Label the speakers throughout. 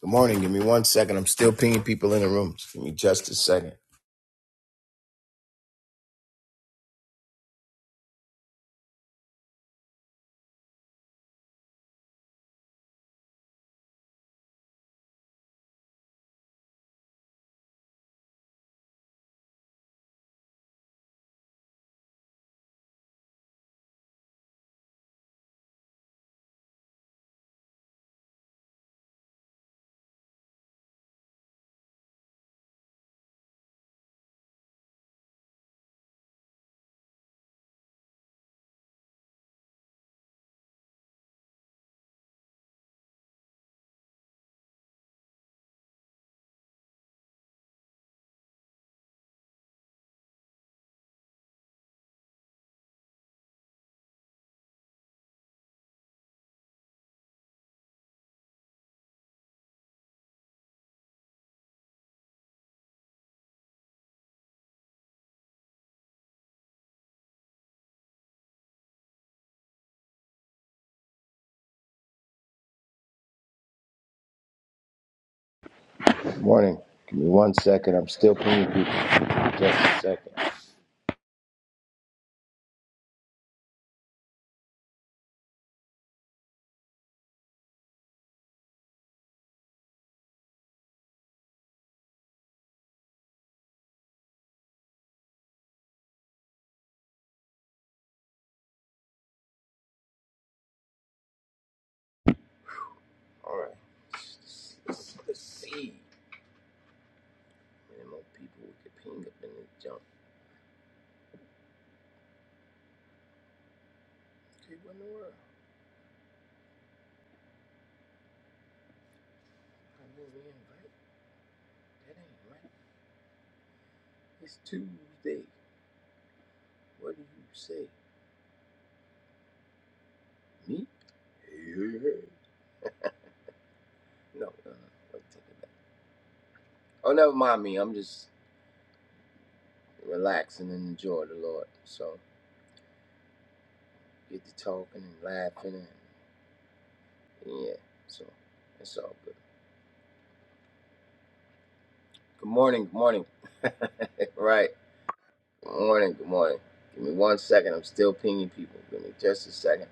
Speaker 1: Good morning. Give me one second. I'm still pinging people in the rooms. Give me just a second.
Speaker 2: Good Morning. Give me one second. I'm still pinging people. Just a second. All right. Let's, let's see. Any more people we could ping up in this jump? Dude, what in the world? I didn't even invite. That ain't right. It's Tuesday. What do you say? Me? Hey, hey, hey. No, no, no. Let me take it back. Oh, never mind me. I'm just relaxing and enjoying the Lord. So get to talking and laughing and yeah. So it's all good. Good morning. Good morning. right. Good morning. Good morning. Give me one second. I'm still pinging people. Give me just a second.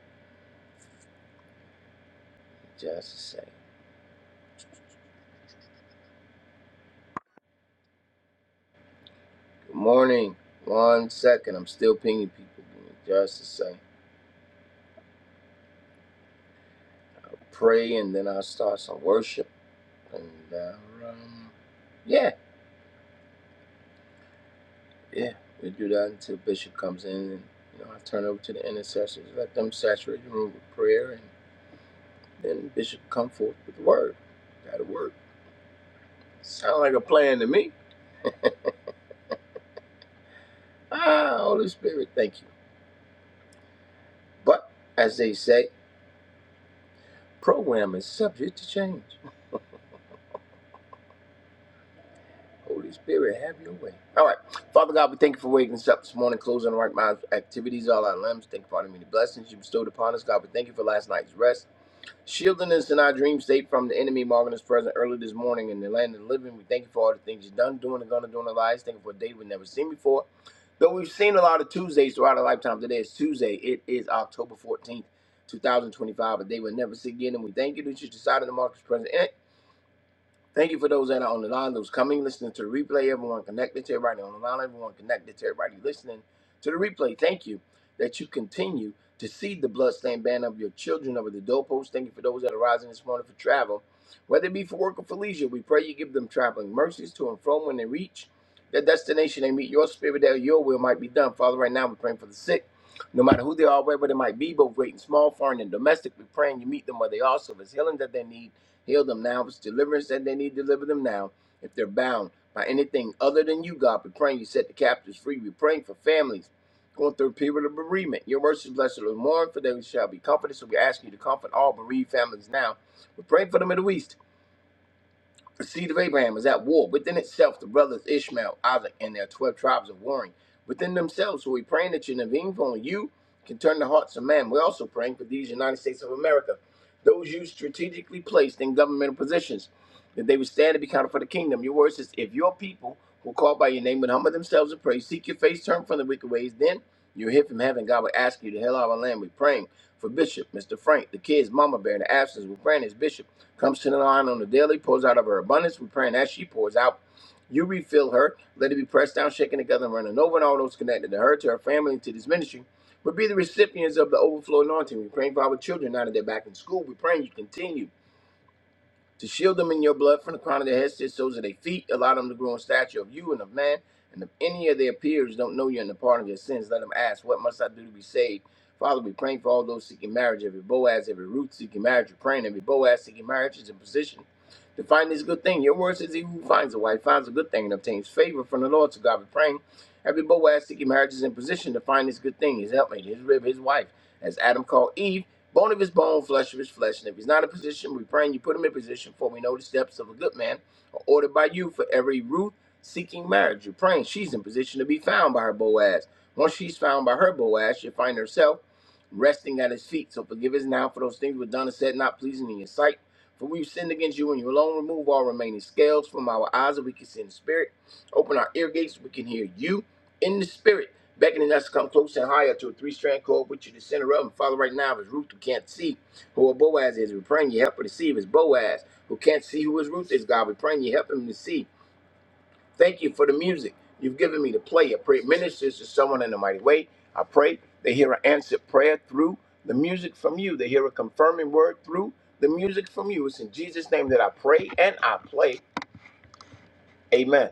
Speaker 2: Just a second. Good morning. One second. I'm still pinging people. Give me just a second. Pray and then I'll start some worship. And uh, um, yeah, yeah. We do that until Bishop comes in and you know I turn over to the intercessors. Let them saturate the room with prayer and then Bishop come forth with the word. That'll work. Sound like a plan to me. Ah, Holy Spirit, thank you. But as they say, program is subject to change. Holy Spirit, have your way. All right. Father God, we thank you for waking us up this morning, closing our right minds, activities, all our limbs. Thank you for all the many blessings you bestowed upon us. God, we thank you for last night's rest. Shielding us in our dream state from the enemy, marking us present early this morning in the land of the living. We thank you for all the things you've done, doing, and gonna do in our lives. Thank you for a day we've never seen before. Though we've seen a lot of Tuesdays throughout our lifetime, today is Tuesday. It is October 14th, 2025, a day we'll never see again. And we thank you that you decided to mark us present. Thank you for those that are on the line, those coming, listening to the replay, everyone connected to everybody on the line, everyone connected to everybody listening to the replay. Thank you that you continue to see the bloodstained banner of your children over the doorpost. Thank you for those that are rising this morning for travel, whether it be for work or for leisure. We pray you give them traveling mercies to and from when they reach their destination. They meet your spirit that your will might be done. Father, right now we're praying for the sick. No matter who they are, wherever they might be, both great and small, foreign and domestic, we're praying you meet them where they are, so if it's healing that they need Heal them now. If it's deliverance that they need, deliver them now. If they're bound by anything other than you, God, we're praying you set the captives free. We're praying for families going through a period of bereavement. Your words is blessed are the mourn, for they shall be comforted. So we ask you to comfort all bereaved families now. We're praying for the Middle East. The seed of Abraham is at war within itself. The brothers Ishmael, Isaac, and their 12 tribes are warring within themselves. So we're praying that you intervene for only you can turn the hearts of man. We're also praying for these United States of America, those you strategically placed in governmental positions that they would stand and be counted for the kingdom. Your word says, if your people will call by your name and humble themselves and pray, seek your face, turn from the wicked ways, then you'll hear from heaven. God will ask you to hell our land. We're praying for Bishop, Mr. Frank, the kids, Mama Bear, in the absence. We're praying as Bishop comes to the line on the daily, pours out of her abundance. We're praying as she pours out. You refill her. Let it be pressed down, shaken together, and running over, and all those connected to her, to her family, and to this ministry. But be the recipients of the overflow anointing. We're praying for our children now that they're back in school. We're praying you continue to shield them in your blood from the crown of their heads to the soles of their feet. Allow them to grow in stature of you and of man. And if any of their peers don't know you and the pardon of your sins, let them ask, What must I do to be saved? Father, we praying for all those seeking marriage, every Boaz, every Ruth seeking marriage. We're praying every Boaz seeking marriage is in position to find this good thing. Your word says, He who finds a wife finds a good thing and obtains favor from the Lord. So God, we are praying. Every Boaz seeking marriage is in position to find his good thing, his helpmate, his rib, his wife, as Adam called Eve, bone of his bone, flesh of his flesh. And if he's not in position, we pray and you put him in position, for we know the steps of a good man are ordered by you for every Ruth seeking marriage. You're praying she's in position to be found by her Boaz. Once she's found by her Boaz, she'll find herself resting at his feet. So forgive us now for those things we've done and said not pleasing in your sight. For we've sinned against you and you alone remove all remaining scales from our eyes that we can see in the spirit Open our ear gates so we can hear you in the spirit, beckoning us to come close and higher to a three strand cord Which you the center of. And Father, right now, if it's Ruth who can't see who a Boaz is, we're praying you help her to see. If it's Boaz who can't see who his Ruth is, God, we're praying you help him to see. Thank you for the music you've given me to play. I pray it ministers to someone in a mighty way. I pray they hear an answered prayer through the music from you, they hear a confirming word through the music from you. It's in Jesus' name that I pray and I play. Amen.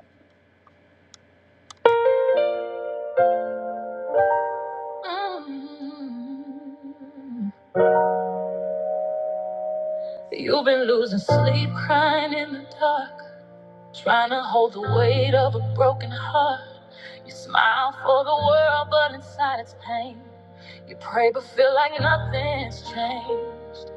Speaker 2: Um, You've been losing sleep, crying in the dark, trying to hold the weight of a broken heart. You smile for the world, but inside it's pain. You pray, but feel like nothing's changed.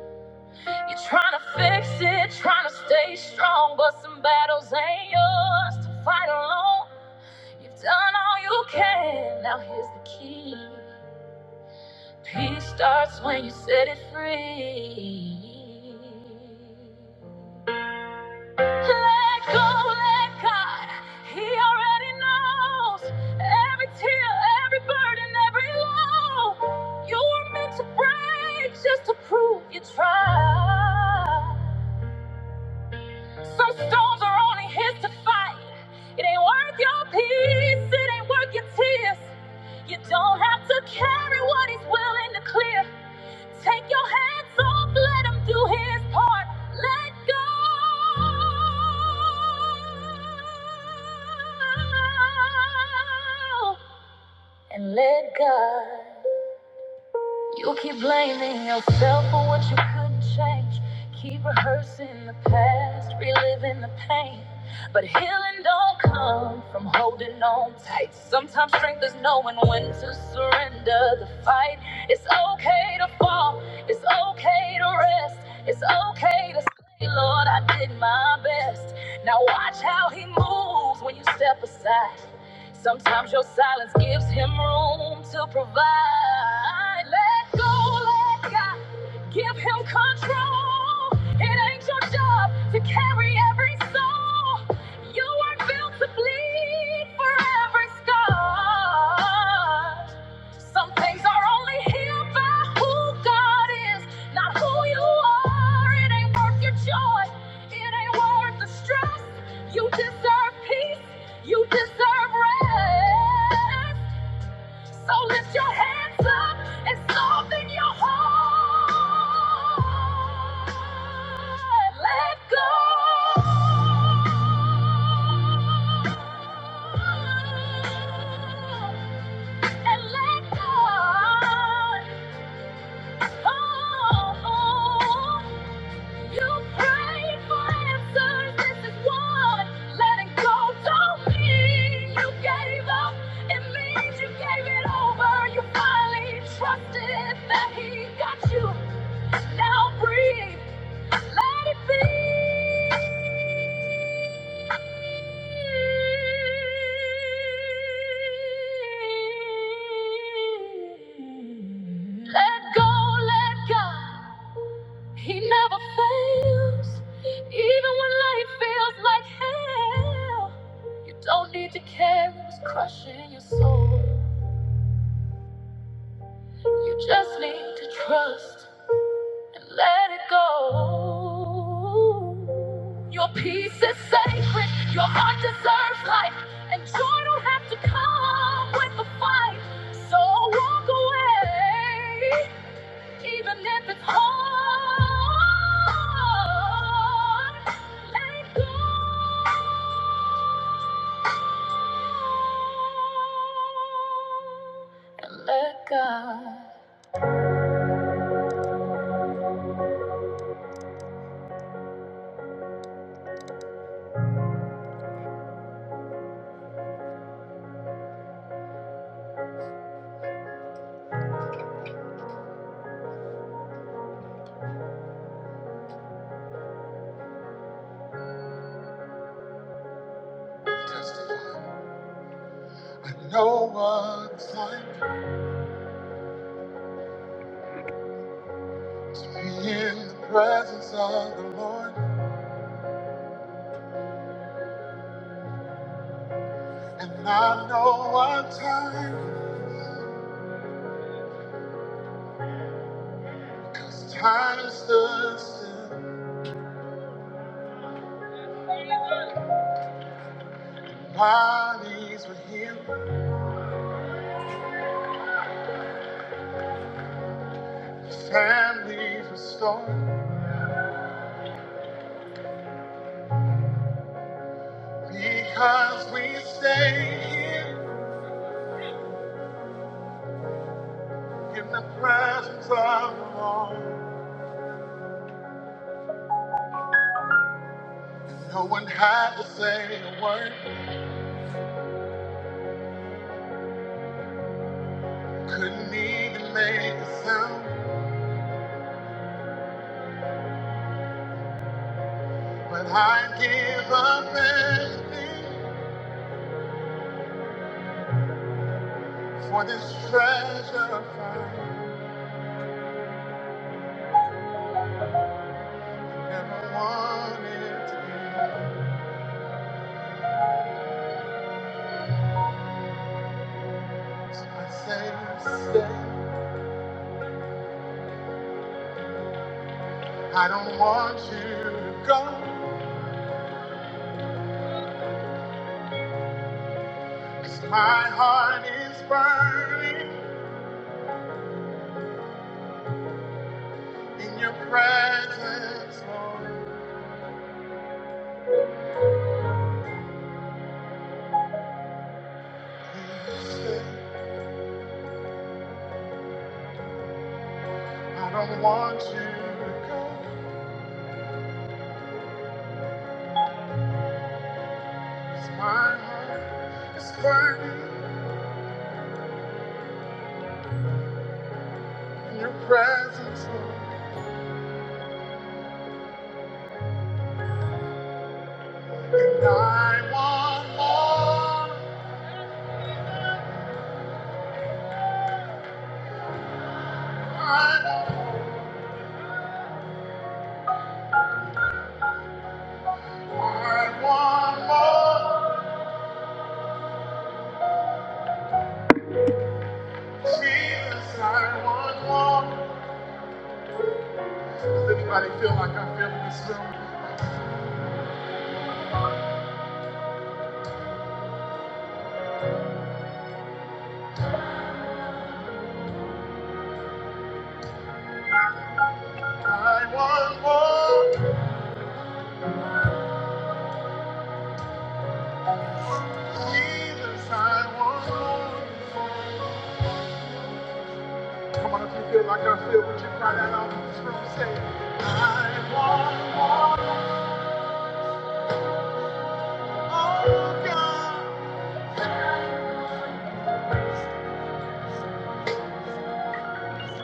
Speaker 2: You're trying to fix it, trying to stay strong, but some battles ain't yours to fight alone. You've done all you can, now here's the key. Peace starts when you set it free. Let go, let God. He already knows every tear, every burden, every low. You were meant to break just to prove you tried. Some stones are only his to fight. It ain't worth your peace, it ain't worth your tears. You don't have to carry what he's willing to clear. Take your hands off, let him do his part. Let go. And let God. You keep blaming yourself for what you couldn't change. Keep rehearsing the past, reliving the pain. But healing don't come from holding on tight. Sometimes strength is knowing when to surrender the fight. It's okay to fall, it's okay to rest, it's okay to say, Lord, I did my best. Now watch how He moves when you step aside. Sometimes your silence gives him room to provide. Let go, let God give him control. It ain't your job to carry every soul. You were built to bleed for every scar. Some things are only healed by who God is, not who you are. It ain't worth your joy. It ain't worth the stress. You deserve peace. You deserve rest. So lift your hands up and soften your heart. Let go. And let God. Oh, oh. oh. You prayed for answers. This is one. Letting go don't mean you gave up. It means you gave it over. You finally trusted that he got you. Now breathe. Let it be. Let go, let God. He never fails. Even when life feels like hell, you don't need to care what's crushing your soul. You just need to trust. And Let it go. Your peace is sacred. Your heart deserves life. And joy don't have to come with a fight. So walk away, even if it's hard. Let go. And let God. Testify. I know what it's like to be in the presence of the Lord. And I know what time is. Time stood still. Bodies were healed. Families restored. Because we stay here in the presence of the Lord. No one had to say a word. Couldn't even make a sound. But I give up everything for this treasure I find. Never wanted to be. I say, stay. I don't want you to go. 'cause my heart is burning in your presence, Lord. Please stay. I don't want you to go. 'cause my heart is burning in your presence, Lord. And I want more. I want more. I want more. Jesus, I want more. Does anybody feel like I feel in this room? I want more. Jesus, I want more. Come on, if you feel like I feel, would you cry that out in this room? Say, I want more. Oh, God.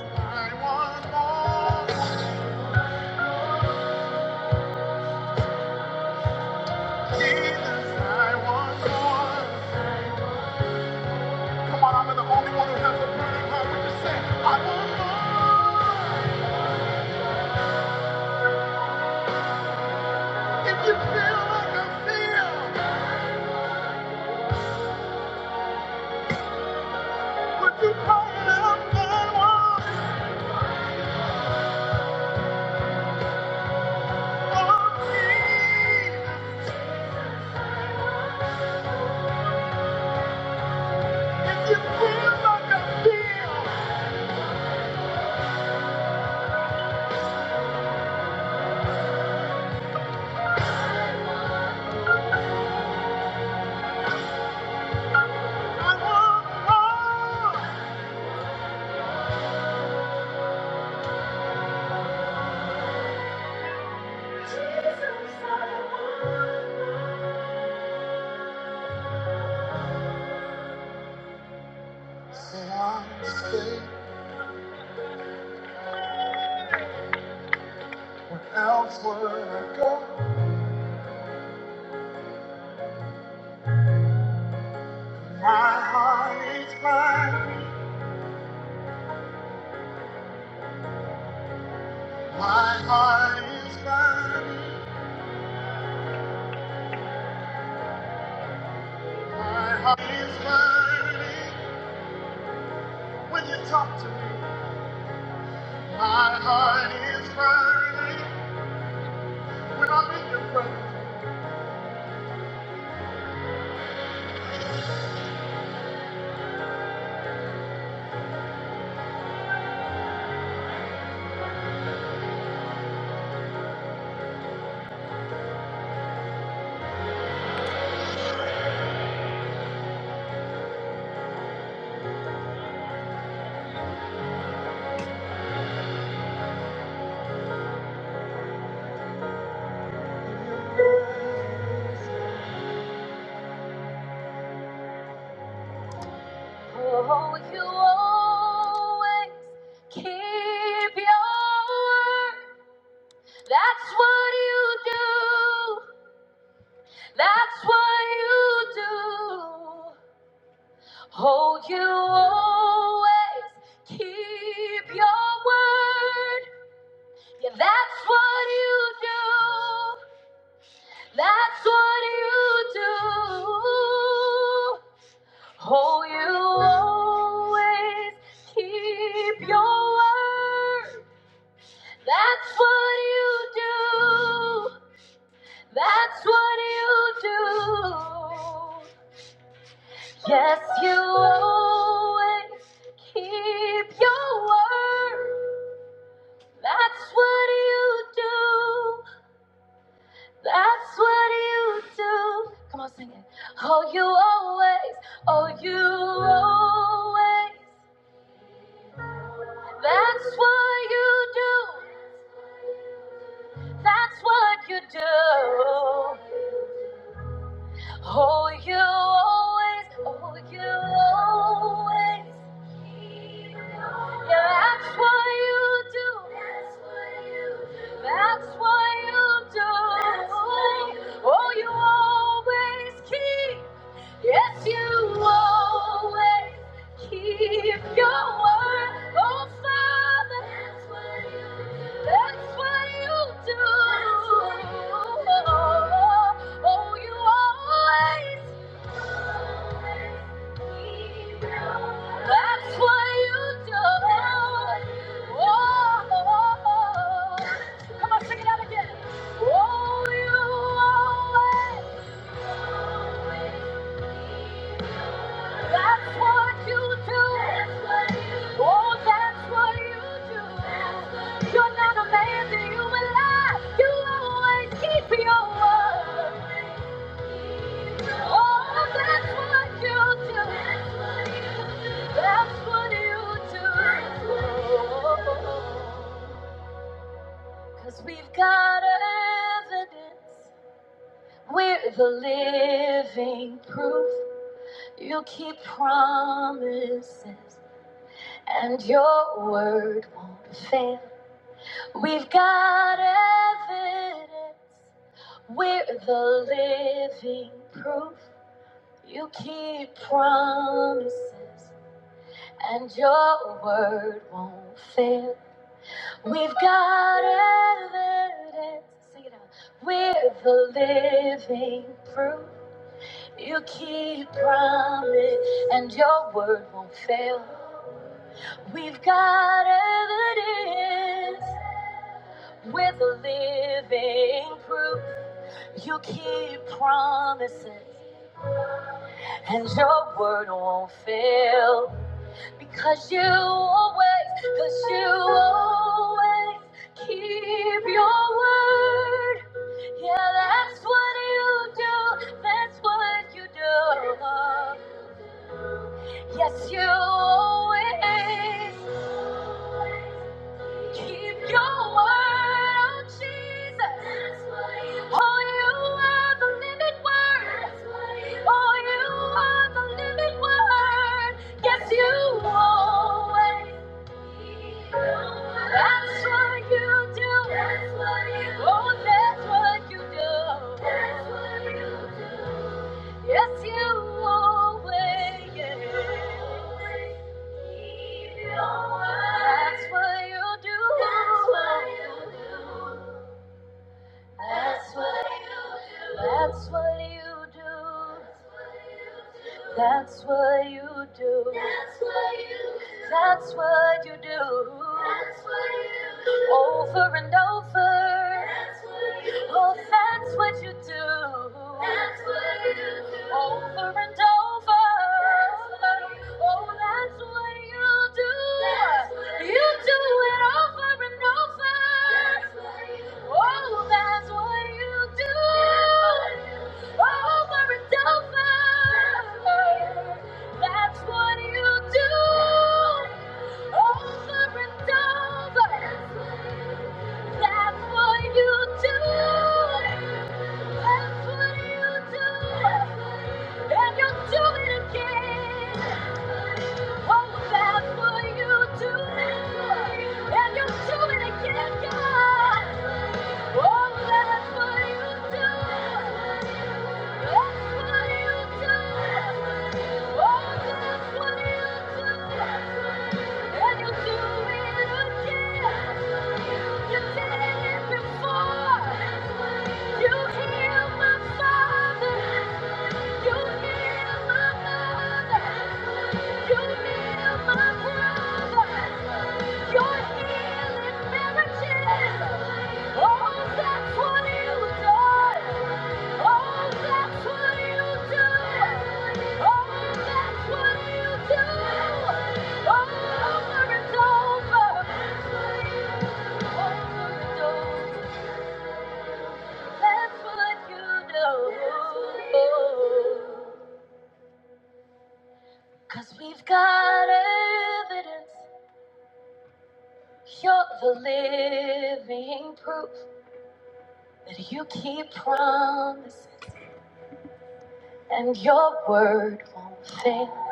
Speaker 2: I want more. Jesus, I want more. Come on, I'm the only one who has a burning heart. Would you say, I want more? If you feel like I feel. Would you call it up and walk on If you feel like I feel, I want more. Say I stay when elsewhere I go. My heart is mine. My heart is mine. My heart is mine. When you talk to me, my heart is mine. When I'm in your presence. Oh, you always keep your word. That's what you do. That's what you do. Oh, you always keep your word. Yeah, that's what you do. That's what you do. Oh, you always keep your word. That's what you do. That's what you do. Yes, you always keep your word. That's what you do. That's what you do. Come on, sing it. Oh, you always, oh, you always. That's what you do. That's what you do. Oh, you always, oh, you always. Yeah, that's what you do. That's what you do. That's what you do. That's what you do. Oh, you always keep. Yes, you always keep your word. Oh, Father. That's what you do. That's what you do. Oh, you always. That's what you do. Oh, come on, sing it out again. Oh, you always. That's what you do. That's what you do. Oh, that's what you do. That's what you do. You're not a man that you will lie. You always keep your word. Oh, that's what you do. That's what you do. That's what you do. That's what you do. Cause we've got evidence. We're the living proof. You keep promises. and your word won't fail. We've got evidence. We're the living proof. You keep promises, and your word won't fail. We've got evidence. Sing it out. We're the living proof. You keep promise, and your word won't fail. We've got evidence with a living proof. You keep promises and your word won't fail because you always, because you always keep your word. Yeah, that's what you do. That's what you do. Yes, you always keep your word, oh Jesus. That's why you oh, you are the living word. That's why you oh, you are the living word. Yes, you always. keep your word. That's what you do. That's what you do. oh, that's what you do. That's what you do. Yes, you always. Keep your word. That's what you do. That's what you do. That's what you do. That's what you do. That's what you do. That's what you do. That's what you do. That's what you do. Over and over. That's what you do. Oh, that's what you do. That's what you do. Over and over. Oh, That's what you do. Oh, that's what you do. you, do. it over and over. That's what you do. Oh, that's what you do. That's what you do. Over and over. That's what you do. Over and over. That's what you do. That's what you do. And you'll do it again. Oh, that's what you do. And you'll do it again, God. Oh, that's what you do you it did it Before over and over. That's what you know. Cause we've got evidence. You're the living proof that you keep promises and your word won't fail.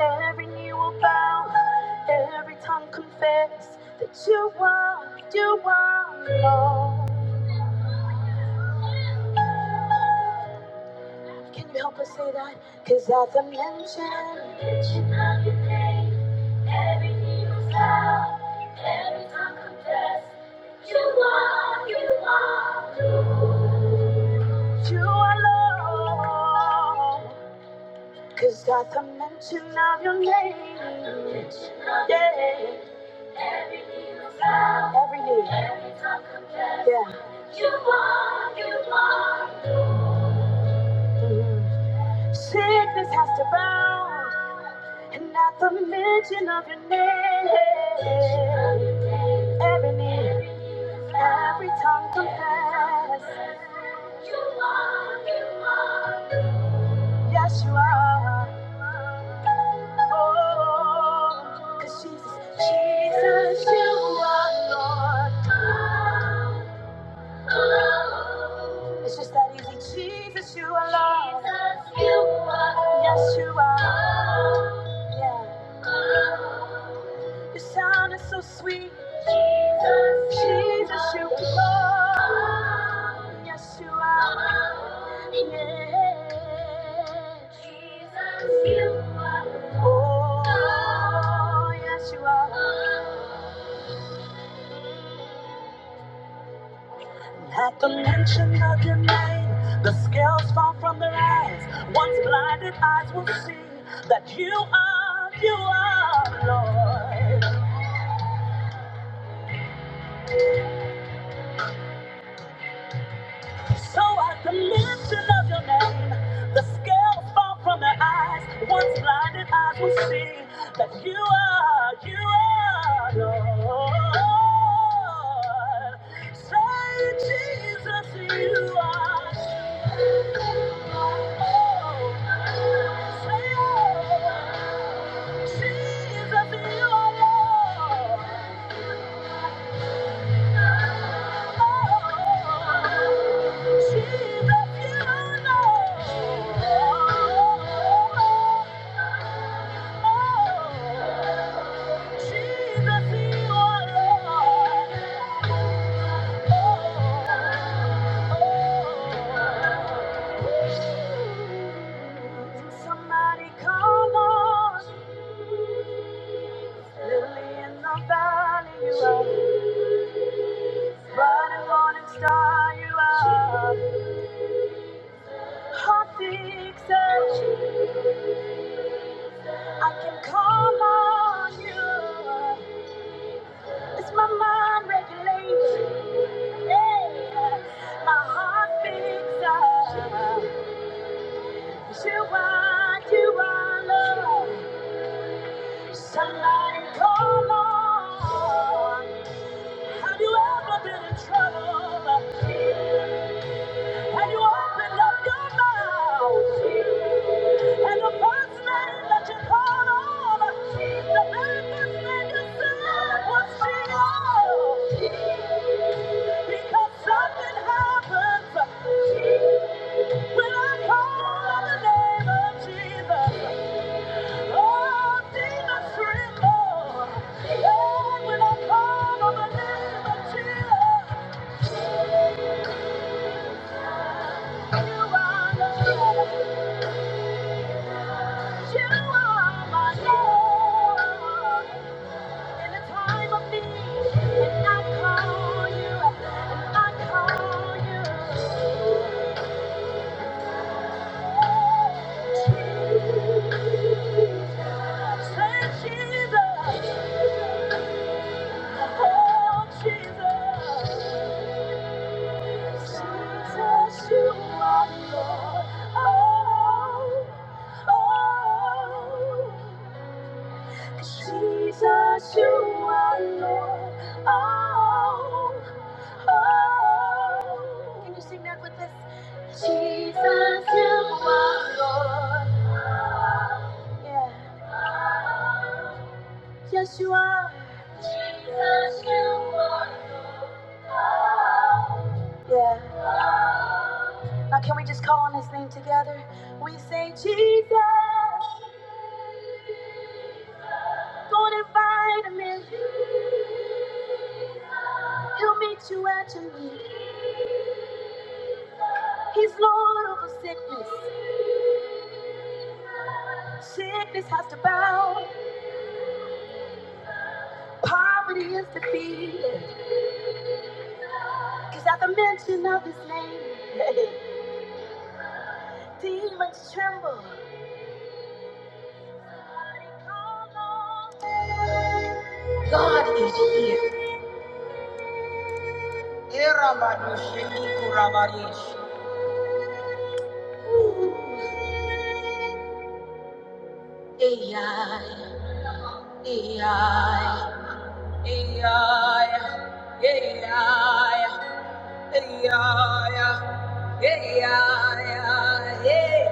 Speaker 2: Every knee will bow, every tongue confess that you are, you are Lord. Can you help us say that? Cause at the mention You alone. Cause at the mention of your name, yeah, every knee, yeah, has to bow. And yeah, every knee, every tongue confess, yes, you are. Oh, 'cause Jesus, Jesus, you are Lord. It's just that easy. Jesus, you are Lord. Jesus, you are. Yes, you are. Yeah. Your sound is so sweet. Jesus, Jesus, you are. Lord. Yes, you are. Yeah. Jesus, you are. Oh, yes, you are. At the mention of your name, the scales fall from their eyes. Once blinded eyes will see that you are, you are Lord. So at the mention of your name, the scales fall from their eyes. Once blinded eyes will see that you are, you are Lord. Say, Jesus, you are. Say, oh, Jesus, you are Lord. Somebody come on, lily in the valley you are, bright morning star you are, hot fixer, I can call on you. It's my mind regulated. My heart beats up. You are, you are love. Somebody call on. Have you ever been in trouble? And you opened up your mouth. And the first name that you called on, the very first name you said was Jesus. Because something happens when I call on the name of Jesus. Oh, demons tremble. And when I call on the name of Jesus, you are Lord. You are my Lord. In the time of need, and I call you, and I call you. Oh, Jesus. Jesus, you are Lord. Oh, oh. Jesus, you are Lord. Yeah. Yes, you are. Yeah. Now, can we just call on his name together? We say, Jesus, go and invite him in. He'll meet you at your need. He's Lord over sickness. Sickness has to bow. Poverty is defeated. Cause at the mention of his name, demons tremble. AI, AI, AI, AI, AI. ai, ai.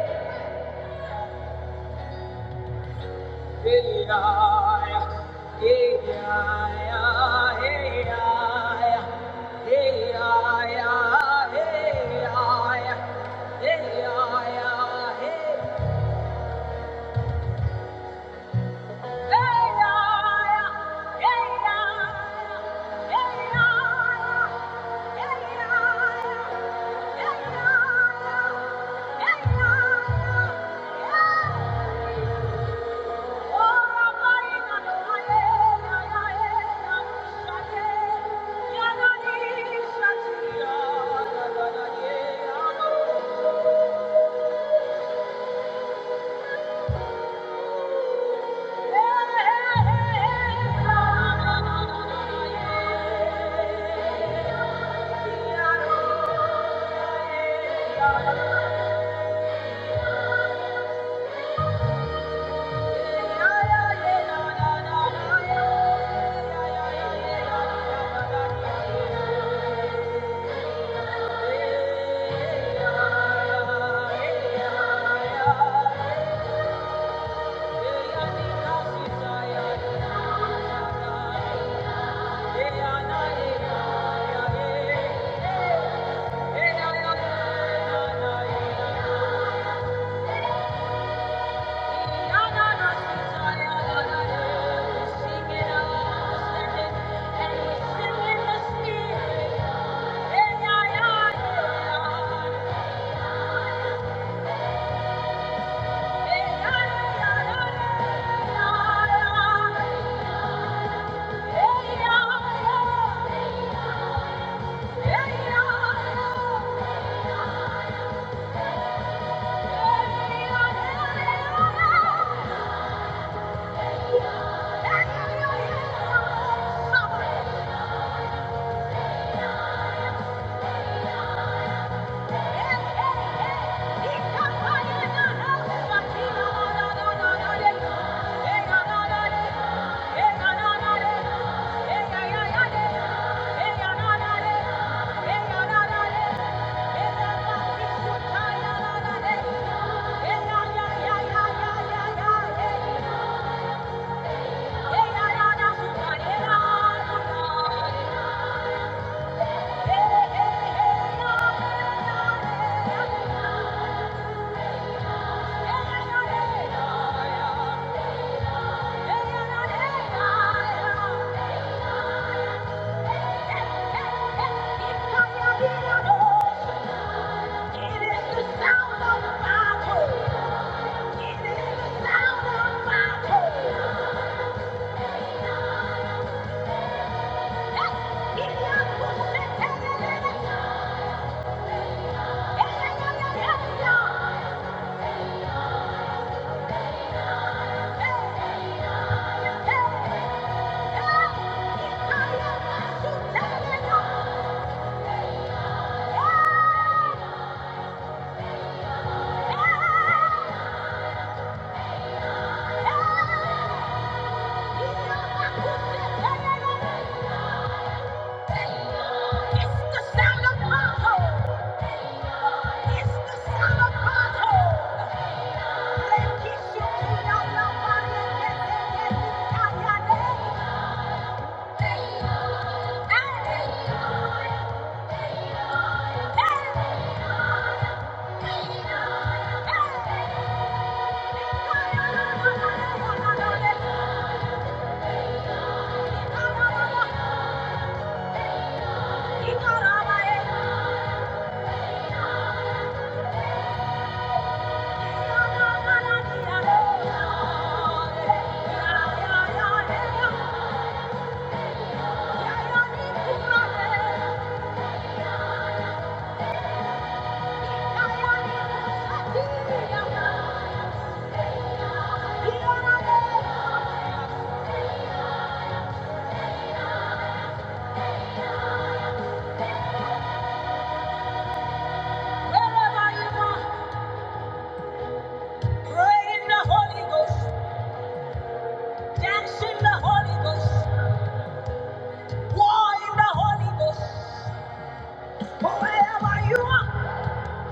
Speaker 2: Hey, yeah, hey, yeah, hey, yeah, hey, yeah, yeah, hey, yeah, hey, yeah, hey. Yeah. Yeah. Hey, Hey! Pray in the Holy Ghost, dance in the Holy Ghost, war in the Holy Ghost. Wherever you are,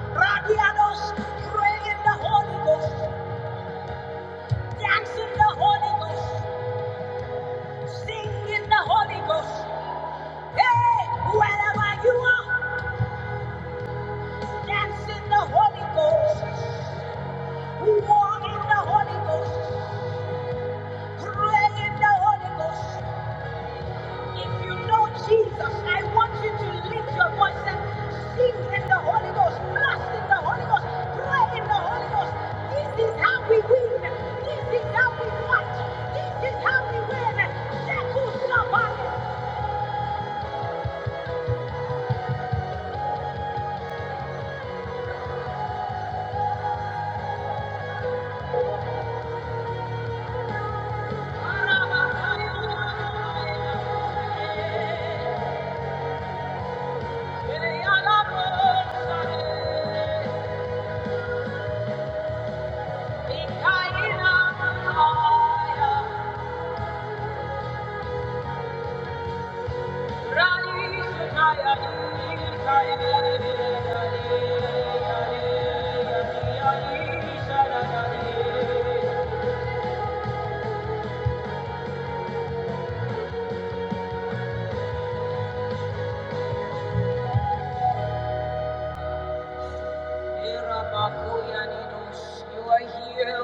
Speaker 2: Radiados, pray in the Holy Ghost. Dance in the Holy Ghost. Sing in the Holy Ghost. Hey, wherever you are, dance in the Holy Ghost. Walk in the Holy Ghost. Pray in the Holy Ghost. If you know Jesus, I want you to lift your voice and sing in the Holy Ghost. Blast in the Holy Ghost. Pray in the Holy Ghost. This is how we win. This is how we fight. This is how we win. Shackles, somebody.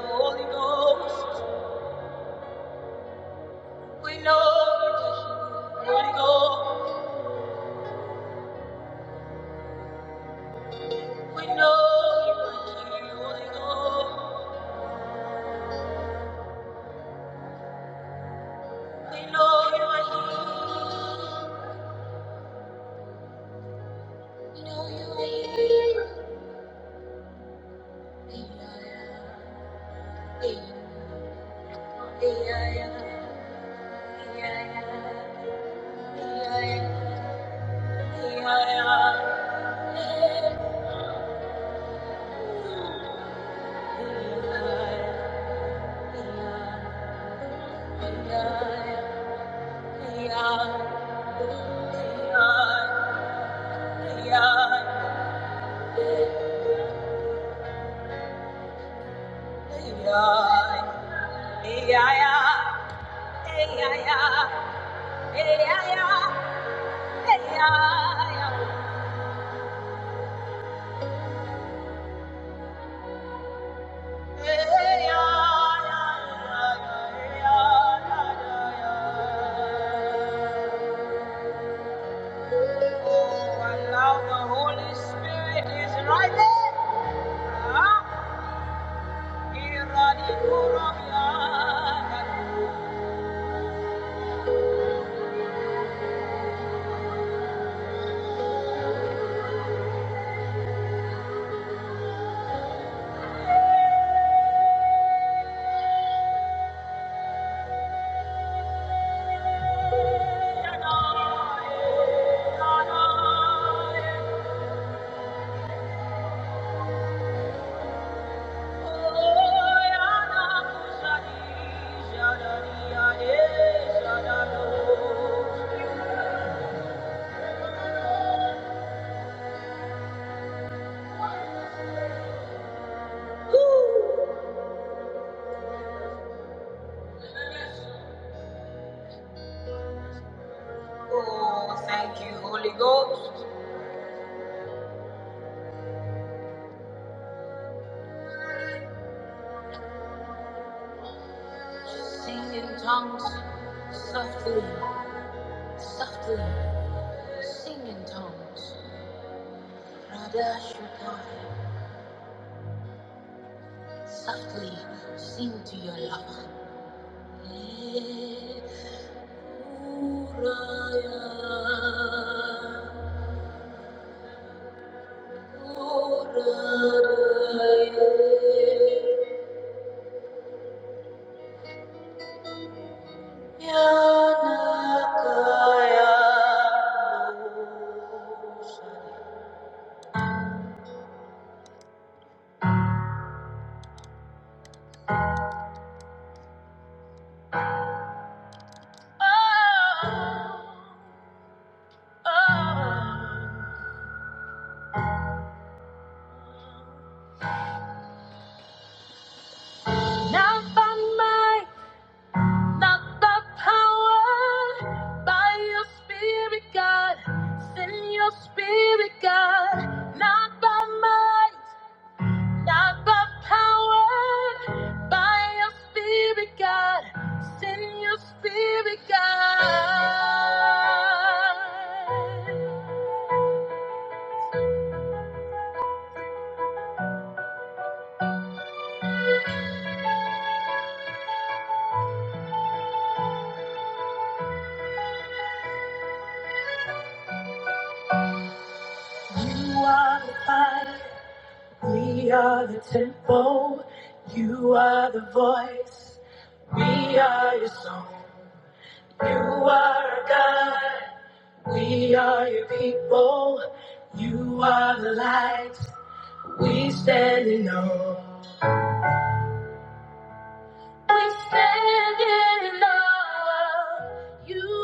Speaker 2: Holy Ghost. We know you're the Holy Ghost. We know you are here. We know. We know you are here. We know you are here. Hey, hey, hey, hey, hey, hey, hey, hey, hey, hey, hey, hey, hey, Hey ya ya, hey ya ya, hey ya ya, hey ya ya, hey ya ya ya ya ya ya ya. Oh, allow the Holy Spirit is Yeah. Oh, thank you, Holy Ghost. Sing in tongues, softly, softly. Sing in tongues. Radha Shukai, softly sing to your lover. Eh, Uraya. Not by might, not by power, by your spirit, God. Send your spirit, God. Not by might. Not by power, by your spirit, God. Send your spirit, God. You are the fire, we are the temple. You are the voice, we are your song. You are our God, we are your people. You are the light, we stand in awe. We stand in awe of you.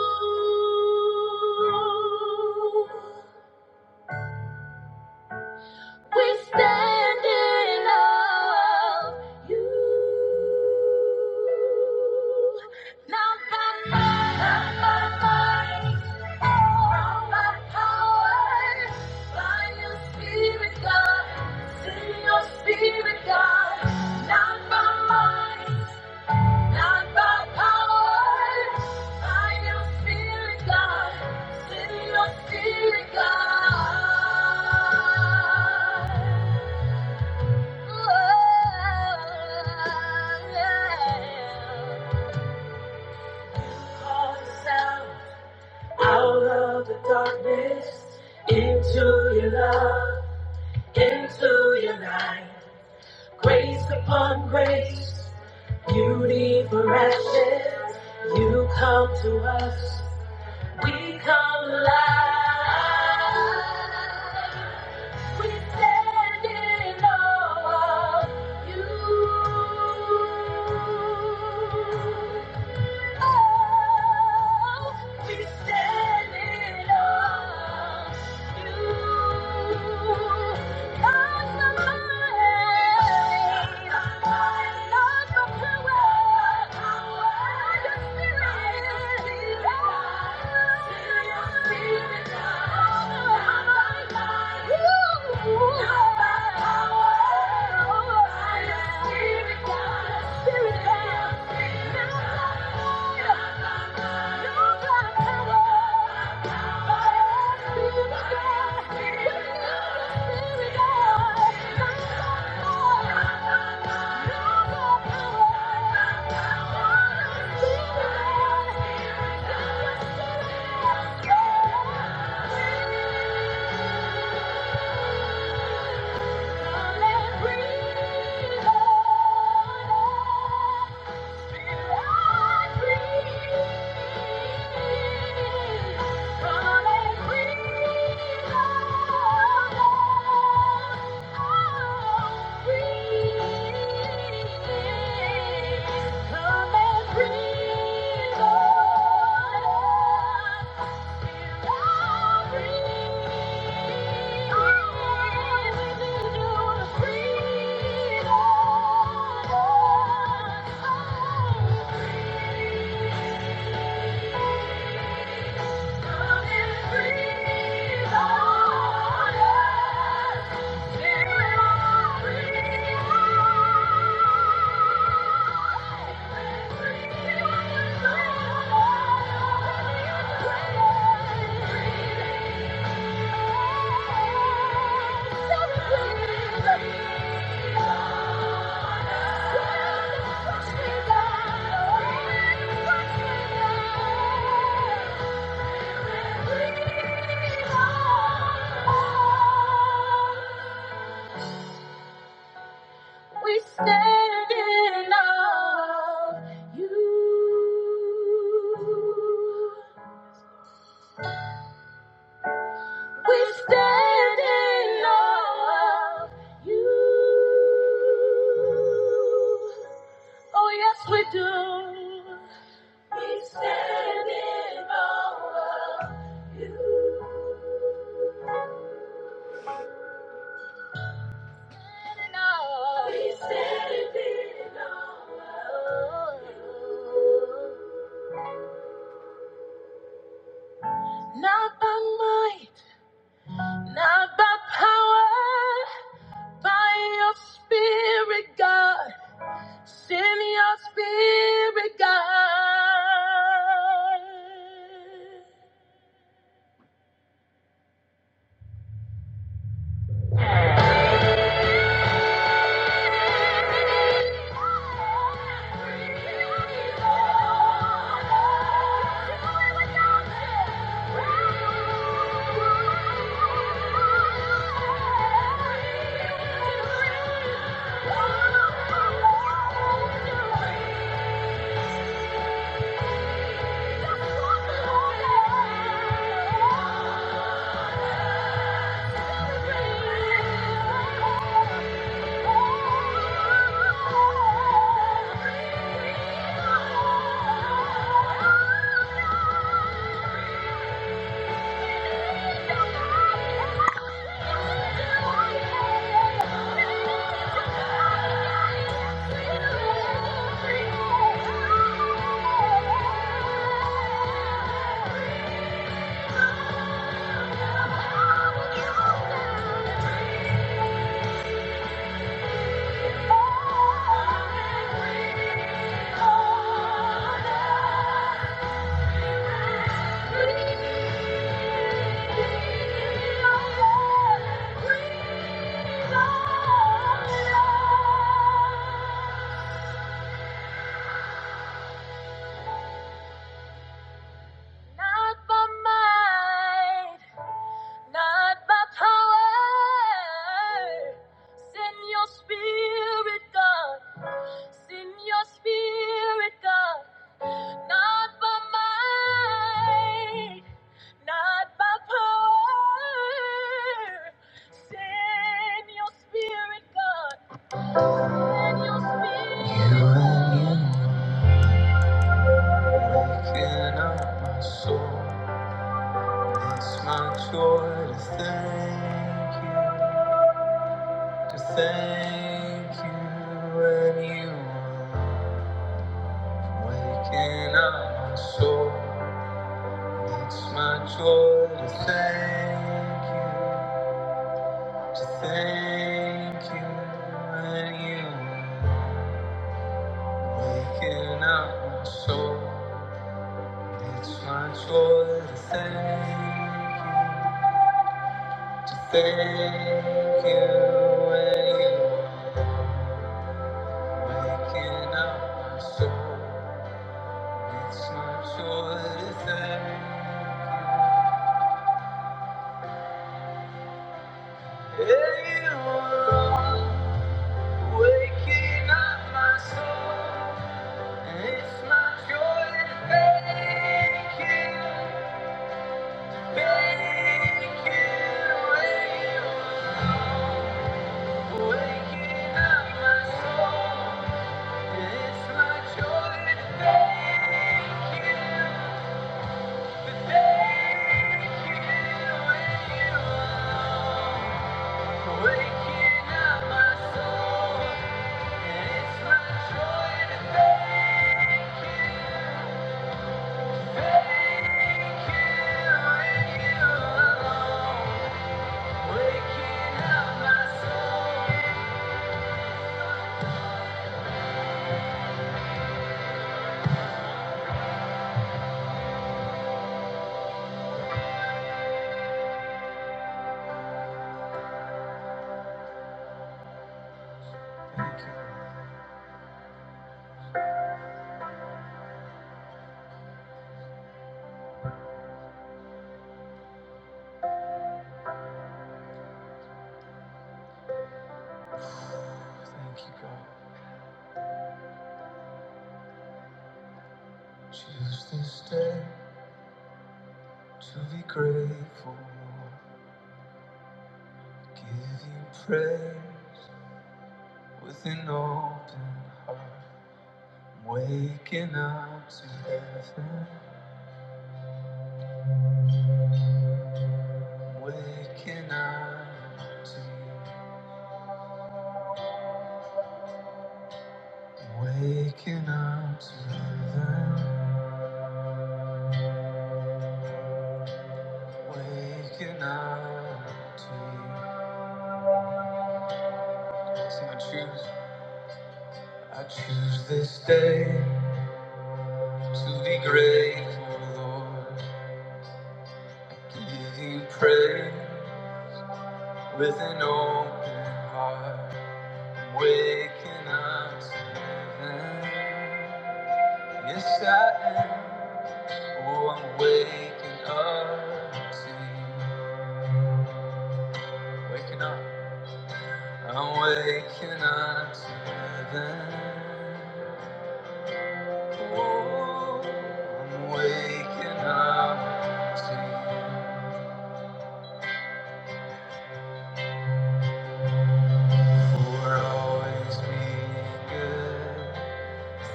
Speaker 2: We stand in awe of you. Not by might, not by might, not by power. By your spirit, God. Send your spirit, God. Not by might. Not by power, by your spirit, God. Send your spirit, God. Oh, Call us out of the darkness, into your love, into your light. Grace upon grace, beauty for ashes, you come to us. We come alive. We stand in awe of you. Spirit down, spirit down. Let breathe on us. Come and breathe on us. Thank you. We stand in awe of you. We stand in awe of you. Oh, yes, we do. How spirit Thank you. Not by might, not by power. Send your spirit, God. Send your spirit, God. Not by might, not by power. Send your spirit, God. Send your spirit. Looking up my soul, it's my joy to thank you, to thank you when you are waking up my soul. It's my joy to thank you. to thank you when you are waking up my soul. It's my joy to thank you, to thank you when you are waking up my soul. It's my joy to thank you. Yeah, you are waking up my soul. It's my joy to thank you. Thank you. Waking up my soul. Thank you, thank you, God. Choose this day to be grateful. Give you praise with an open heart. I'm waking up to heaven. I'm waking up to you. I'm waking up to heaven. I'm waking up to you. So I choose, I choose this day. To be grateful, Lord, give you praise with an open heart. I'm waking up to heaven. Yes, I am. Oh, I'm waking up to you. Waking up. I'm waking up to heaven. Oh, I'm waking up to you. For always being good.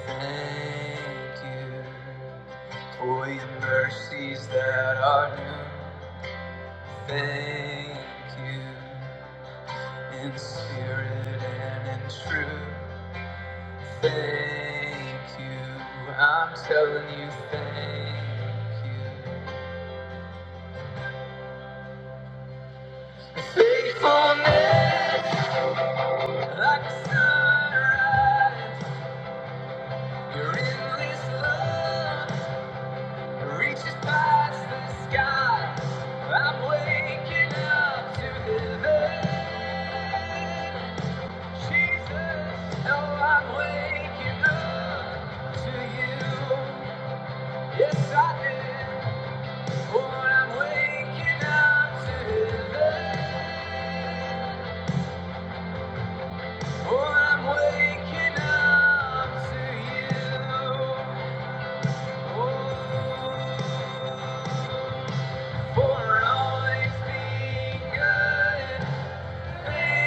Speaker 2: Thank you for your mercies that are new. Thank you in spirit and in truth. Thank you. I'm telling you, thank you. Your faithfulness, like a sunrise, your endless love. Reaches past the sky. I'm waking up to heaven. Jesus, no, I'm waking up to you. Yes, I did. Oh, I'm waking up to heaven. Oh, I'm waking up to you. Oh, for all things being good. Thank you.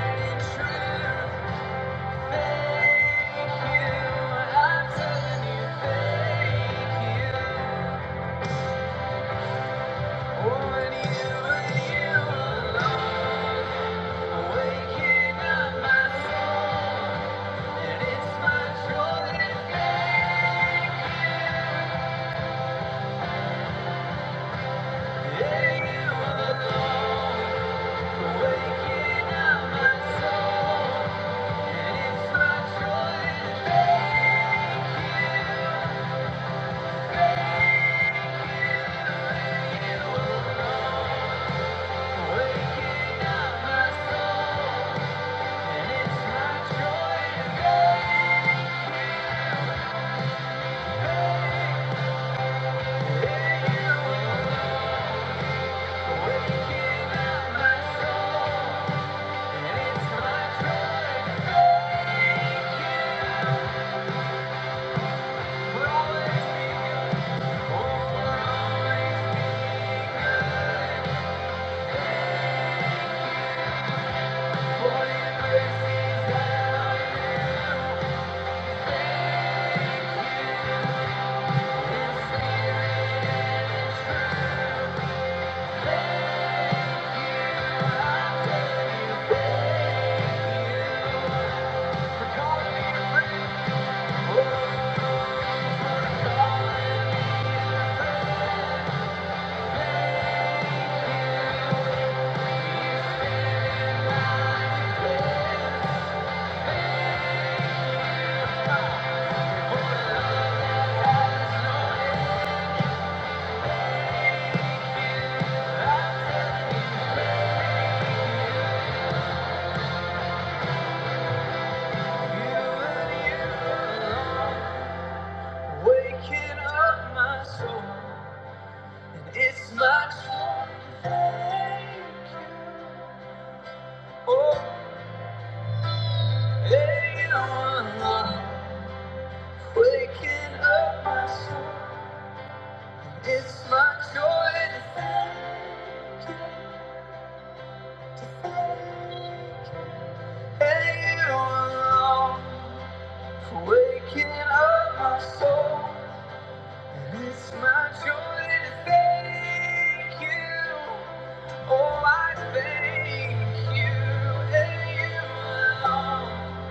Speaker 2: it's really true. Thank you. Thank you. Waking up my soul, and it's my joy to thank you. Oh, hey, you are Waking up my soul, and it's my joy to thank, to thank, hey, you are For waking up my soul. It's my joy to thank you. Oh, I thank you and you alone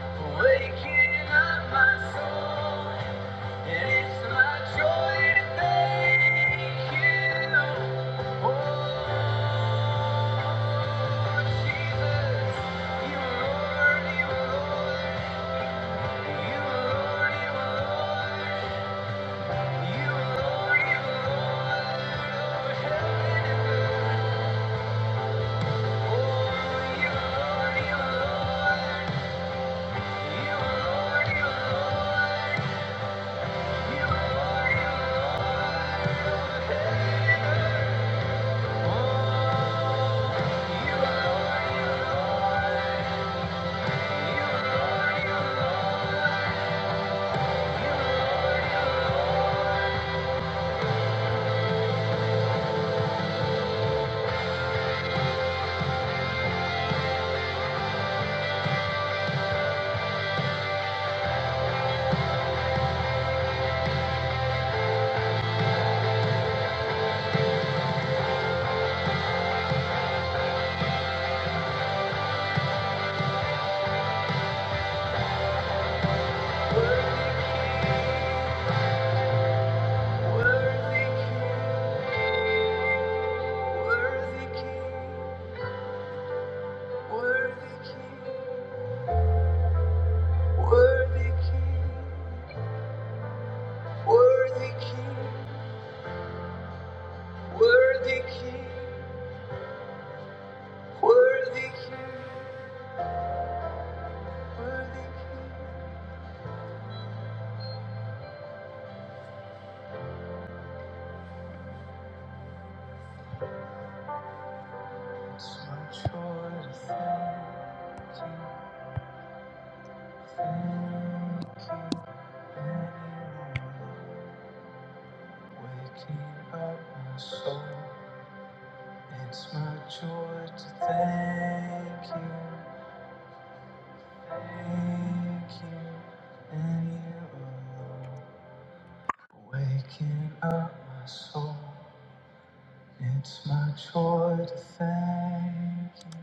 Speaker 2: for waking up my soul. And it's my joy to thank you. Oh, Jesus, you are Lord, you are Lord, you are Lord, you are Lord, you are Lord, heaven and earth. Worthy King, worthy King, worthy King. There's no choice. Thank you. Thank you anymore. Waking up my soul. It's my joy to thank you. Thank you anymore. Waking up my soul. It's my joy to thank you.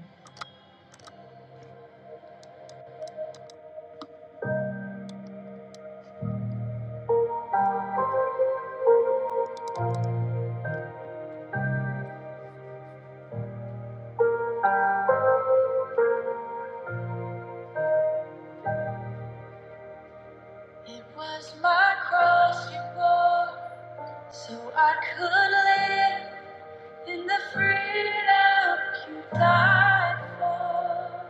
Speaker 2: It was my cross you bore, so I could live. In the freedom you died for.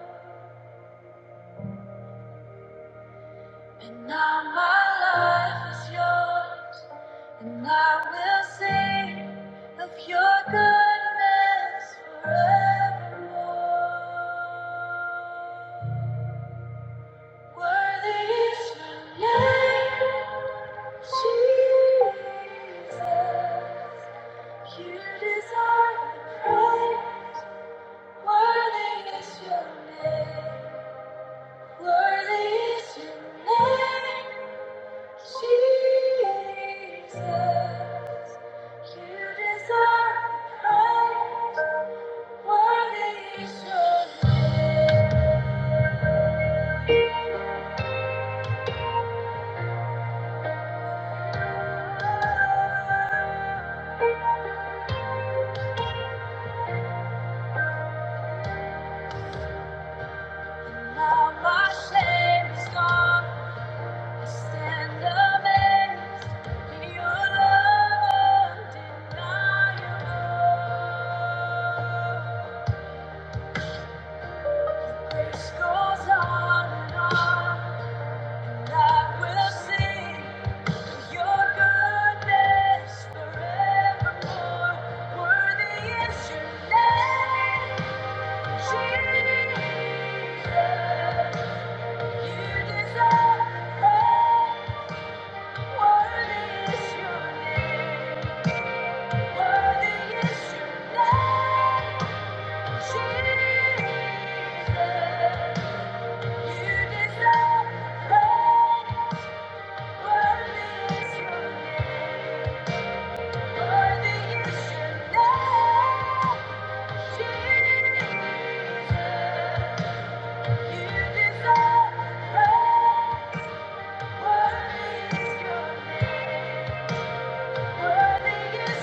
Speaker 2: And now my life is yours. And I will sing of your goodness forevermore. Worthy is your name, Jesus. You deserve the praise. Worthy is your name. Worthy is your name, Jesus. You deserve praise. Worthy is your name. Now my shame is gone. I stand amazed in your love undeniable. Grace goes on and on. I will sing your goodness forevermore. Worthy is your name, Jesus. Worthy is your Worthy is your name, Jesus. Worthy is your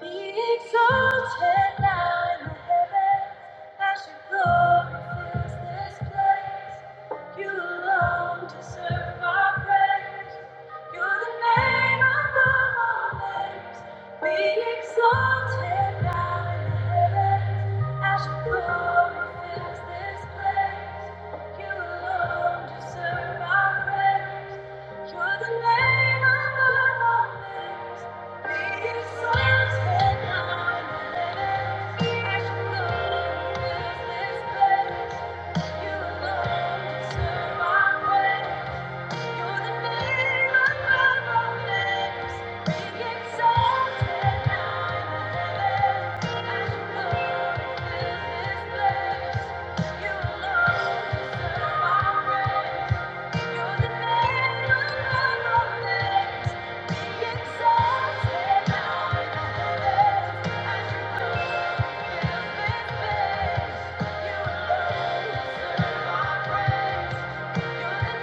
Speaker 2: Be exalted now in the heavens as your this place. You alone deserve our praise. You're the name above all names. Be exalted now in the heavens. As your glory fills this place. You alone deserve our praise. You're the name above all names. Be exalted now in the heavens. As your glory fills this place. You alone deserve our praise. Thank you. Jesus, you deserve praise.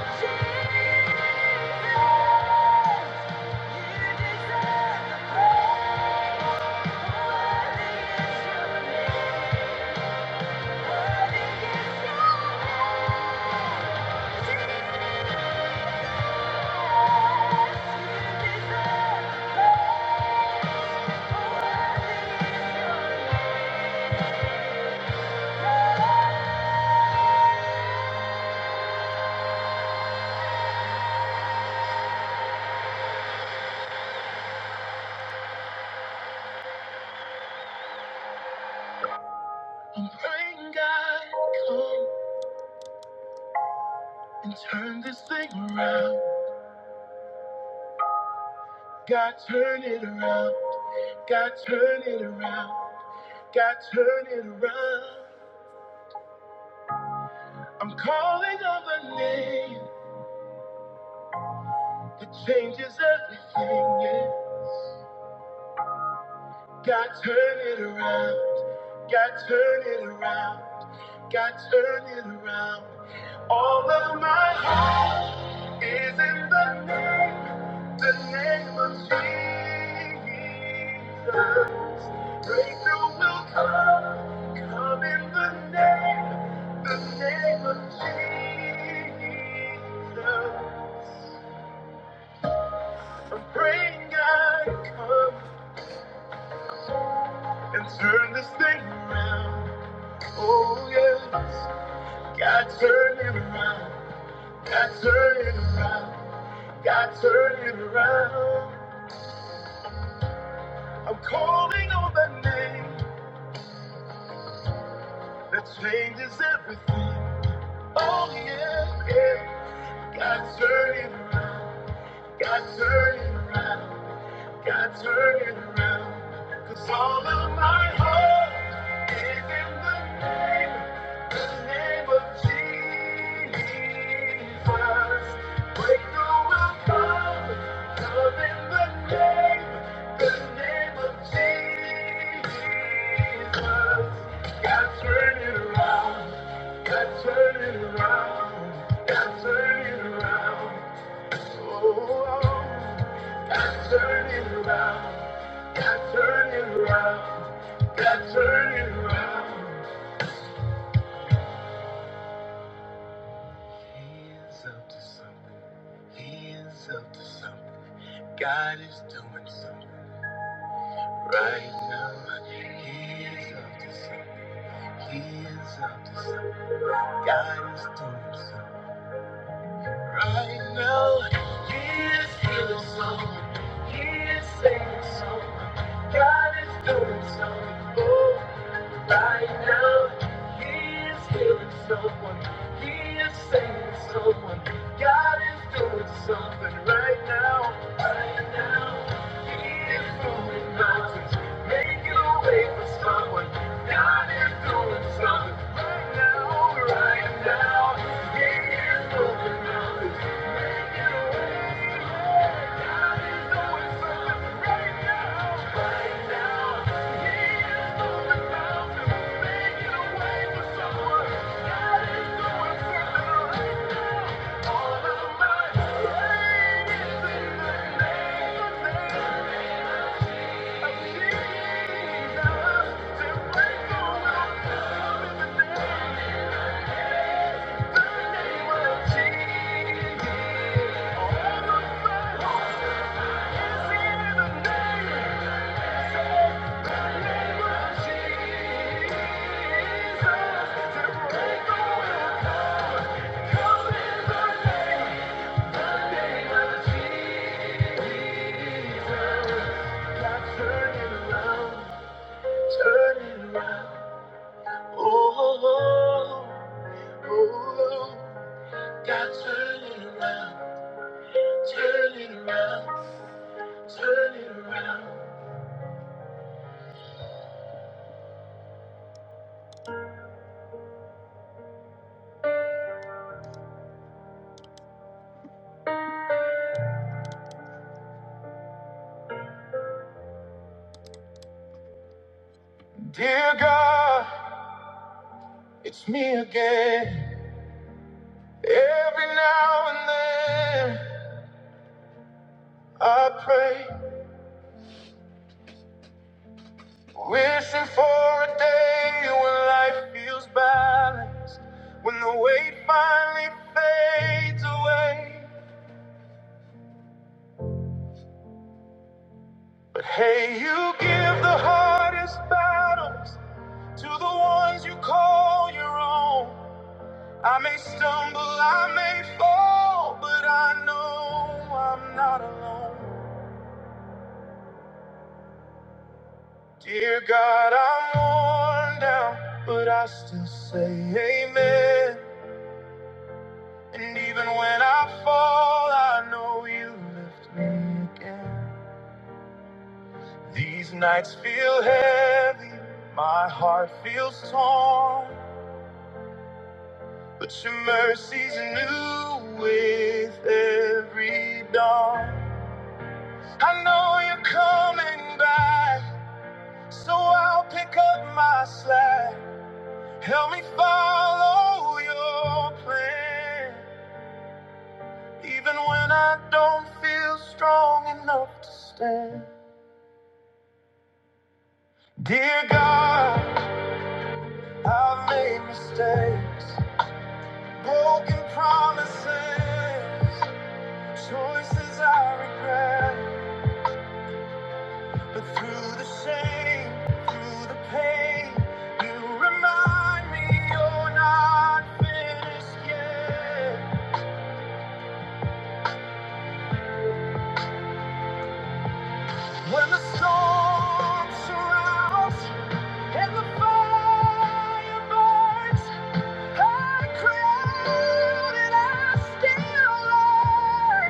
Speaker 2: Praying God, come and turn this thing around. God, turn it around. God, turn it around. God, turn it around. I'm calling on the name that changes everything. Yeah. God turn it around. God turn it around. God turn it around. All of my heart is in the name, the name of Jesus. Breakthrough will come, come in the name, the name of Jesus. I'm praying God come and turn this thing around. Oh yes, God turn it around. God turn it around. God turn it around. I'm calling on that name that changes everything. Oh yeah, yeah. God turn it around. God turn it around. God turn it around, 'cause all of my hope is in the name, the name of Jesus. Breakthrough will come. Love in the name, the name of Jesus. God turn it around. God turn it around. God turn it around. Oh, God, turn it around. God, turn it around. God, turn it around. He is up to something. He is up to something. God is doing something right now. He is up to something. He is up to something. God is doing something. You know, He is healing someone. He is saving someone. God is doing something. Oh. Right now, he's feeling so Dear God, it's me again. Every now and then I pray Wishing for a day when life feels balanced, when the weight finally fades away. But hey, you give the hardest battles to the ones you call your own. I may stumble, I may fall, but I know I'm not alone. Dear God, I'm worn down, but I still say amen. And even when I fall, I know you lift me again. These nights feel heavy, my heart feels torn. But your mercy's new with every dawn. I know you're coming back, so I'll pick up my slack. Help me follow your plan, even when I don't feel strong enough to stand. Dear God, I've made mistakes, broken promises, choices I regret. But through the shame, through the pain, you remind me you're not finished yet. When the storm surrounds and the fire burns, I cried and I still learned.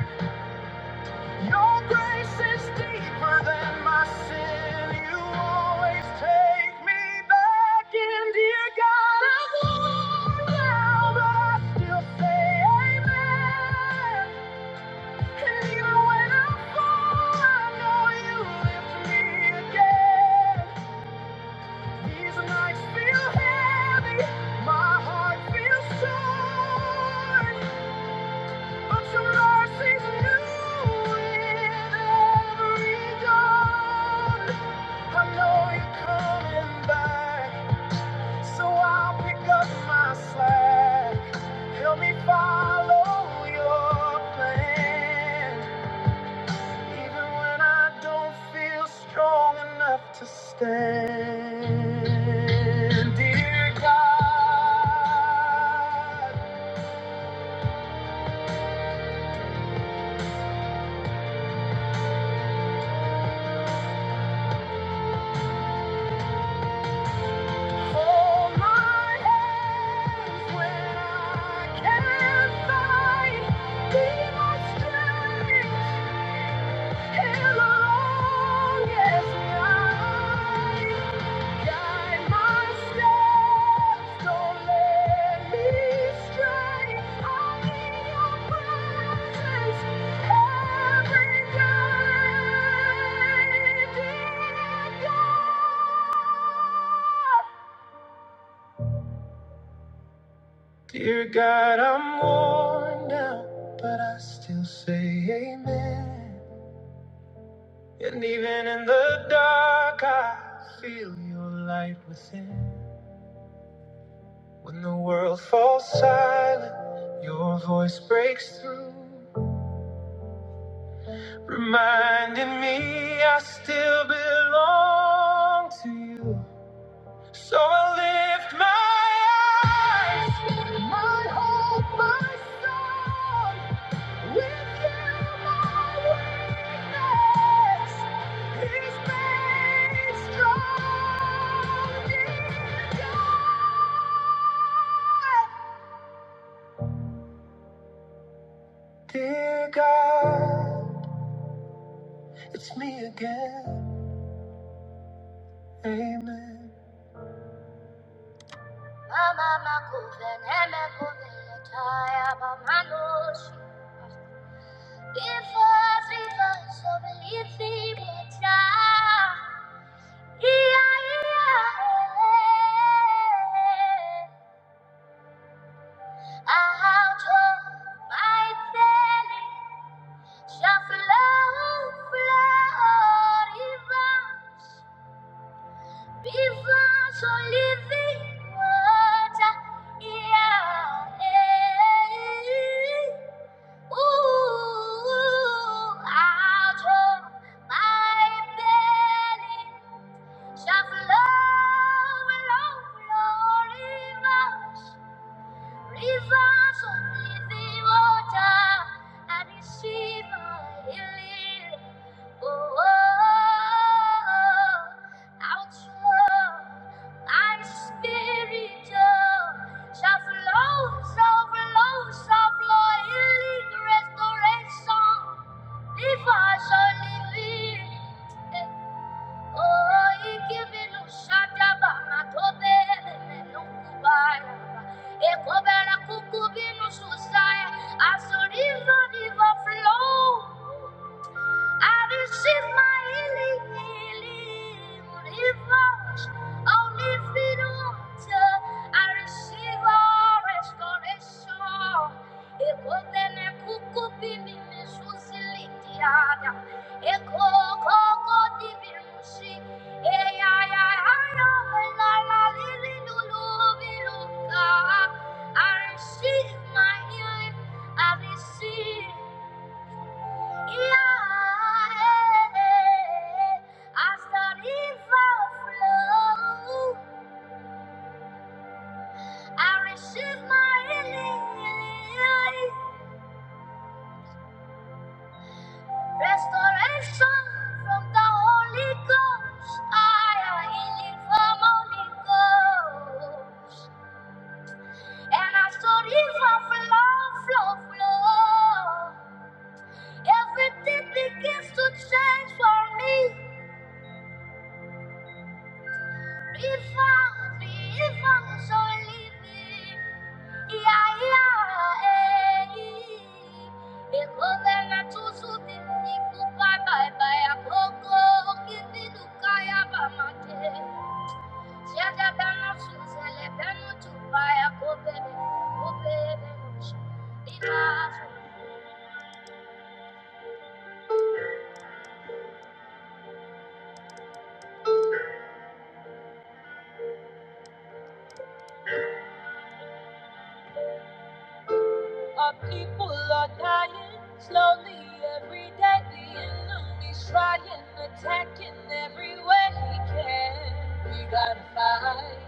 Speaker 2: Your grace is deeper than my sin. You always take me back in, dear God. I'm worn down, but I still say amen. And even when I fall, I know you lift me again. These nights feel heavy, my heart feels sore. But your mercy's new with every dawn. I know you're coming back, so I'll pick up my slack. Help me follow your plan, even when I don't feel strong enough to stand. Dear God. Every day, dear God. Dear God, I'm worn out, but I still say amen. And even in the dark, I feel your light within. When the world falls silent, your voice breaks through, reminding me I still belong to you. So I lift my eyes, my hope, my song. Dear God, it's me again. Amen. Mama makuve nemekuve yataya bamanoshi. Rivers, rivers of living water. Yeah, yeah. yeah. I'll my belly, shall flow, flow, rivers, rivers of living water. Yeah, eh. Ooh, I'll my belly, shall flow, flow, flow, rivers. Rivers of living water, and receive my healing. Oh, oh, oh, outflow, my spirit oh, shall flow, shall flow, shall flow, healing, restoration. Rivers of living. eh. As the river, river flow, I receive my healing, healing, on the voice, only feed water. I receive all restoration. Ekodene kuku bibi mizuzi litiada. Eko koko dibi mushi. Eya ya ya ya la la li li lulu biluka. I receive my healing. I receive. Yeah. I started from I received my healing. Restoration from the Holy Ghost. I am healing from Holy Ghost. And I started from flow, flow, flow. Everything begins to change for me. If I be, if I was only me, yeah, yeah, eh. Eko bena tuzu di niku bye bye bye akoko kibi lukaya ba mate. Siaja bena suzele bena tuba ya kobe bena kobe bena. Our people are dying slowly every day. The enemy's trying, attacking every way he can. We gotta fight,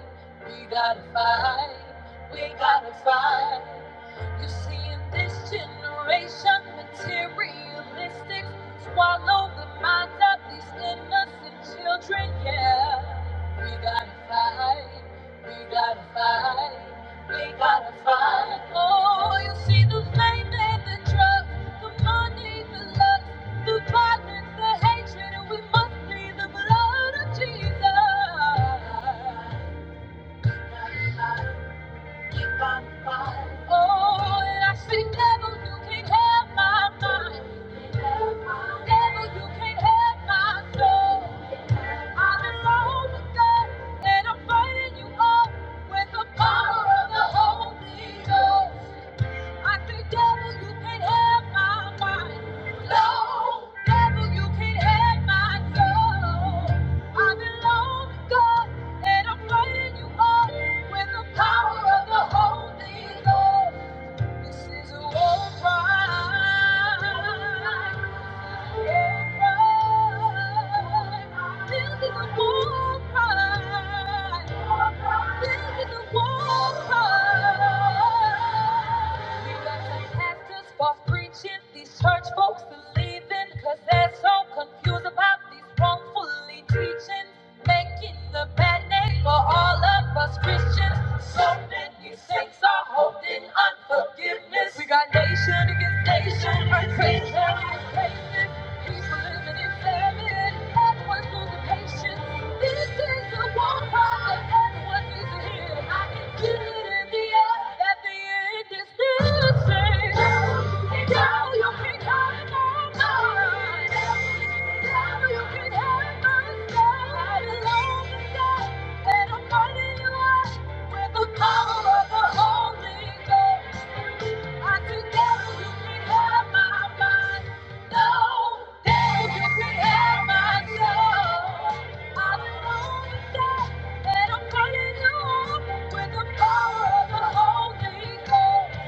Speaker 2: we gotta fight, we gotta fight. You see, in this generation, materialistic swallow the minds of these innocent children. Yeah, we gotta fight, we gotta fight. We gotta find. Oh, you see the fame and the drugs, the money, the lust, the violence, the hatred, and we must plead the blood of Jesus. We gotta find. Oh, and I see devil, you can't have my mind. Devil, you can't have my soul. I belong to God, and I'm fighting you up with the power of the Holy Ghost. I say, devil, you can't have my mind. No, devil, you can't have my soul. I belong to God, and I'm praying you up with the power of the Holy Ghost. This is a war cry. Preaching these church folks to leaving, they they're so confused about these wrongfully teachings, making the bad name for all of us Christians. So many saints are holding unforgiveness. We got nation against nation, right? Nation against nation. He's a can you can have my mind. Devil, you can have my soul. I belong to God, and I'm fighting you out with the power of the Holy Ghost. I can devil, you can't have my mind. With the power of the Holy Ghost.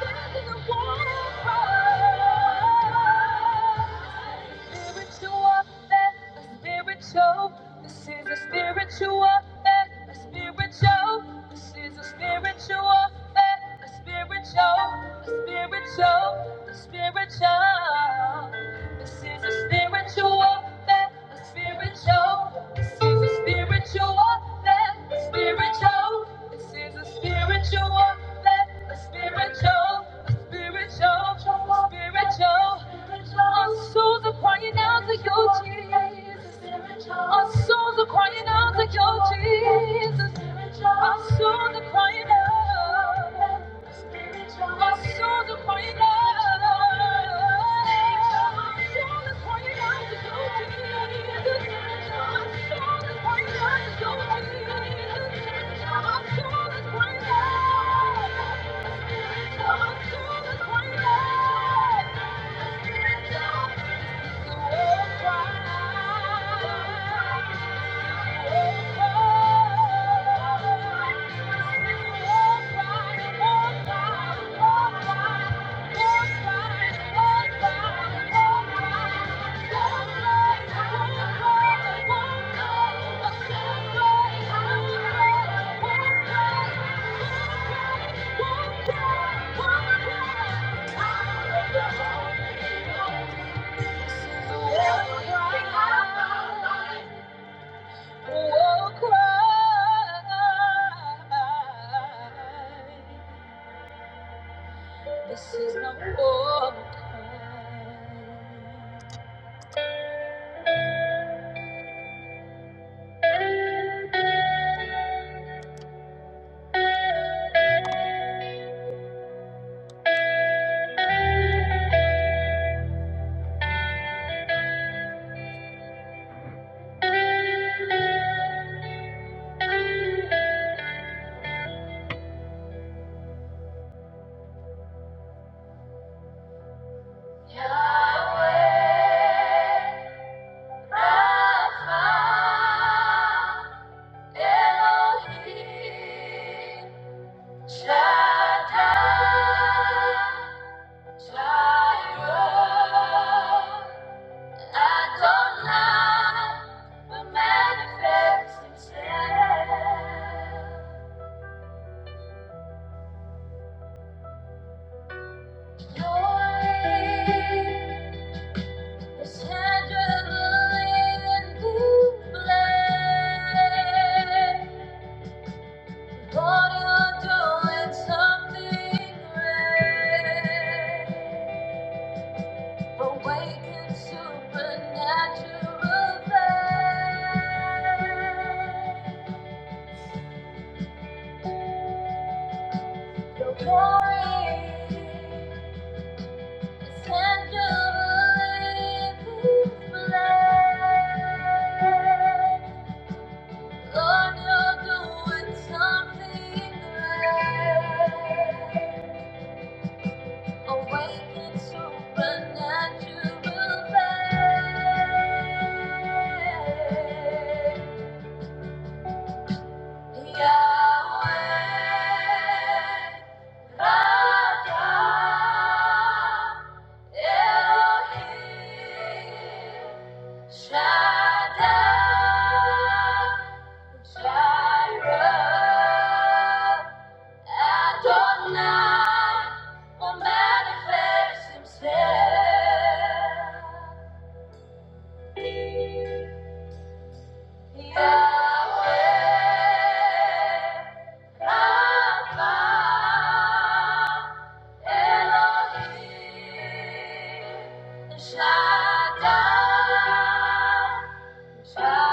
Speaker 2: This is a war cry spiritual warfare, a spiritual. This is a spiritual warfare, a spiritual. This is a spiritual warfare, a spiritual, a spiritual, a spiritual. This is a spiritual warfare, a spiritual. This is a spiritual warfare, a spiritual. This is a spiritual warfare, a spiritual, a spiritual, spiritual. Our souls are crying out to you, Jesus. Our souls are crying out to you, Jesus. Our souls are crying out. Our souls are crying out. Our souls are crying out to you, Jesus. Our souls are crying out to you, Jesus. Our souls are crying out. Thank you. Won't Cry. This is no formal time. Yahweh, Rapha, Elohim, Shaddai, Jireh, Adonai, will manifest himself. Your is tangible in the flesh. Lord, you're doing something great. Awaken supernatural faith. Your glory is tangible in this place. Lord, you're doing something great. Awaken supernatural faith. Yahweh, Rapha, Elohim, Shaddai, Jireh, Adonai will manifest himself. Yahweh, Rapha, Elohim, El Shaddai, Jireh.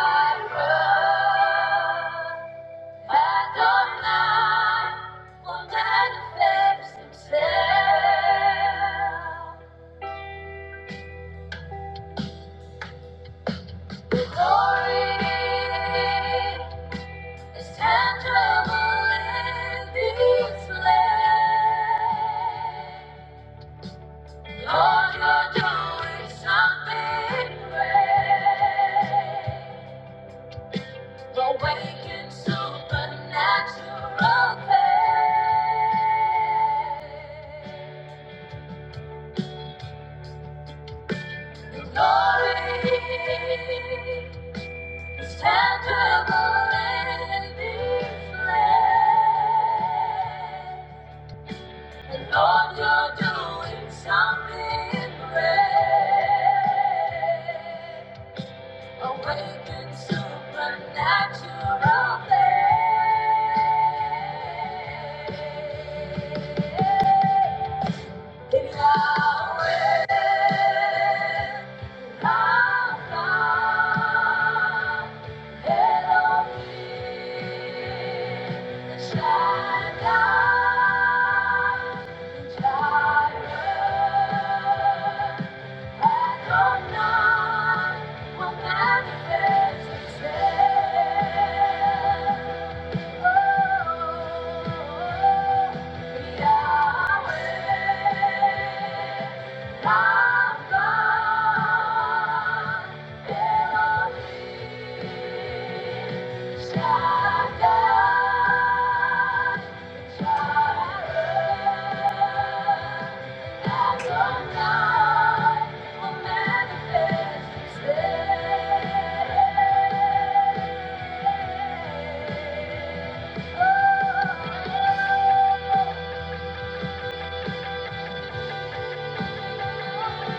Speaker 2: Supernatural faith. Supernatural faith we'll Manifest itself. Yeah. If you worship, He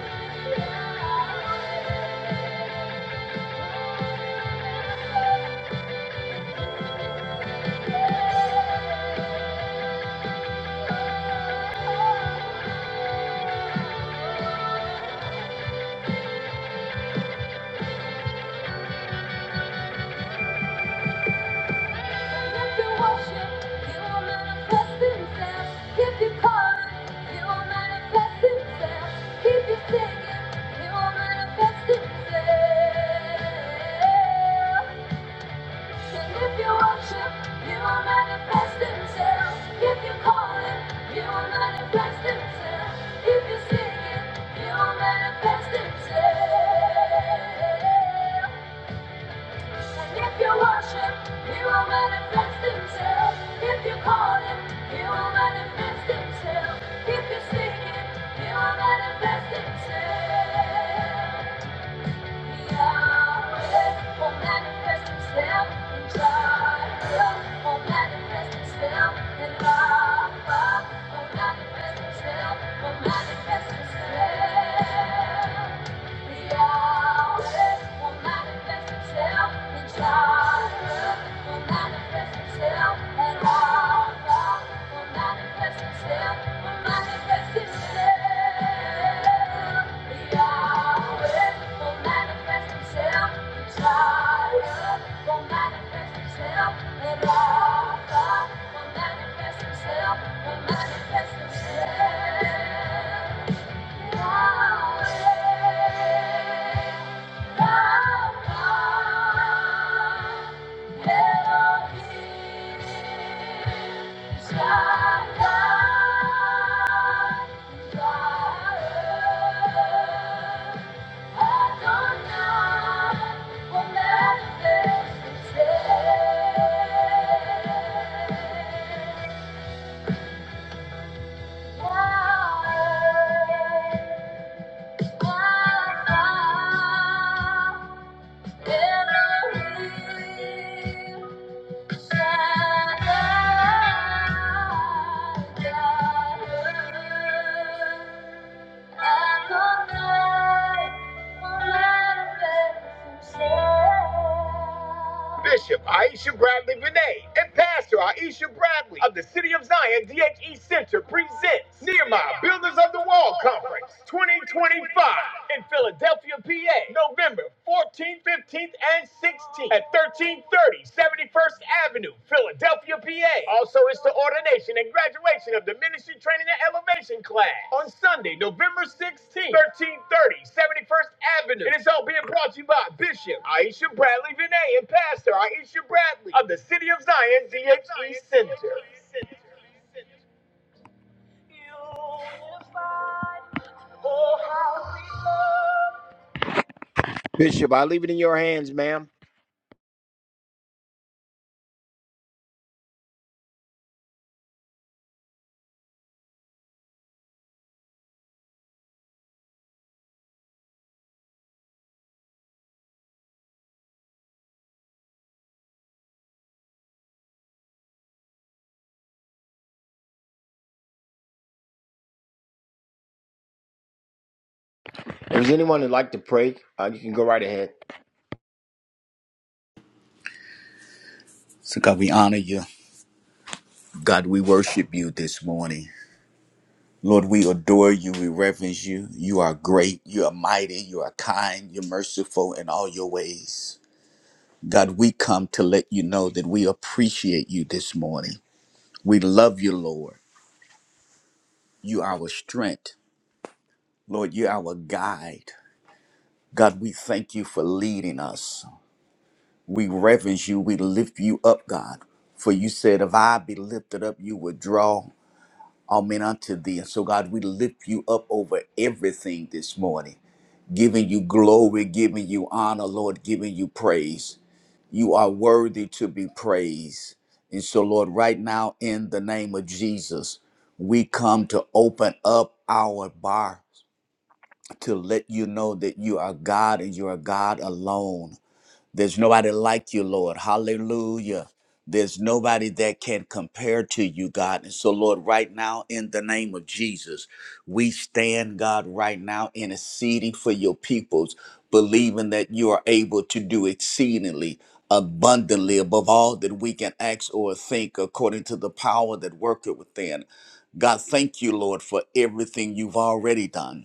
Speaker 2: will manifest Himself. If you call Him, He will manifest Himself. If you sing Him, He will manifest Himself. And if you worship, you will manifest himself. If you call him, you will manifest himself. If you seek him, you will manifest himself. And if you worship, he will manifest himself. If you call him, he will manifest himself. If you seek him, he will manifest himself. Manifest itself. will manifest itself will Manifest himself, will manifest himself. Yeah. I found in Elohim. Bishop Aisha Bradley Vinay and Pastor Aisha Bradley of the City of Zion DHE Center presents Nehemiah Builders of the Wall Conference 2025 in Philadelphia, PA, November 14th, 15th, and 16th at 13. 71st Avenue, Philadelphia, PA. Also, it's the ordination and graduation of the Ministry Training and Elevation class on Sunday, November 16th, 1330, 71st Avenue. And it's all being brought to you by Bishop Aisha Bradley Vinay and Pastor Aisha Bradley of the City of Zion DHE Center. Bishop, I leave it in your hands, ma'am. If there's anyone who'd like to pray, uh, you can go right ahead.
Speaker 3: So, God, we honor you. God, we worship you this morning. Lord, we adore you. We reverence you. You are great. You are mighty. You are kind. You're merciful in all your ways. God, we come to let you know that we appreciate you this morning. We love you, Lord. You are our strength. Lord, you're our guide. God, we thank you for leading us. We reverence you. We lift you up, God. For you said, if I be lifted up, you would draw. Amen unto thee. And so, God, we lift you up over everything this morning, giving you glory, giving you honor, Lord, giving you praise. You are worthy to be praised. And so, Lord, right now, in the name of Jesus, we come to open up our bar to let you know that you are God and you are God alone there's nobody like you, Lord. Hallelujah. There's nobody that can compare to you, God. And so, Lord, right now, in the name of Jesus, we stand, God, right now, interceding for your peoples, believing that you are able to do exceedingly abundantly above all that we can ask or think according to the power that worketh within. God, thank you, Lord, for everything you've already done.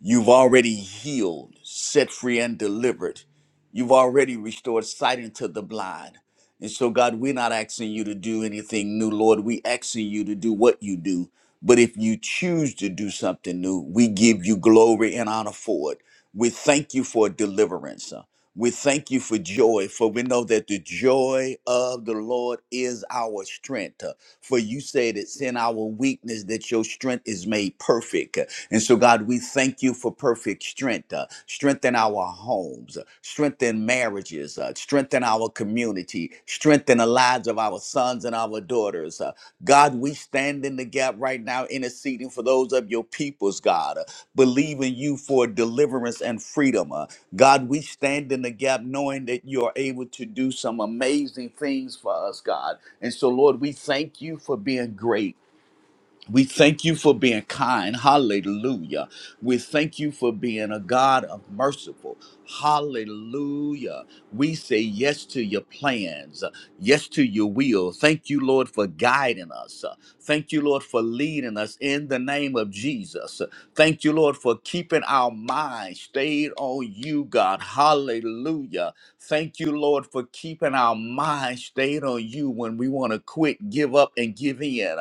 Speaker 3: You've already healed, set free, and delivered. You've already restored sight into the blind. And so, God, we're not asking you to do anything new, Lord. we asking you to do what you do. But if you choose to do something new, we give you glory and honor for it. We thank you for deliverance. uh, We thank you for joy, for we know that the joy of the Lord is our strength. uh, For you say it's in our weakness that your strength is made perfect. And so, God, we thank you for perfect strength. Uh, strengthen our homes, uh, strengthen marriages, uh, strengthen our community, strengthen the lives of our sons and our daughters. Uh, God, we stand in the gap right now, interceding for those of your peoples, God, uh, believing you for deliverance and freedom. Uh, God, we stand in the gap knowing that you are able to do some amazing things for us, God. And so, Lord, we thank you for being great. We thank you for being kind. Hallelujah. We thank you for being a God of merciful. Hallelujah. We say yes to your plans, yes to your will. Thank you, Lord, for guiding us. Thank you, Lord, for leading us in the name of Jesus. Thank you, Lord, for keeping our minds stayed on you, God. Hallelujah. Thank you, Lord, for keeping our minds stayed on you when we want to quit, give up, and give in.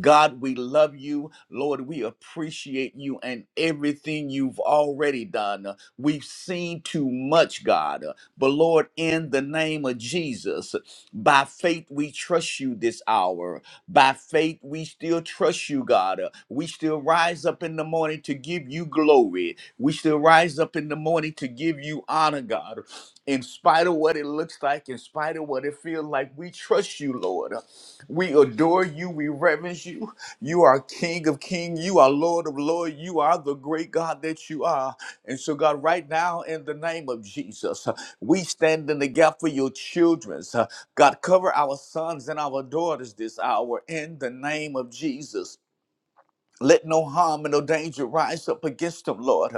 Speaker 3: God, we love you. Lord, we appreciate you and everything you've already done. We've seen too much, God. But Lord, in the name of Jesus, by faith we trust you this hour. By faith we still trust you, God. We still rise up in the morning to give you glory. We still rise up in the morning to give you honor, God. In spite of what it looks like, in spite of what it feels like, we trust you, Lord. We adore you. We reverence you. You are King of King. You are Lord of Lord. You are the great God that you are. And so, God, right now, in the name of Jesus, uh, we stand in the gap for your children. Uh, God, cover our sons and our daughters this hour in the name of Jesus. Let no harm and no danger rise up against them, Lord.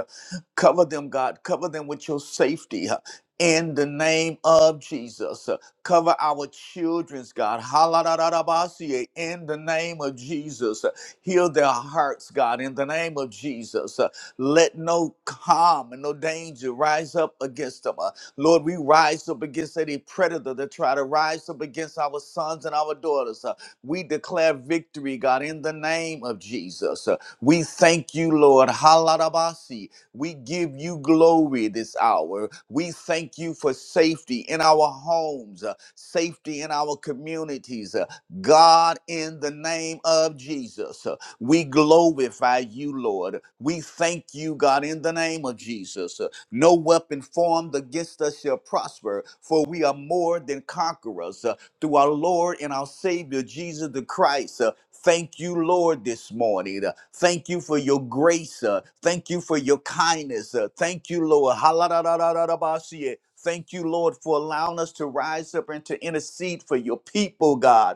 Speaker 3: Cover them, God. Cover them with your safety. uh, In the name of Jesus, Uh, cover our children's God. Haladadadabasie, In the name of Jesus, Uh, heal their hearts, God. In the name of Jesus, Uh, let no harm and no danger rise up against them. Uh, Lord, we rise up against any predator that try to rise up against our sons and our daughters. We declare victory, God, in the name of Jesus. Uh, We thank you, Lord. Halalabasi. We give you glory this hour. We thank you for safety in our homes, uh, safety in our communities. uh, God, in the name of Jesus, uh, we glorify you, Lord. We thank you, God, in the name of Jesus. Uh, No weapon formed against us shall prosper, for we are more than conquerors. Uh, through our Lord and our Savior, Jesus the Christ. Uh, Thank you, Lord, this morning. Uh, Thank you for your grace. Uh, Thank you for your kindness. Uh, Thank you, Lord. Haladadadadadabasie. Thank you, Lord, for allowing us to rise up and to intercede for your people, God.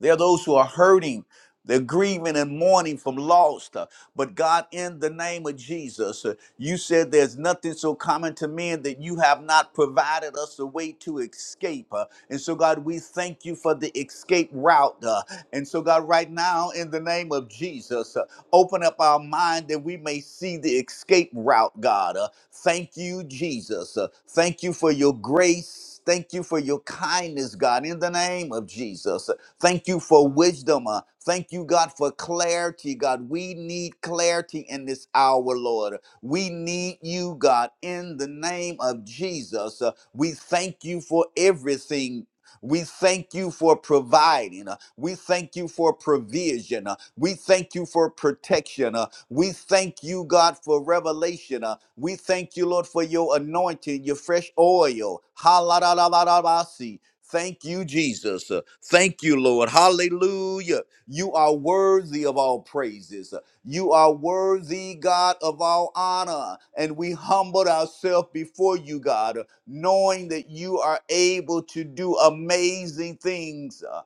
Speaker 3: There are those who are hurting. They're grieving and mourning from lost. Uh, But God, in the name of Jesus, uh, you said there's nothing so common to men that you have not provided us a way to escape. Uh, And so, God, we thank you for the escape route. uh, And so, God, right now, in the name of Jesus, uh, open up our mind that we may see the escape route, God. Uh, Thank you, Jesus. Uh, Thank you for your grace. Thank you for your kindness, God, in the name of Jesus. uh, Thank you for wisdom. uh, Thank you, God, for clarity. God, we need clarity in this hour, Lord. We need you, God, in the name of Jesus. Uh, We thank you for everything. We thank you for providing. Uh, We thank you for provision. Uh, We thank you for protection. Uh, We thank you, God, for revelation. Uh, We thank you, Lord, for your anointing, your fresh oil. Ha Thank you, Jesus. Uh, Thank you, Lord. Hallelujah. You are worthy of all praises. Uh, You are worthy, God, of all honor. And we humbled ourselves before you, God, uh, knowing that you are able to do amazing things. Uh,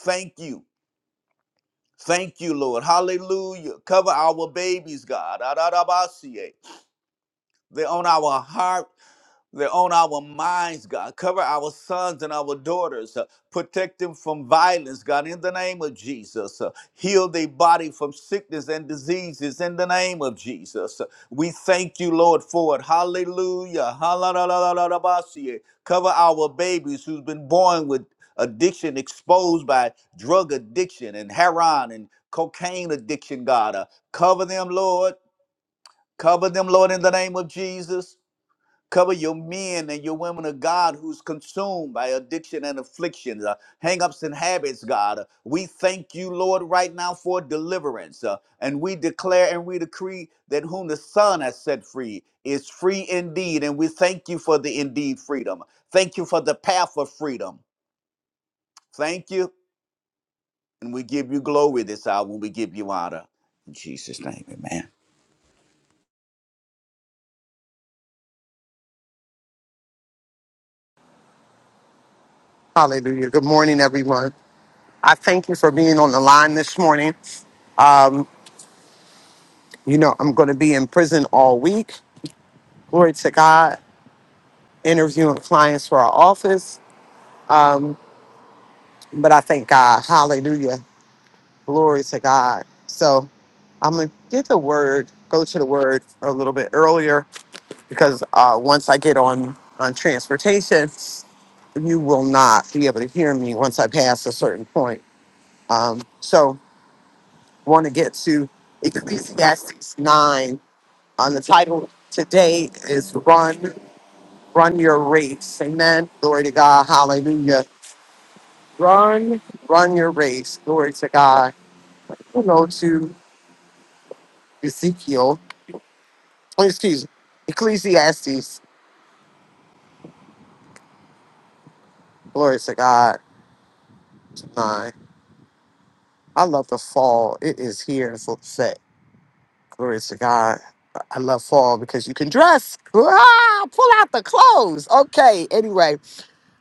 Speaker 3: Thank you. Thank you, Lord. Hallelujah. Cover our babies, God. Adarabasie. They're on our heart They're on our minds, God. Cover our sons and our daughters. uh, protect them from violence, God, in the name of Jesus. Uh, heal their body from sickness and diseases in the name of Jesus. Uh, we thank you, Lord, for it. Hallelujah. Hallelujah. Cover our babies who's been born with addiction exposed by drug addiction and heroin and cocaine addiction, God. Uh, cover them, Lord. Cover them, Lord, in the name of Jesus. Cover your men and your women of God who's consumed by addiction and afflictions, uh, hang-ups and habits, God. Uh, we thank you, Lord, right now for deliverance. uh, and we declare and we decree that whom the Son has set free is free indeed. And we thank you for the indeed freedom. Thank you for the path of freedom. Thank you. And we give you glory this hour we give you honor. In Jesus' name, amen.
Speaker 4: Hallelujah. Good morning, everyone. I thank you for being on the line this morning. You know, I'm going to be in prison all week. Glory to God, interviewing clients for our office. But I thank God. Hallelujah. Glory to God. So I'm going to get the word, go to the word a little bit earlier because uh, once I get on, on transportation, you will not be able to hear me once I pass a certain point. Um, so, want to get to Ecclesiastes 9 on the title today is Run, Run Your Race. Amen. Glory to God. Hallelujah. Run, run your race. Glory to God. We'll go to Ezekiel. oh, Excuse me. Ecclesiastes. Glory to God. Nine. I love the fall. It is here. It's upset. Glory to God. I love fall because you can dress. Ah, pull out the clothes. Okay. Anyway.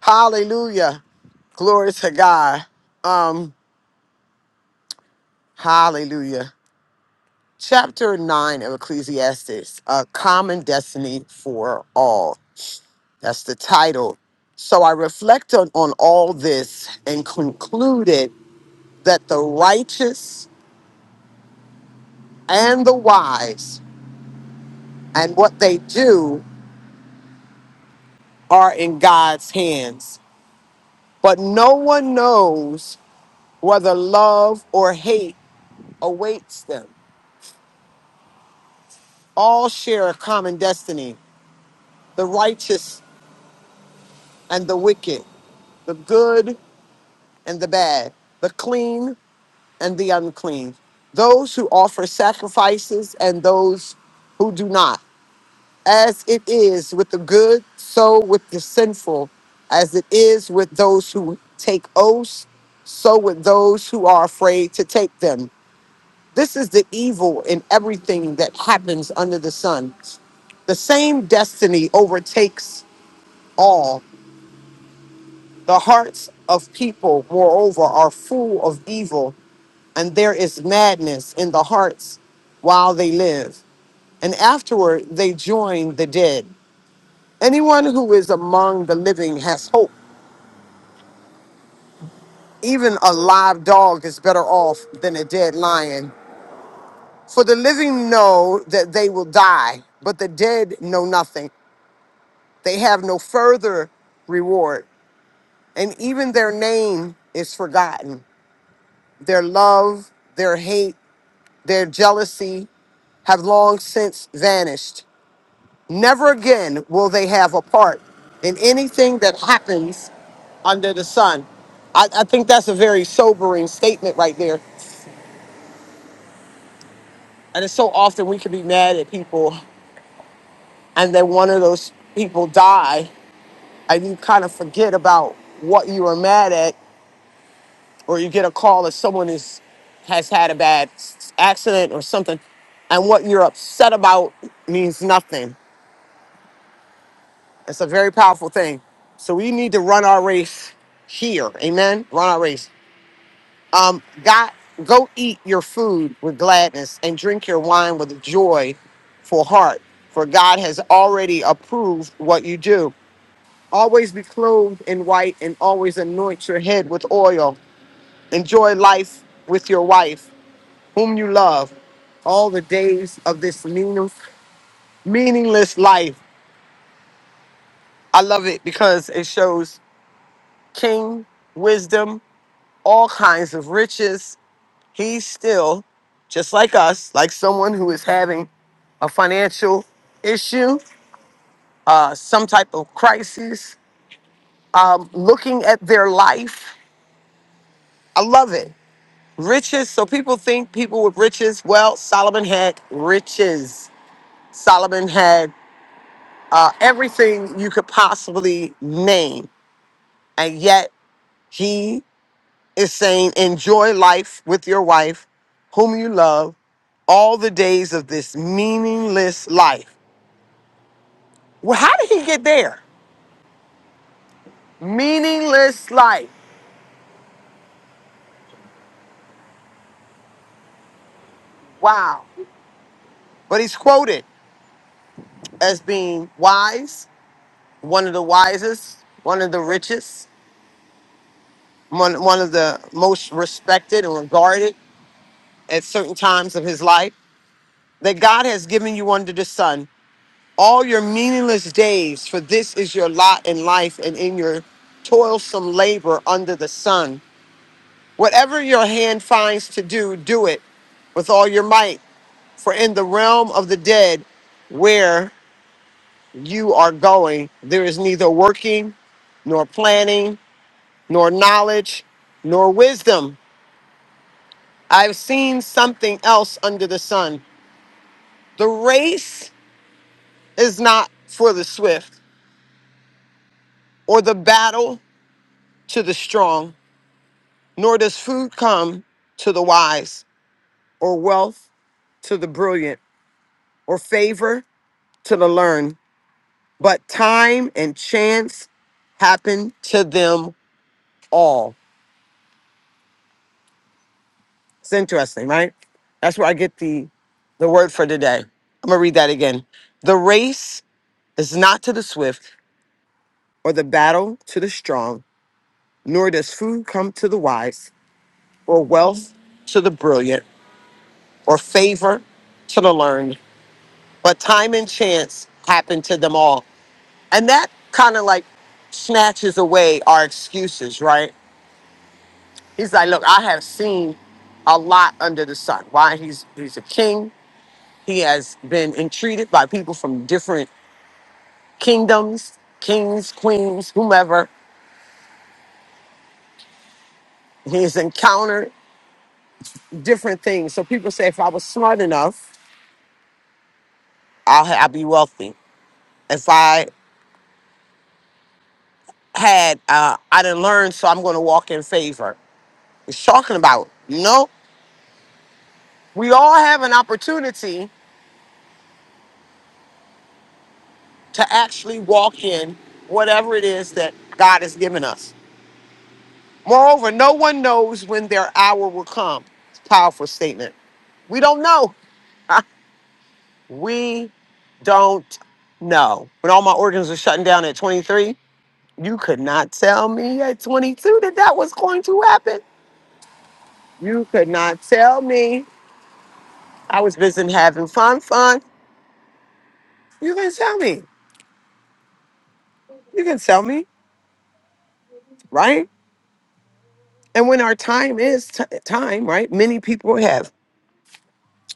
Speaker 4: Hallelujah. Glory to God. Um, hallelujah. Chapter 9 of Ecclesiastes A Common Destiny for All. That's the title. So I reflected on, on all this and concluded that the righteous and the wise and what they do are in God's hands. But no one knows whether love or hate awaits them. All share a common destiny the righteous and the wicked, the good and the bad, the clean and the unclean, those who offer sacrifices and those who do not. As it is with the good, so with the sinful. As it is with those who take oaths, so with those who are afraid to take them. This is the evil in everything that happens under the sun. The same destiny overtakes all. The hearts of people, moreover, are full of evil, and there is madness in the hearts while they live. And afterward, they join the dead. Anyone who is among the living has hope. Even a live dog is better off than a dead lion. For the living know that they will die, but the dead know nothing. They have no further reward, and even their name is forgotten. Their love, their hate, Their jealousy have long since vanished. Never again will they have a part in anything that happens under the sun. I, I think that's a very sobering statement right there. And it's so often we can be mad at people, and then one of those people die, and you kind of forget about what you were mad at, or you get a call that someone is has had a bad s- accident or something, and what you're upset about means nothing. It's a very powerful thing. So we need to run our race here. Amen. Run our race. Um, God, go eat your food with gladness and drink your wine with joy for heart, for God has already approved what you do. Always be clothed in white and always anoint your head with oil. Enjoy life with your wife, whom you love, all the days of this meaning, meaningless life. I love it because it shows king wisdom all kinds of riches. He's still, just like us, like someone who is having a financial issue, uh, some type of crisis, um, looking at their life. I love it. Riches. So people think people with riches. Well, Solomon had riches. Solomon had uh, everything you could possibly name. And yet, he is saying, enjoy life with your wife, whom you love, all the days of this meaningless life. Well, how did he get there? Meaningless life. Wow. But he's quoted as being wise, one of the wisest, one of the richest, one, one of the most respected and regarded at certain times of his life. That God has given you under the sun all your meaningless days, for this is your lot in life and in your toilsome labor under the sun. Whatever your hand finds to do, do it with all your might, for in the realm of the dead, where you are going, there is neither working, nor planning, nor knowledge, nor wisdom. I've seen something else under the sun. The race is not for the swift, or the battle to the strong nor does food come to the wise, or wealth to the brilliant, or favor to the learned, but time and chance happen to them all. It's interesting, right? That's where I get the the word for today. I'm gonna read that again. The race is not to the swift, or the battle to the strong, nor does food come to the wise, or wealth to the brilliant, or favor to the learned but time and chance happen to them all. And that kind of like snatches away our excuses, right? He's like, look, I have seen a lot under the sun. Why he's he's a king. He has been entreated by people from different kingdoms, kings, queens, whomever. He's encountered different things. So people say, if I was smart enough, I'll, ha- I'll be wealthy. If I had, uh, I didn't learn, so I'm going to walk in favor. He's talking about, no. we all have an opportunity to actually walk in whatever it is that God has given us. Moreover, no one knows when their hour will come. It's a powerful statement. We don't know. we don't know. When all my organs were shutting down at 23, you could not tell me at 22 that that was going to happen. You could not tell me. I was busy having fun, fun. You can tell me. You can tell me, right? And when our time is t- time, right? Many people have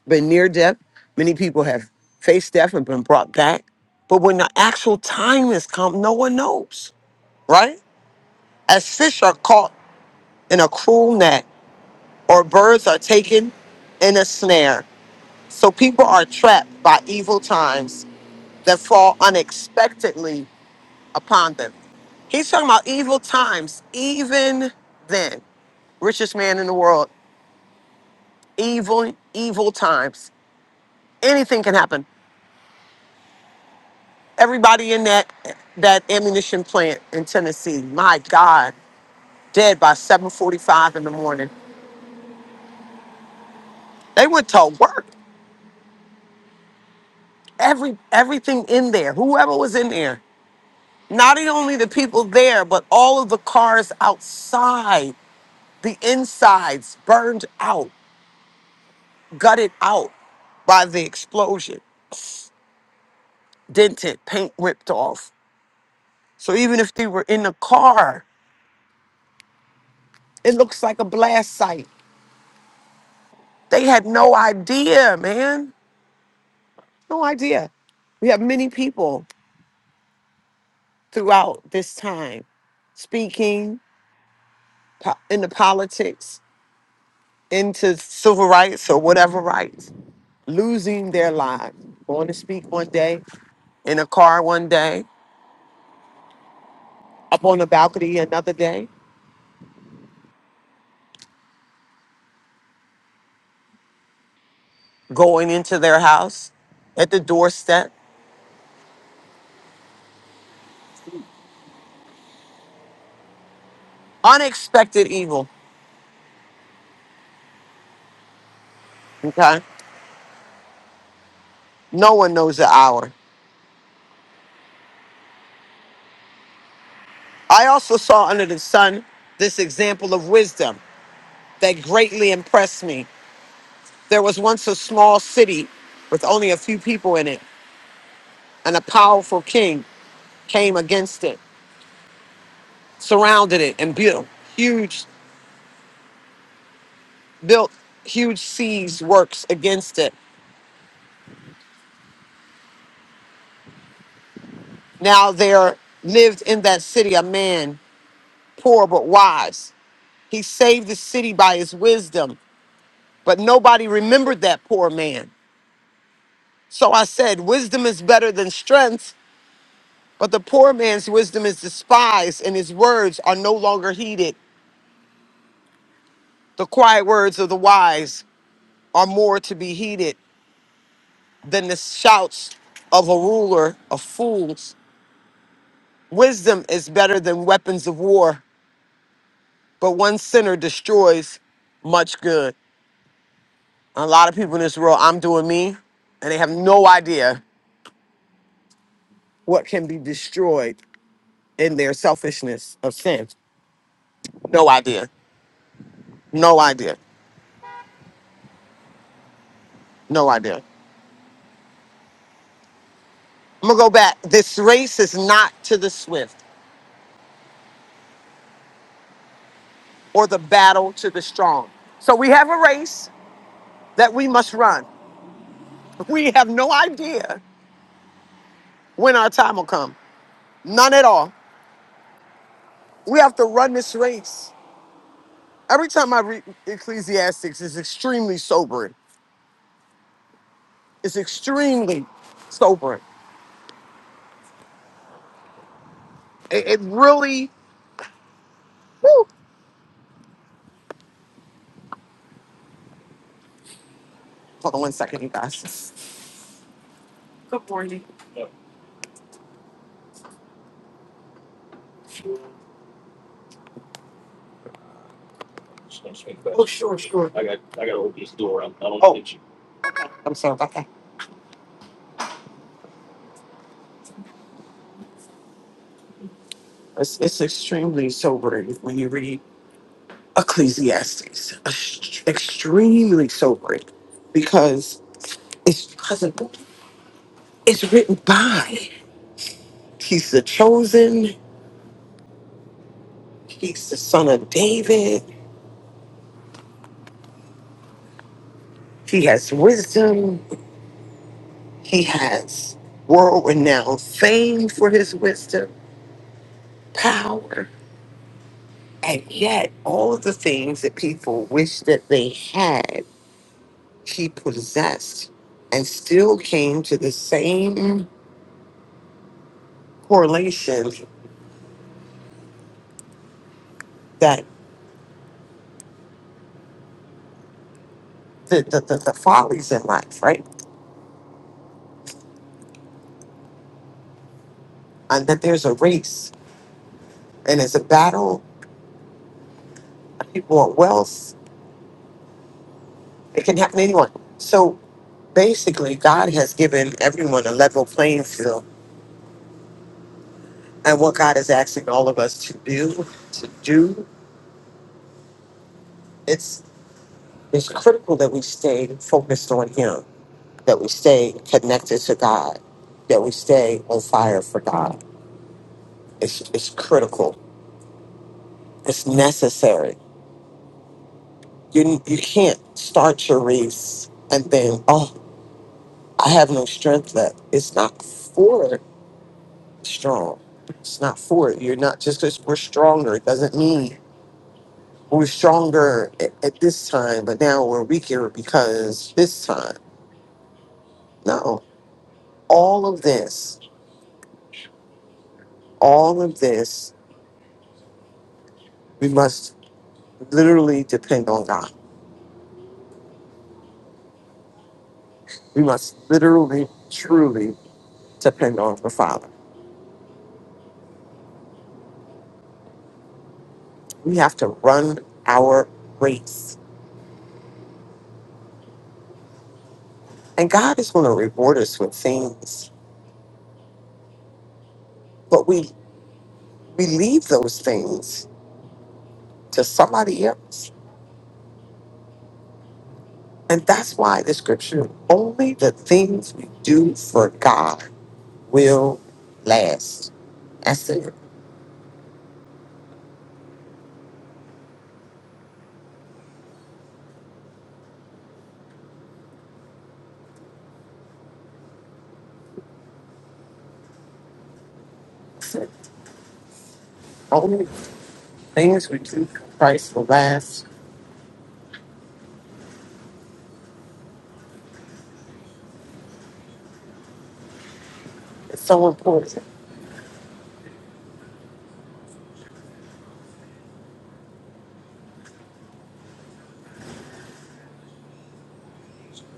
Speaker 4: been near death. Many people have faced death and been brought back. But when the actual time has come, no one knows, right? As fish are caught in a cruel net or birds are taken in a snare. So people are trapped by evil times that fall unexpectedly upon them. He's talking about evil times, even then richest man in the world. Evil, evil times. anything can happen. Everybody in that that ammunition plant in Tennessee, my God, dead by 7:45 in the morning. They went to work. Every everything in there, whoever was in there, not only the people there, but all of the cars outside, the insides burned out, gutted out by the explosion, dented, paint ripped off. So even if they were in the car, it looks like a blast site. They had no idea, man. No idea. We have many people throughout this time speaking po- into politics, into civil rights or whatever rights, losing their lives, going to speak one day, in a car one day, up on the balcony another day, going into their house, at the doorstep. Unexpected evil. Okay. No one knows the hour. I also saw under the sun this example of wisdom. that greatly impressed me. There was once a small city with only a few people in it, and a powerful king came against it, surrounded it, and built huge built huge siege works against it. Now there lived in that city a man poor but wise. He saved the city by his wisdom, but nobody remembered that poor man. So I said, Wisdom is better than strength But the poor man's wisdom is despised, and his words are no longer heeded. The quiet words of the wise are more to be heeded than the shouts of a ruler of fools. Wisdom is better than weapons of war, but one sinner destroys much good. A lot of people in this world, I'm doing me, and they have no idea what can be destroyed in their selfishness of sin. No idea. No idea. No idea. I'm gonna go back. This race is not to the swift or the battle to the strong. So we have a race that we must run. We have no idea when our time will come. None at all. We have to run this race. Every time I read Ecclesiastics, it's extremely sobering. It's extremely sobering. It, it really, whew. hold on one second, you guys. Oh, Sure, sure. I'm sorry about that. It's, it's extremely sobering when you read. Ecclesiastes ex- extremely sobering because it's because of, it's written by. He's the chosen. He's the son of David. He has wisdom. He has world renowned fame for his wisdom, power. And yet, all of the things that people wish that they had, he possessed and still came to the same correlation that the, the, the, the follies in life, right? And that there's a race and it's a battle. People want wealth. It can happen to anyone. So basically, God has given everyone a level playing field. And what God is asking all of us to do, to do, it's, it's critical that we stay focused on Him, that we stay connected to God, that we stay on fire for God. It's, it's critical. It's necessary. You, you can't start your race and then, oh, I have no strength left. It's not for strong. It's not for it. You're not just because we're stronger. It doesn't mean we're stronger at, at this time, but now we're weaker because this time. No. All of this, all of this, we must literally depend on God. We must literally, truly depend on the Father. We have to run our race. And God is going to reward us with things, but we we leave those things to somebody else. And that's why the scripture only the things we do for God will last. That's it. Only the things we do for Christ will last. It's so important.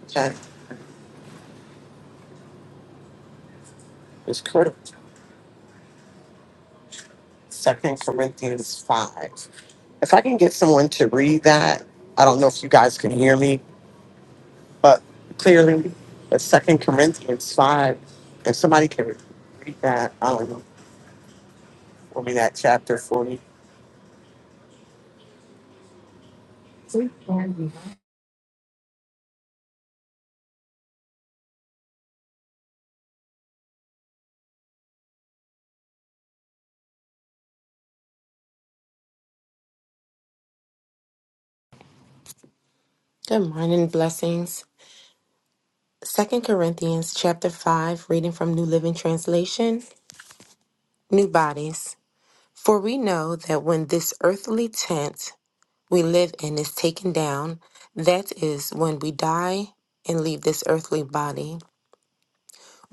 Speaker 4: Okay? It's critical. Second Corinthians five. If I can get someone to read that, I don't know if you guys can hear me, but clearly, but Second Corinthians five. If somebody can read that, I don't know. For me, that chapter forty.
Speaker 5: Good morning, blessings. Second Corinthians chapter 5, reading from New Living Translation, New Bodies. For we know that when this earthly tent we live in is taken down, that is when we die and leave this earthly body.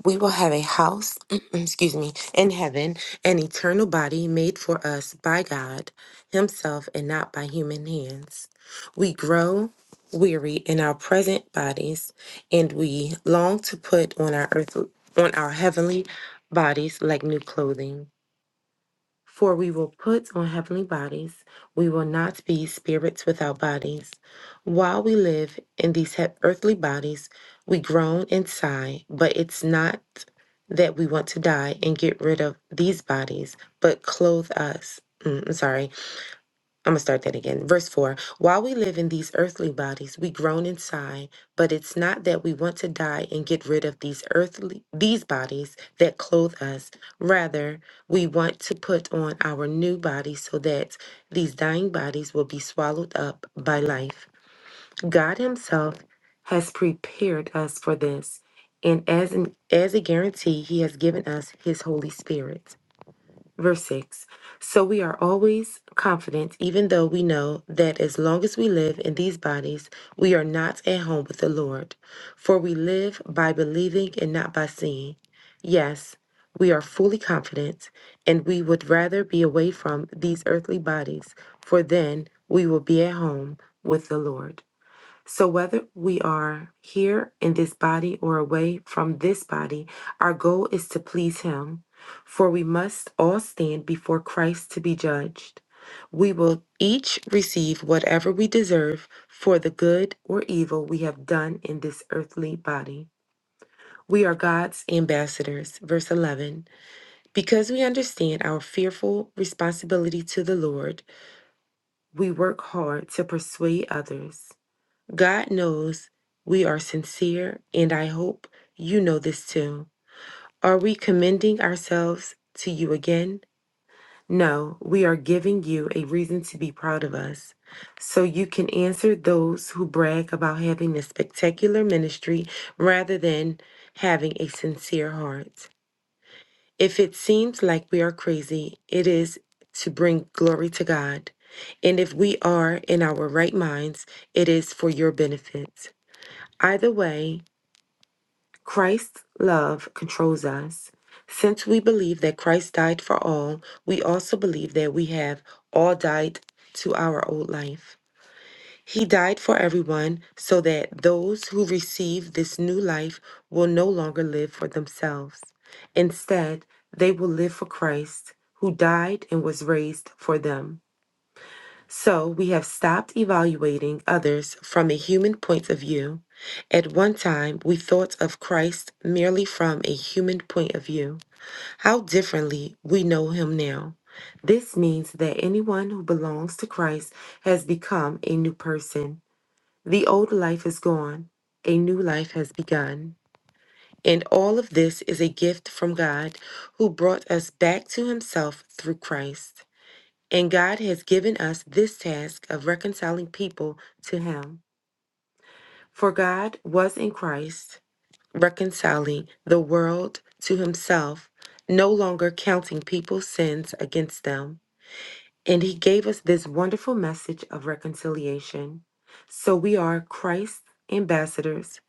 Speaker 5: we will have a house, excuse me, in heaven, an eternal body made for us by God Himself and not by human hands. We grow weary in our present bodies, and we long to put on our earth on our heavenly bodies like new clothing. For we will put on heavenly bodies, we will not be spirits without bodies. While we live in these he- earthly bodies, we groan and sigh, but it's not that we want to die and get rid of these bodies, but clothe us. mm, I'm sorry I'm going to start that again. Verse 4 While we live in these earthly bodies, we groan and sigh, but it's not that we want to die and get rid of these earthly these bodies that clothe us. Rather, we want to put on our new bodies so that these dying bodies will be swallowed up by life. God himself has prepared us for this, and as an, as a guarantee, he has given us his holy spirit. Verse 6 So we are always confident, even though we know that as long as we live in these bodies, we are not at home with the Lord. For we live by believing and not by seeing. Yes, we are fully confident, and we would rather be away from these earthly bodies, for then we will be at home with the Lord. So, whether we are here in this body or away from this body, our goal is to please Him. For we must all stand before Christ to be judged. We will each receive whatever we deserve for the good or evil we have done in this earthly body. We are God's ambassadors. Verse 11. Because we understand our fearful responsibility to the Lord, we work hard to persuade others. God knows we are sincere, and I hope you know this too. Are we commending ourselves to you again? No, we are giving you a reason to be proud of us. So you can answer those who brag about having a spectacular ministry rather than having a sincere heart. If it seems like we are crazy, it is to bring glory to God. And if we are in our right minds, it is for your benefit. Either way, Christ's love controls us. Since we believe that Christ died for all, we also believe that we have all died to our old life. He died for everyone so that those who receive this new life will no longer live for themselves. Instead, they will live for Christ, who died and was raised for them. So we have stopped evaluating others from a human point of view. At one time, we thought of Christ merely from a human point of view. How differently we know him now. This means that anyone who belongs to Christ has become a new person. The old life is gone, a new life has begun. And all of this is a gift from God who brought us back to himself through Christ. And God has given us this task of reconciling people to Him. For God was in Christ, reconciling the world to Himself, no longer counting people's sins against them. And He gave us this wonderful message of reconciliation. So we are Christ's ambassadors.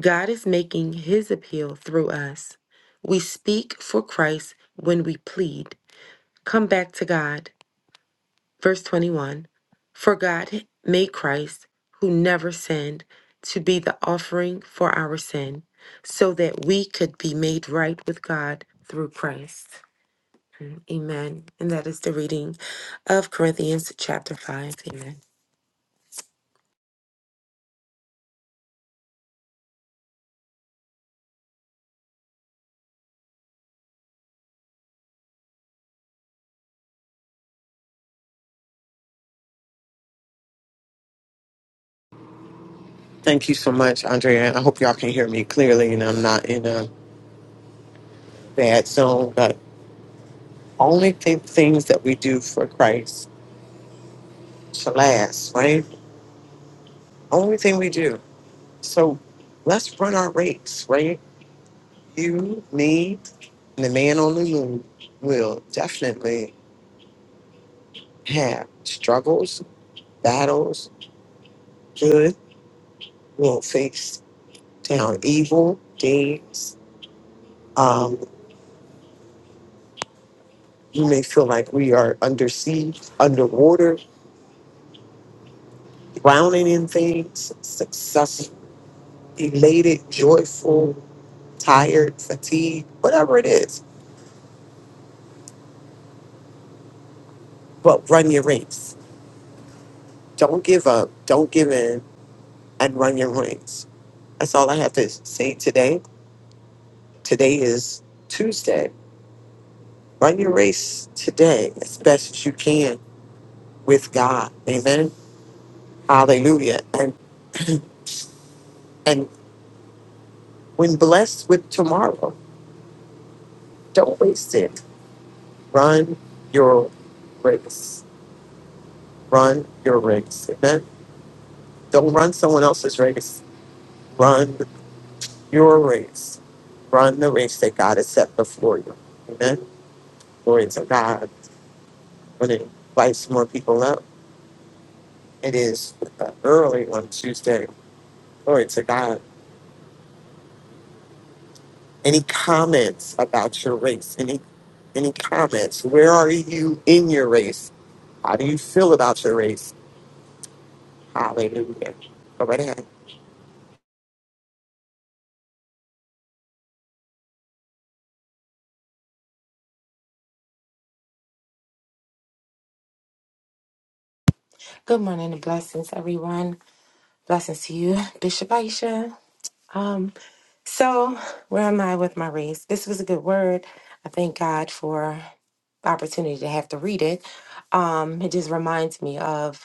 Speaker 5: God is making His appeal through us. We speak for Christ when we plead. Come back to God. Verse 21 For God made Christ, who never sinned, to be the offering for our sin, so that we could be made right with God through Christ. Amen. And that is the reading of Corinthians chapter 5. Amen.
Speaker 4: Thank you so much, Andrea. And I hope y'all can hear me clearly and I'm not in a bad zone. But only thing, things that we do for Christ shall last, right? Only thing we do. So let's run our race, right? You, me, and the man on the moon will definitely have struggles, battles, good. We'll face down evil days. Um, you may feel like we are under siege, underwater drowning in things, successful, elated, joyful, tired, fatigued, whatever it is. But run your race. Don't give up. Don't give in and run your race. That's all I have to say today. Today is Tuesday. Run your race today as best as you can with God. Amen. Hallelujah. And and when blessed with tomorrow, don't waste it. Run your race. Run your race. Amen. Don't run someone else's race. Run your race. Run the race that God has set before you. Amen. Glory to God. When it invites more people up, it is uh, early on Tuesday. Glory to God. Any comments about your race? Any any comments? Where are you in your race? How do you feel about your race? Hallelujah. Go right ahead.
Speaker 5: Good morning and blessings, everyone. Blessings to you, Bishop Aisha. Um, so where am I with my race? This was a good word. I thank God for the opportunity to have to read it. Um, it just reminds me of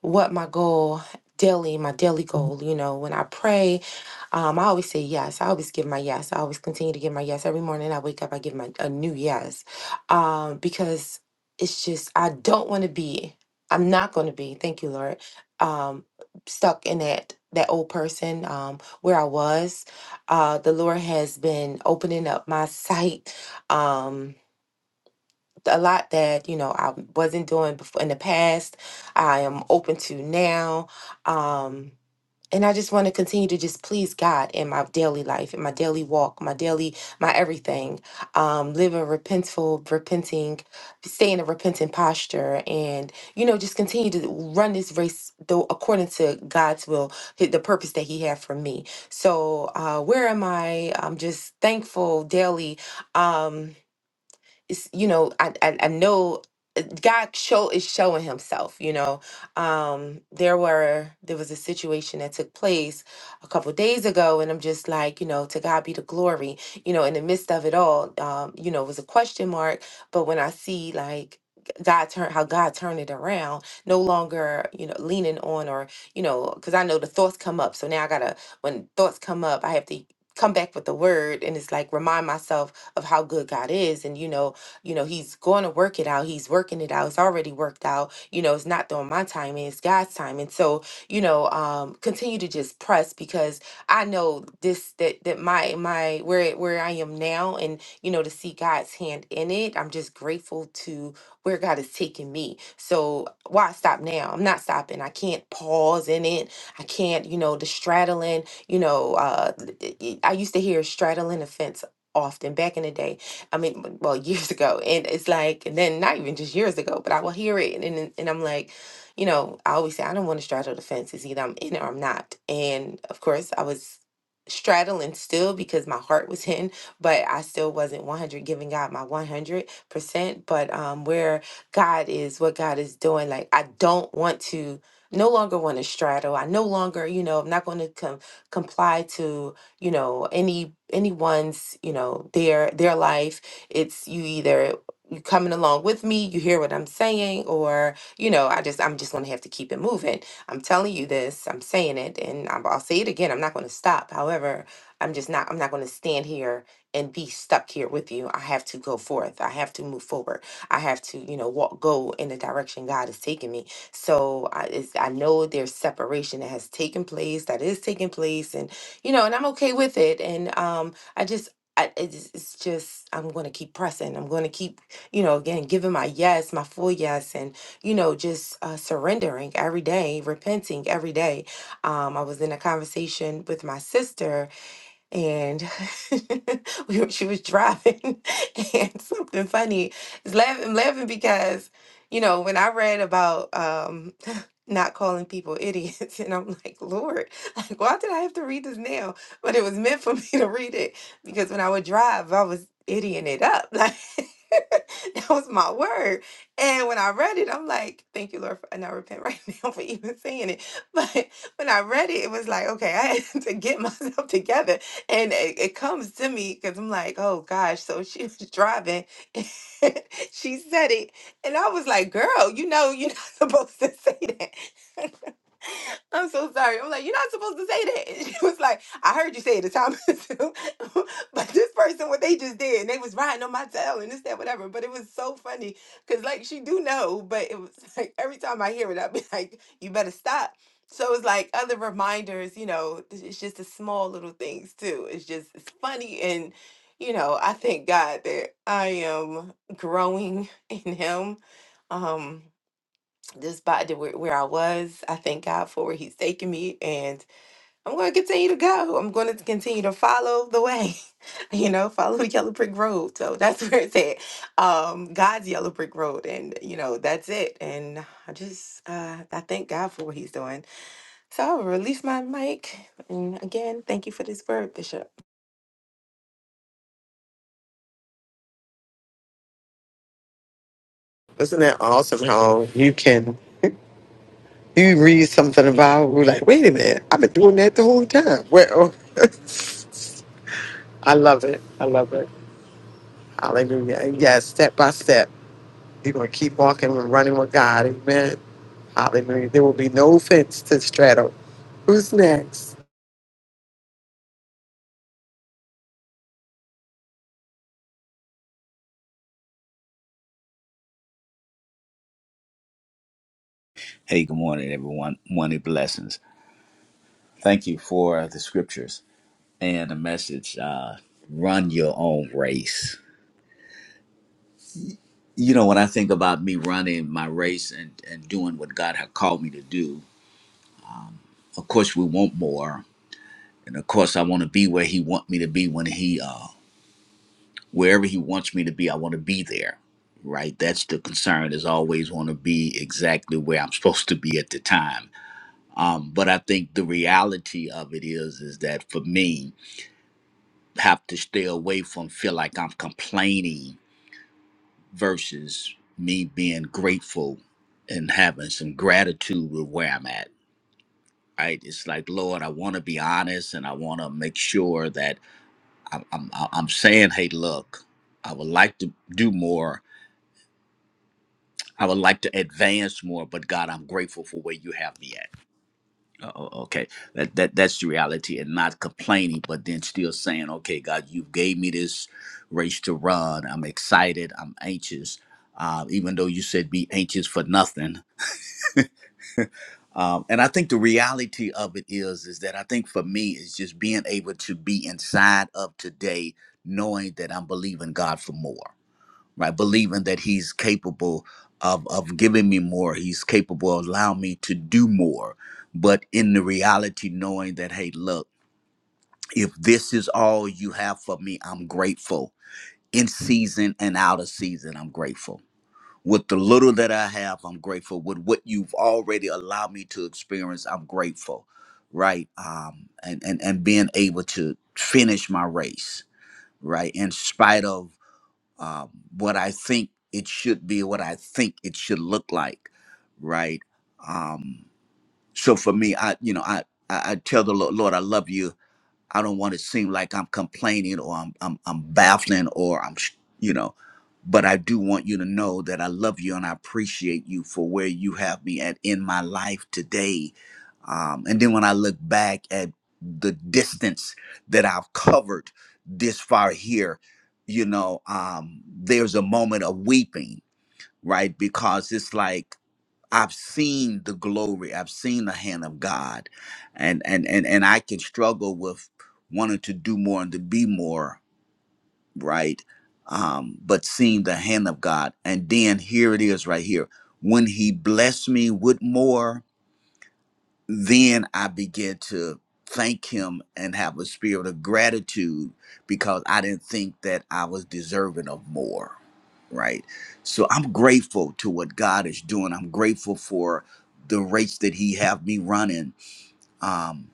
Speaker 5: what my goal daily, my daily goal, you know, when I pray, um, I always say yes. I always give my yes. I always continue to give my yes. Every morning I wake up, I give my a new yes. Um, because it's just I don't want to be, I'm not gonna be, thank you, Lord, um, stuck in that that old person um where I was. Uh the Lord has been opening up my sight. Um a lot that you know I wasn't doing before in the past. I am open to now, um, and I just want to continue to just please God in my daily life, in my daily walk, my daily, my everything. Um, live a repentful, repenting, stay in a repentant posture, and you know just continue to run this race though according to God's will, hi- the purpose that He had for me. So uh, where am I? I'm just thankful daily. Um, it's, you know, I, I I know but God show is showing himself, you know. Um there were there was a situation that took place a couple days ago and I'm just like, you know, to God be the glory. You know, in the midst of it all, um, you know, it was a question mark, but when I see like God turn how God turned it around, no longer, you know, leaning on or, you know, because I know the thoughts come up. So now I gotta when thoughts come up, I have to come back with the word and it's like remind myself of how good God is and you know you know, he's going to work it out. He's working it out. It's already worked out. You know, it's not doing my time, it's God's time. And so, you know, um, continue to just press because I know this that that my my where where I am now and you know to see God's hand in it. I'm just grateful to where God has taken me. So why stop now? I'm not stopping. I can't pause in it. I can't, you know, the straddling, you know, uh th- th- I used to hear straddling a fence often back in the day I mean, well, years ago, and it's like, and then not even just years ago, but I will hear it, and and, and I'm like, you know, I always say I don't want to straddle the fence. It's either I'm in or I'm not, and of course, I was straddling still because my heart was in, but I still wasn't 100 giving God my 100 percent. But um, where God is, what God is doing, like I don't want to. No longer want to straddle. I no longer, you know, I'm not going to com- comply to, you know, any anyone's, you know, their their life it's you either you coming along with me, you hear what I'm saying, or you know, I just I'm just gonna have to keep it moving. I'm telling you this, I'm saying it, and I'm, I'll say it again. I'm not gonna stop. However, I'm just not I'm not gonna stand here and be stuck here with you. I have to go forth. I have to move forward. I have to, you know, walk go in the direction God is taking me. So I it's, I know there's separation that has taken place, that is taking place, and you know, and I'm okay with it. And um, I just I, it's, it's just I'm going to keep pressing. I'm going to keep, you know, again giving my yes, my full yes, and you know, just uh, surrendering every day, repenting every day. Um, I was in a conversation with my sister and we were, she was driving and something funny is laughing I'm laughing because you know when I read about um not calling people idiots and I'm like Lord like why did I have to read this now but it was meant for me to read it because when I would drive I was idioting it up like that was my word and when I read it I'm like thank you Lord for, and I repent right now for even saying it but when I read it it was like okay I had to get myself together and it, it comes to me because I'm like, oh gosh. So she was driving. and she said it, and I was like, girl, you know, you're not supposed to say that. I'm so sorry. I'm like, you're not supposed to say that. And she was like, I heard you say it a time or two. but this person, what they just did, and they was riding on my tail and this, that, whatever. But it was so funny. Cause like she do know, but it was like every time I hear it, I'd be like, you better stop. So it's like other reminders, you know, th- it's just the small little things too. It's just it's funny and you know, I thank God that I am growing in him. Um this body where, where I was. I thank God for where He's taking me, and I'm going to continue to go. I'm going to continue to follow the way, you know, follow the yellow brick road. So that's where it's at. Um, God's yellow brick road, and you know that's it. And I just uh, I thank God for what He's doing. So I'll release my mic, and again, thank you for this word, Bishop.
Speaker 4: Isn't that awesome how you can? You read something about, we're like, wait a minute, I've been doing that the whole time. Well, I love it. I love it. Hallelujah. And yes, step by step, you're going to keep walking and running with God. Amen. Hallelujah. There will be no fence to straddle. Who's next?
Speaker 3: Hey, good morning, everyone. Morning blessings. Thank you for the scriptures. and a message uh, run your own race. You know, when I think about me running my race and, and doing what God had called me to do, of course, we want more. And of course, I want to be where He want me to be when He, uh, wherever He wants me to be, I want to be there. Right. That's the concern is always want to be exactly where I'm supposed to be at the time. Um, but I think the reality of it is, is that for me, have to stay away from feel like I'm complaining versus me being grateful and having some gratitude with where I'm at. Right? It's like, Lord, I want to be honest and I want to make sure that I'm, I'm, I'm saying, hey, look, I would like to do more. I would like to advance more, but God, I'm grateful for where you have me at. Oh, oh, okay, that, that that's the reality, and not complaining, but then still saying, okay, God, you gave me this race to run. I'm excited. I'm anxious, uh, even though you said be anxious for nothing. um, and I think the reality of it is, is that I think for me, is just being able to be inside of today, knowing that I'm believing God for more, right? Believing that He's capable of of giving me more. He's capable of allowing me to do more. But in the reality, knowing that, hey, look, if this is all you have for me, I'm grateful. In season and out of season, I'm grateful with the little that I have, I'm grateful. With what you've already allowed me to experience, I'm grateful, right? Um, and and and being able to finish my race, right, in spite of um, what I think it should be, what I think it should look like, right? Um, so for me, I you know I I, I tell the Lord, Lord, I love you I don't want to seem like I'm complaining or I'm I'm I'm baffling or I'm sh- you know, but I do want you to know that I love you and I appreciate you for where you have me at in my life today. Um, and then when I look back at the distance that I've covered this far here, you know, um, there's a moment of weeping, right? Because it's like I've seen the glory. I've seen the hand of God, and and and and I can struggle with wanting to do more and to be more, right? Um, but seeing the hand of God, and then here it is right here. When He blessed me with more, then I began to thank him and have a spirit of gratitude because I didn't think that I was deserving of more. Right. So I'm grateful to what God is doing. I'm grateful for the race that he have me running. Um,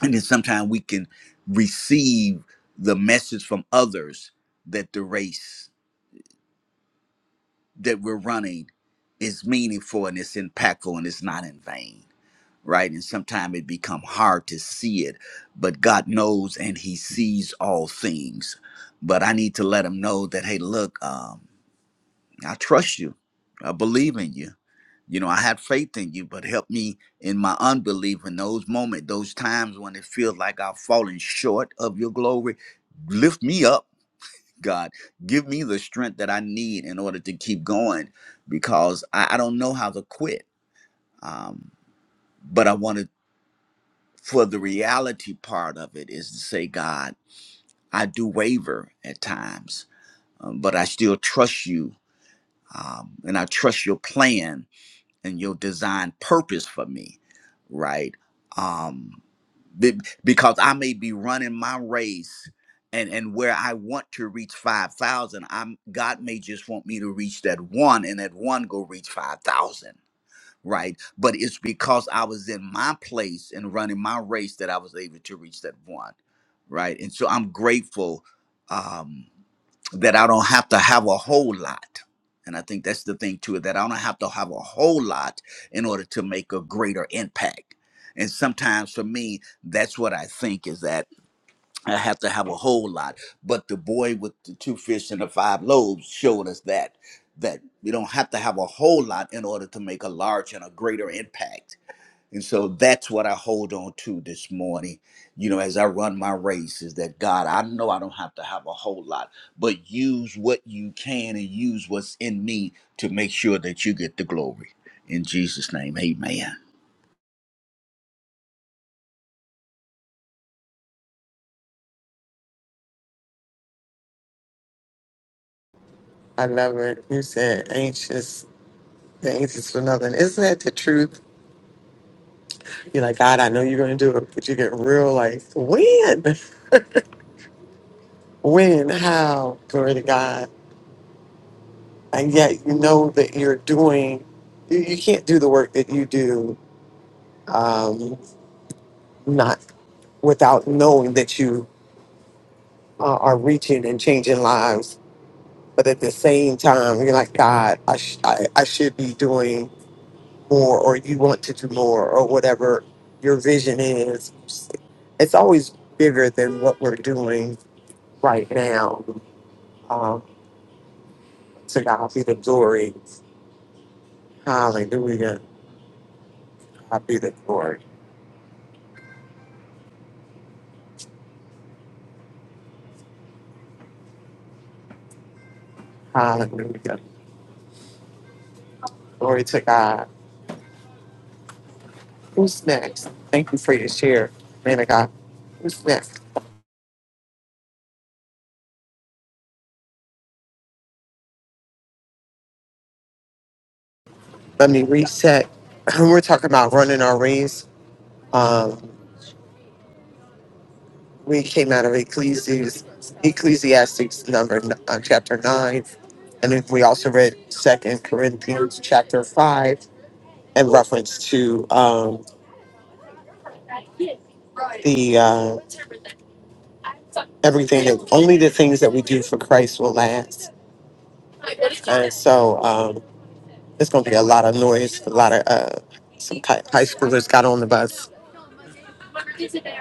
Speaker 3: and then sometimes we can receive the message from others that the race that we're running is meaningful and it's impactful and it's not in vain right? And sometimes it become hard to see it, but God knows and He sees all things. But I need to let Him know that, hey, look, um, I trust you, I believe in you. You know, I had faith in you, but help me in my unbelief in those moments, those times when it feels like I've fallen short of your glory. Lift me up, God. Give me the strength that I need in order to keep going because I, I don't know how to quit. Um, but I want to for the reality part of it is to say, God, I do waver at times, um, but I still trust you. Um, and I trust your plan and your design purpose for me, right? Um, be- because I may be running my race and, and where I want to reach 5,000, I'm God may just want me to reach that one and that one go reach 5,000 right? But it's because I was in my place and running my race that I was able to reach that one, right? And so I'm grateful um, that I don't have to have a whole lot. And I think that's the thing too that I don't have to have a whole lot in order to make a greater impact. And sometimes for me, that's what I think is that. I have to have a whole lot. But the boy with the two fish and the five loaves showed us that that we don't have to have a whole lot in order to make a large and a greater impact. And so that's what I hold on to this morning, you know, as I run my race is that God, I know I don't have to have a whole lot, but use what you can and use what's in me to make sure that you get the glory. In Jesus' name, amen.
Speaker 4: I love it. You said anxious, the anxious for nothing. Isn't that the truth? You're like, God, I know you're going to do it, but you get real like, when? When? How? Glory to God. and yet you know that you're doing you, you can't do the work that you do um, not without knowing that you uh, are reaching and changing lives but at the same time you're like god I, sh- I, I should be doing more or you want to do more or whatever your vision is it's always bigger than what we're doing right now um, to god be the glory hallelujah god be the glory hallelujah Glory to God. Who's next? Thank you for your share, man of God. Who's next? Let me reset. We're talking about running our race. Um, we came out of Ecclesiastes, Ecclesiastes number uh, chapter nine, and then we also read Second Corinthians chapter five in reference to um, the uh, everything. Only the things that we do for Christ will last. So um, it's going to be a lot of noise, a lot of uh, some hi- high schoolers got on the bus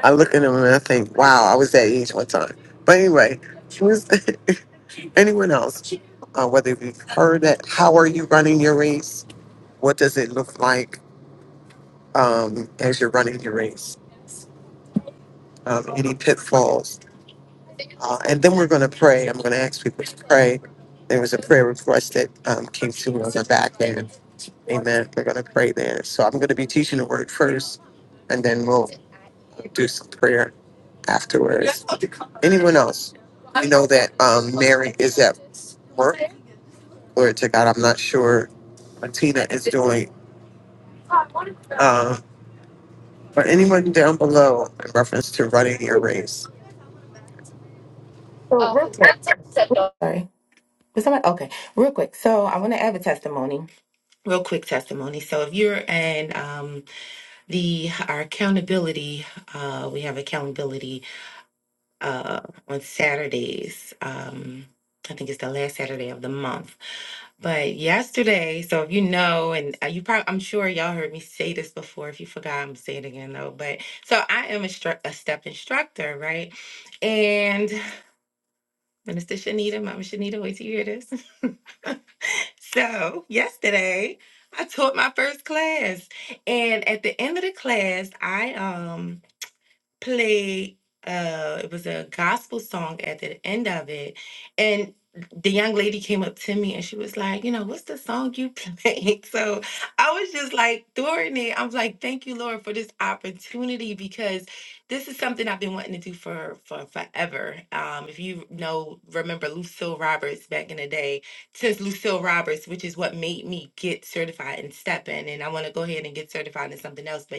Speaker 4: I look at him and I think, wow, I was that age one time. But anyway, who's anyone else? Uh, whether you've heard that, how are you running your race? What does it look like um, as you're running your race? Um, any pitfalls? Uh, and then we're going to pray. I'm going to ask people to pray. There was a prayer request that um, came through on the back end. Amen. We're going to pray there. So I'm going to be teaching the word first, and then we'll do some prayer afterwards. Anyone else? I know that um, Mary is at Glory to God. I'm not sure what Tina is doing. Uh, but anyone down below in reference to running your race,
Speaker 5: So real quick, sorry. Was somebody okay? Real quick. So I want to have a testimony. Real quick testimony. So if you're in um the our accountability uh we have accountability uh on saturdays um i think it's the last saturday of the month but yesterday so if you know and uh, you probably i'm sure y'all heard me say this before if you forgot i'm saying it again though but so i am a, stru- a step instructor right and minister shanita mama shanita wait till you hear this so yesterday i taught my first class and at the end of the class i um. Play, uh it was a gospel song at the end of it and the young lady came up to me and she was like, you know, what's the song you played? So I was just like, during it, I was like, thank you, Lord, for this opportunity because this is something I've been wanting to do for for forever. Um, if you know, remember Lucille Roberts back in the day, since Lucille Roberts, which is what made me get certified in stepping, and I want to go ahead and get certified in something else, but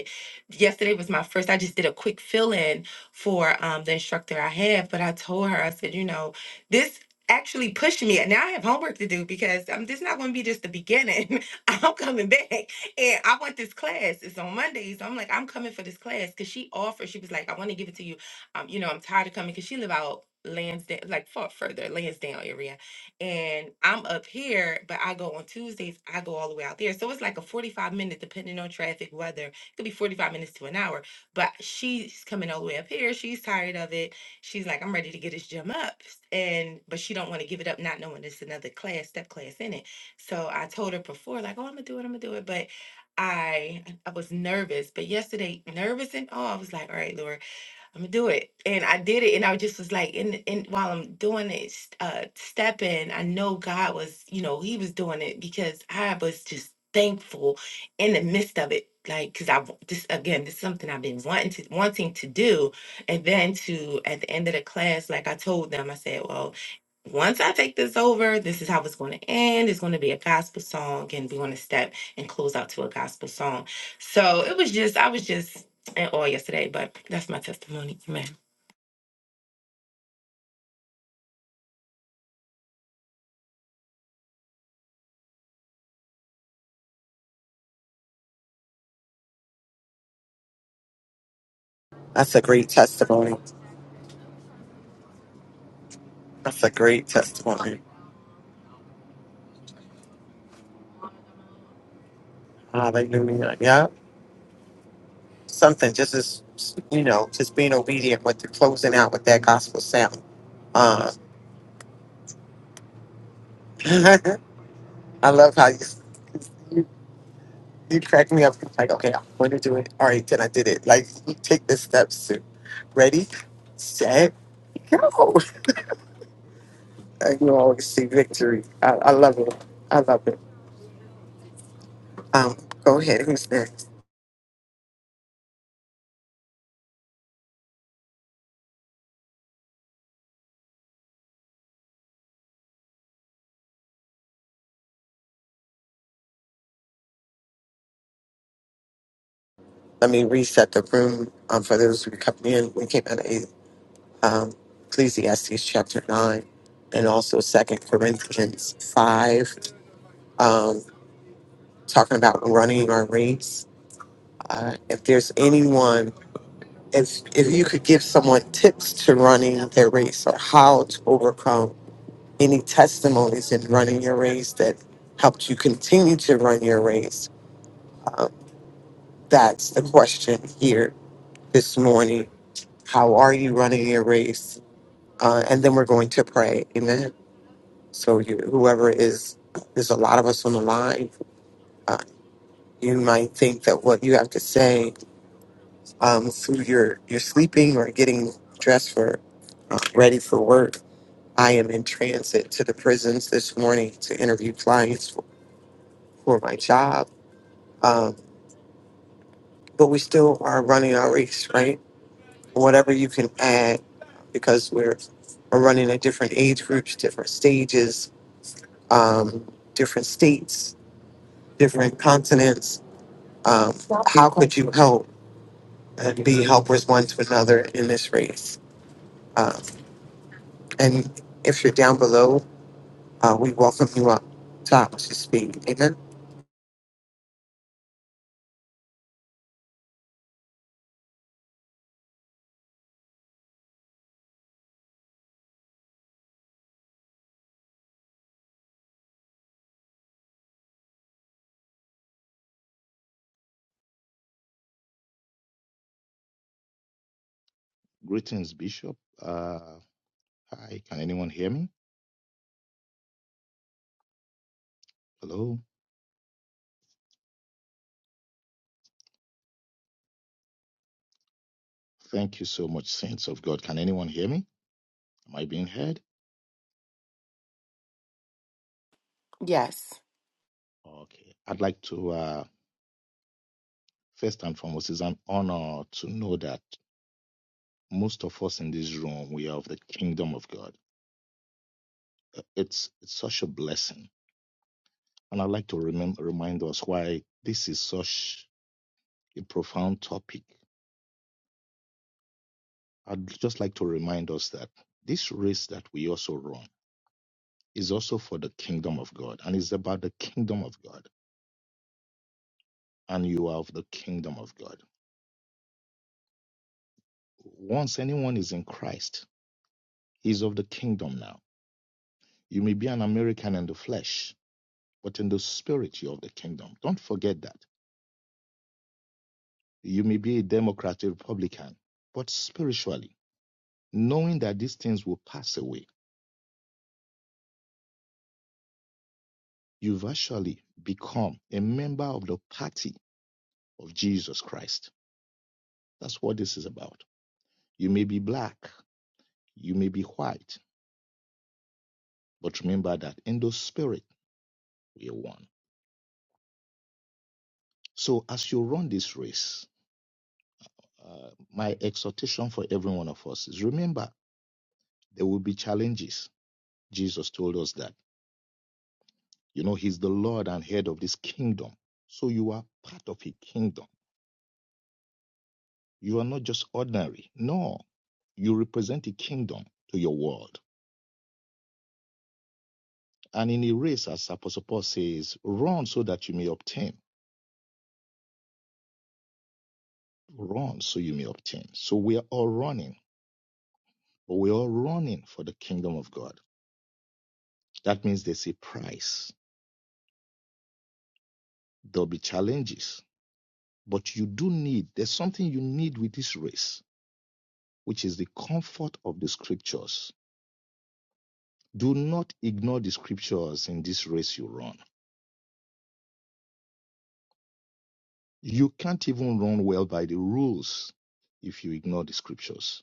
Speaker 5: yesterday was my first. I just did a quick fill in for um, the instructor I have, but I told her, I said, you know, this actually pushed me. And now I have homework to do because um, this is not going to be just the beginning. I'm coming back and I want this class. It's on Mondays. I'm like, I'm coming for this class because she offered, she was like, I want to give it to you. Um, you know, I'm tired of coming because she live out Lansdowne, like far further, Lansdowne area. And I'm up here, but I go on Tuesdays, I go all the way out there. So it's like a 45 minute, depending on traffic, weather could be 45 minutes to an hour. But she's coming all the way up here. She's tired of it. She's like, I'm ready to get this gym up. And but she don't want to give it up, not knowing it's another class, step class in it. So I told her before, like, oh, I'm gonna do it, I'm gonna do it. But I I was nervous. But yesterday, nervous and all, I was like, all right, Lord. I'm gonna do it. And I did it. And I just was like, and, and while I'm doing it, s- uh, stepping, I know God was, you know, He was doing it because I was just thankful in the midst of it. Like, cause I w- this again, this is something I've been wanting to wanting to do. And then to at the end of the class, like I told them, I said, well, once I take this over, this is how it's going to end. It's going to be a gospel song, and we're going to step and close out to a gospel song. So it was just, I was just and all yesterday, but that's my testimony. Amen.
Speaker 4: that's a great testimony. That's a great testimony. Hallelujah. Yeah. Something just as, you know, just being obedient with the closing out with that gospel sound. Uh, I love how you, you, you crack me up. Like, okay, I'm going to do it. All right, then I did it. Like, you take the steps to ready, set, Go. And You always see victory. I, I love it. I love it. Um, go ahead. Who's next? Let me reset the room um, for those who come in. We came out of um, Ecclesiastes chapter 9 and also Second Corinthians 5, um, talking about running our race. Uh, if there's anyone, if, if you could give someone tips to running their race or how to overcome any testimonies in running your race that helped you continue to run your race? Um, that's the question here this morning. How are you running your race? Uh, and then we're going to pray. Amen. So, you, whoever is, there's a lot of us on the line. Uh, you might think that what you have to say um, through your, your sleeping or getting dressed for, uh, ready for work. I am in transit to the prisons this morning to interview clients for, for my job Um, but we still are running our race, right? Whatever you can add, because we're, we're running at different age groups, different stages, um, different states, different continents. Um, how could you help and be helpers one to another in this race? Um, and if you're down below, uh, we welcome you up top to speak. Amen.
Speaker 6: Greetings, Bishop. Uh, hi, can anyone hear me? Hello. Thank you so much, Saints of God. Can anyone hear me? Am I being heard?
Speaker 5: Yes.
Speaker 6: Okay. I'd like to, uh, first and foremost, it's an honor to know that most of us in this room, we are of the kingdom of God. Uh, It's, it's such a blessing. And I'd like to remember, remind us why this is such a profound topic. I'd just like to remind us that this race that we also run, is also for the kingdom of God and it's about the kingdom of God and you are of the kingdom of God. Once anyone is in Christ, he's of the kingdom now. You may be an American in the flesh, but in the spirit you're of the kingdom. Don't forget that. You may be a Democrat, a Republican, but spiritually, knowing that these things will pass away, you've actually become a member of the party of Jesus Christ. That's what this is about. You may be black, you may be white, But remember that in the spirit, we are one. So as you run this race, uh, my exhortation for every one of us is remember there will be challenges. Jesus told us that. You know, He's the Lord and head of this kingdom. So you are part of a kingdom. You are not just ordinary. No, you represent a kingdom to your world. And in a race, as Apostle Paul says, run so that you may obtain. Run so you may obtain. So we are all running, but we are all running for the kingdom of God. That means there's a price. There'll be challenges. But you do need, there's something you need with this race, which is the comfort of the scriptures. Do not ignore the scriptures in this race you run. You can't even run well by the rules if you ignore the scriptures.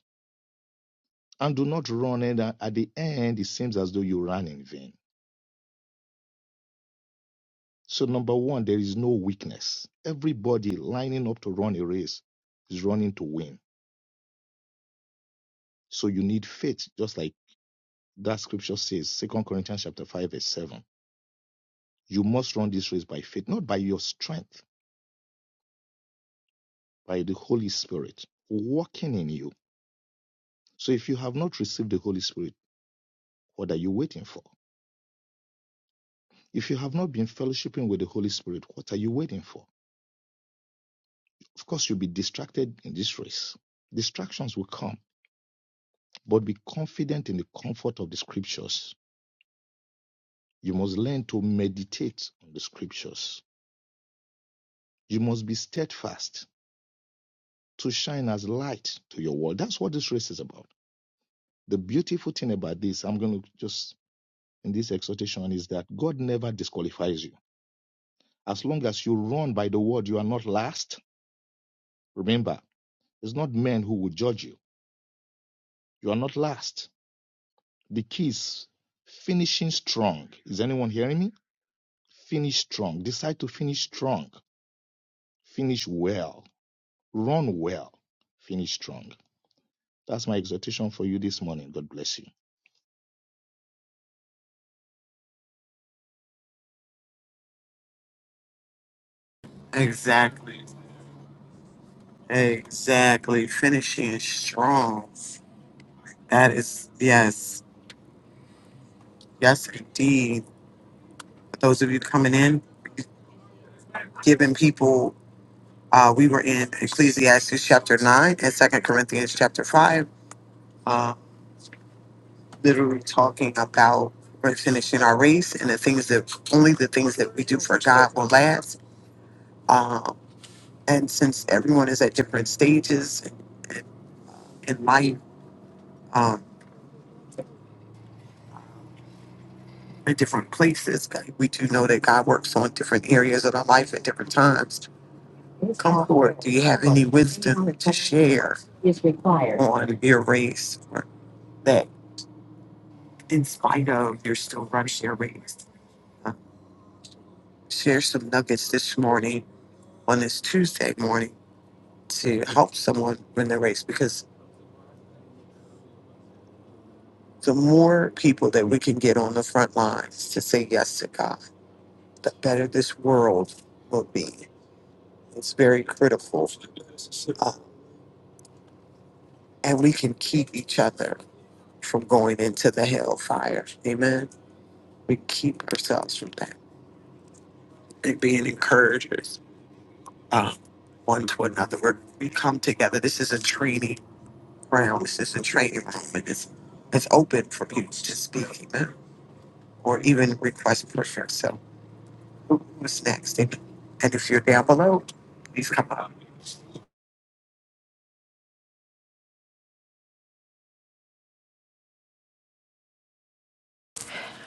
Speaker 6: And do not run, and at the end, it seems as though you ran in vain. So, number one, there is no weakness. Everybody lining up to run a race is running to win. So, you need faith, just like that scripture says, Second Corinthians chapter 5, verse 7. You must run this race by faith, not by your strength, by the Holy Spirit working in you. So if you have not received the Holy Spirit, what are you waiting for? If you have not been fellowshipping with the Holy Spirit, what are you waiting for? Of course, you'll be distracted in this race. Distractions will come, but be confident in the comfort of the scriptures. You must learn to meditate on the scriptures. You must be steadfast to shine as light to your world. That's what this race is about The beautiful thing about this, I'm going to just in this exhortation, is that God never disqualifies you. As long as you run by the word, you are not last. Remember, it's not men who will judge you. You are not last. The key is finishing strong. Is anyone hearing me? Finish strong. Decide to finish strong. Finish well. Run well. Finish strong. That's my exhortation for you this morning. God bless you.
Speaker 4: Exactly. Exactly. Finishing strong. That is, yes. Yes, indeed. those of you coming in, giving people, uh, we were in Ecclesiastes chapter 9 and Second Corinthians chapter 5, uh, literally talking about we're finishing our race and the things that only the things that we do for God will last. Um, and since everyone is at different stages in in life, um, in different places, we do know that God works on different areas of our life at different times. Come forward. Do you have any wisdom to share on your race? that in spite of you're still running your race. Uh, share some nuggets this morning on this Tuesday morning to help someone win the race because the more people that we can get on the front lines to say yes to God, the better this world will be. It's very critical. Uh, and we can keep each other from going into the hellfire. Amen. We keep ourselves from that and being encouragers uh, one to another. We're, we come together. This is a training ground. This is a training room, and it's it's open for people to speak amen, or even request prayer. So, who- who's next? And, and if you're down below, please come up.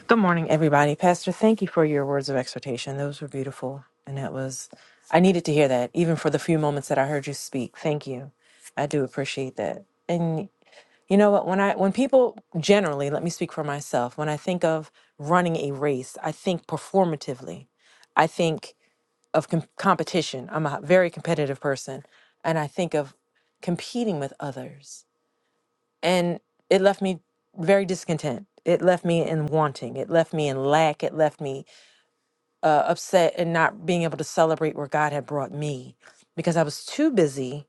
Speaker 7: Good morning, everybody. Pastor, thank you for your words of exhortation. Those were beautiful. And that was, I needed to hear that, even for the few moments that I heard you speak. Thank you. I do appreciate that. And you know what? When I, when people generally, let me speak for myself, when I think of running a race, I think performatively. I think of com- competition. I'm a very competitive person. And I think of competing with others and it left me very discontent it left me in wanting it left me in lack it left me uh, upset and not being able to celebrate where god had brought me because i was too busy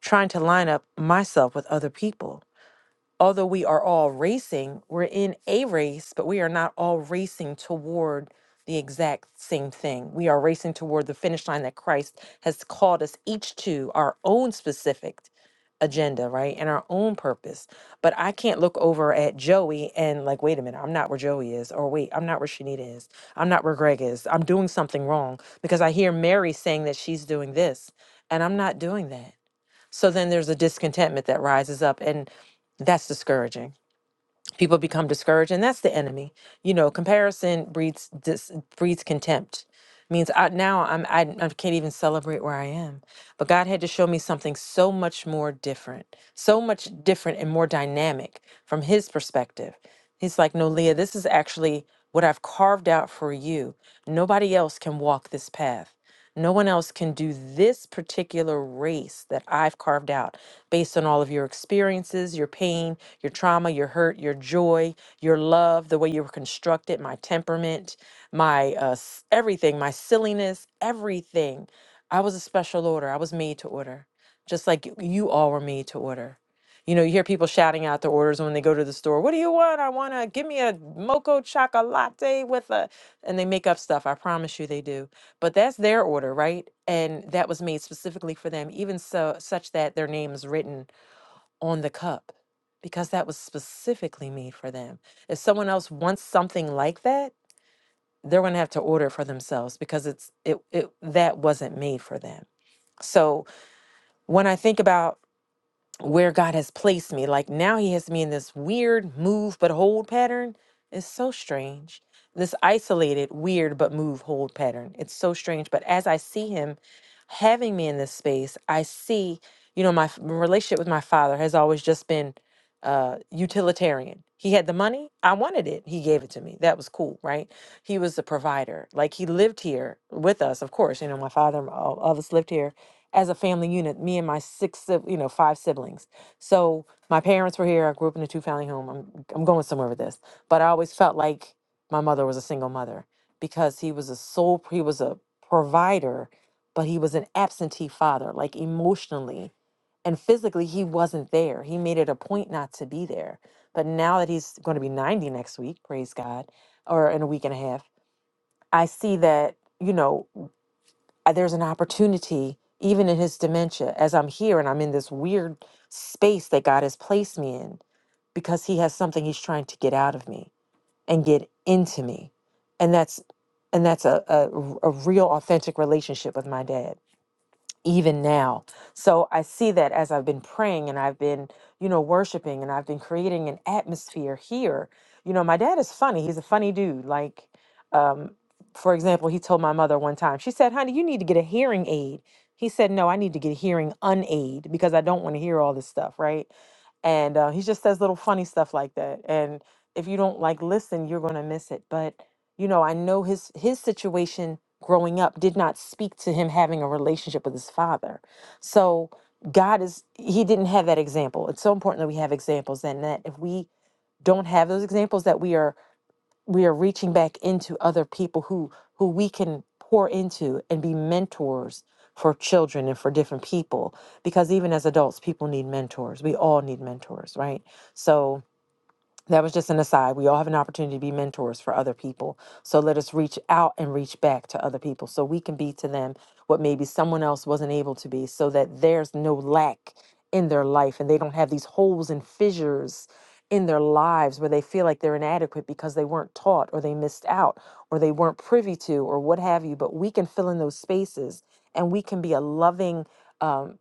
Speaker 7: trying to line up myself with other people although we are all racing, we're in a race, but we are not all racing toward the exact same thing. We are racing toward the finish line that Christ has called us each to our own specific agenda, right? And our own purpose. But I can't look over at Joey and like, wait a minute, I'm not where Joey is, or wait, I'm not where Shanita is. I'm not where Greg is. I'm doing something wrong because I hear Mary saying that she's doing this and I'm not doing that. So then there's a discontentment that rises up, and that's discouraging people become discouraged and that's the enemy you know comparison breeds dis, breeds contempt means I, now I'm I, I can't even celebrate where I am but God had to show me something so much more different so much different and more dynamic from his perspective he's like no Leah this is actually what I've carved out for you nobody else can walk this path no one else can do this particular race that I've carved out based on all of your experiences, your pain, your trauma, your hurt, your joy, your love, the way you were constructed, my temperament, my uh, s- everything, my silliness, everything. I was a special order. I was made to order, just like y- you all were made to order. You know, you hear people shouting out their orders when they go to the store. What do you want? I want to give me a mocha chocolate with a, and they make up stuff. I promise you they do but that's their order right and that was made specifically for them even so such that their name is written on the cup because that was specifically made for them if someone else wants something like that they're going to have to order it for themselves because it's it, it that wasn't made for them so when i think about where God has placed me. Like now he has me in this weird move but hold pattern. It's so strange. This isolated, weird but move hold pattern. It's so strange. But as I see him having me in this space, I see, you know, my f- my relationship with my father has always just been uh utilitarian. He had the money, I wanted it. He gave it to me. That was cool, right? He was the provider. Like he lived here with us, of course. You know, my father, all all of us lived here as a family unit, me and my six, sib- you know, five siblings. So my parents were here. I grew up in a two family home. I'm, I'm going somewhere with this, but I always felt like my mother was a single mother because he was a sole, he was a provider, but he was an absentee father, like emotionally and physically, he wasn't there. He made it a point not to be there. But now that he's going to be 90 next week, praise God, or in a week and a half, I see that, you know, uh, there's an opportunity even in his dementia as i'm here and i'm in this weird space that god has placed me in because he has something he's trying to get out of me and get into me and that's and that's a a a real authentic relationship with my dad even now. So I see that as I've been praying and I've been, you know, worshiping and I've been creating an atmosphere here. You know, my dad is funny. He's a funny dude. Like, um, for example, he told my mother one time, she said, honey, you need to get a hearing aid. He said, no, I need to get a hearing unaid because I don't want to hear all this stuff, right? And uh, he just says little funny stuff like that. And if you don't like listen, you're going to miss it. But, you know, I know his his situation growing up did not speak to him having a relationship with his father. So God is he didn't have that example. It's so important that we have examples and that if we don't have those examples that we are we are reaching back into other people who who we can pour into and be mentors for children and for different people because even as adults people need mentors. We all need mentors, right? So that was just an aside. We all have an opportunity to be mentors for other people. So let us reach out and reach back to other people so we can be to them what maybe someone else wasn't able to be so that there's no lack in their life and they don't have these holes and fissures in their lives where they feel like they're inadequate because they weren't taught or they missed out or they weren't privy to or what have you. But we can fill in those spaces and we can be a loving, um,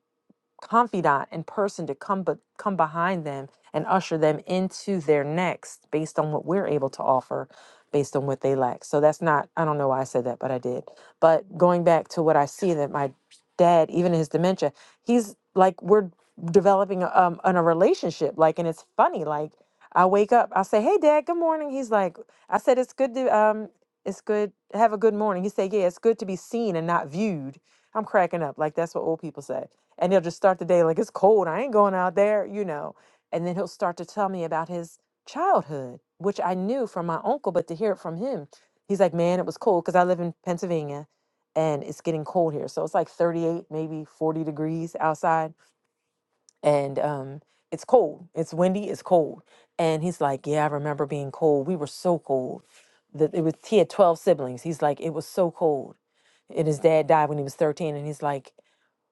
Speaker 7: confidant and person to come but come behind them and usher them into their next based on what we're able to offer based on what they lack so that's not i don't know why i said that but i did but going back to what i see that my dad even in his dementia he's like we're developing a, um on a relationship like and it's funny like i wake up i say hey dad good morning he's like i said it's good to um it's good have a good morning he said yeah it's good to be seen and not viewed i'm cracking up like that's what old people say and he'll just start the day like it's cold i ain't going out there you know and then he'll start to tell me about his childhood which i knew from my uncle but to hear it from him he's like man it was cold because i live in pennsylvania and it's getting cold here so it's like 38 maybe 40 degrees outside and um it's cold it's windy it's cold and he's like yeah i remember being cold we were so cold that it was he had 12 siblings he's like it was so cold and his dad died when he was 13 and he's like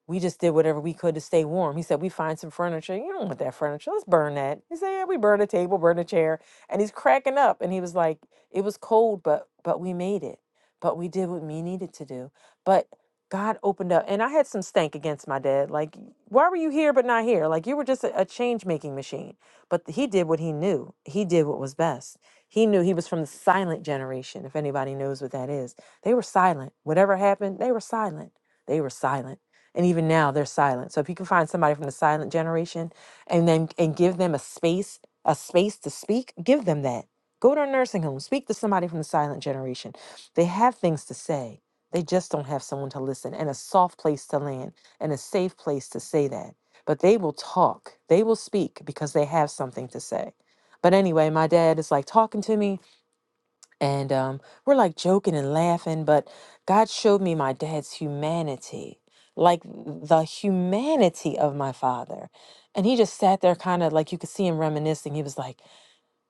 Speaker 7: we just did whatever we could to stay warm. He said, We find some furniture. You don't want that furniture. Let's burn that. He said, Yeah, we burn a table, burn a chair. And he's cracking up. And he was like, It was cold, but but we made it. But we did what we needed to do. But God opened up. And I had some stank against my dad. Like, why were you here but not here? Like you were just a, a change making machine. But he did what he knew. He did what was best. He knew he was from the silent generation, if anybody knows what that is. They were silent. Whatever happened, they were silent. They were silent and even now they're silent so if you can find somebody from the silent generation and then and give them a space a space to speak give them that go to a nursing home speak to somebody from the silent generation they have things to say they just don't have someone to listen and a soft place to land and a safe place to say that but they will talk they will speak because they have something to say but anyway my dad is like talking to me and um, we're like joking and laughing but god showed me my dad's humanity like the humanity of my father and he just sat there kind of like you could see him reminiscing he was like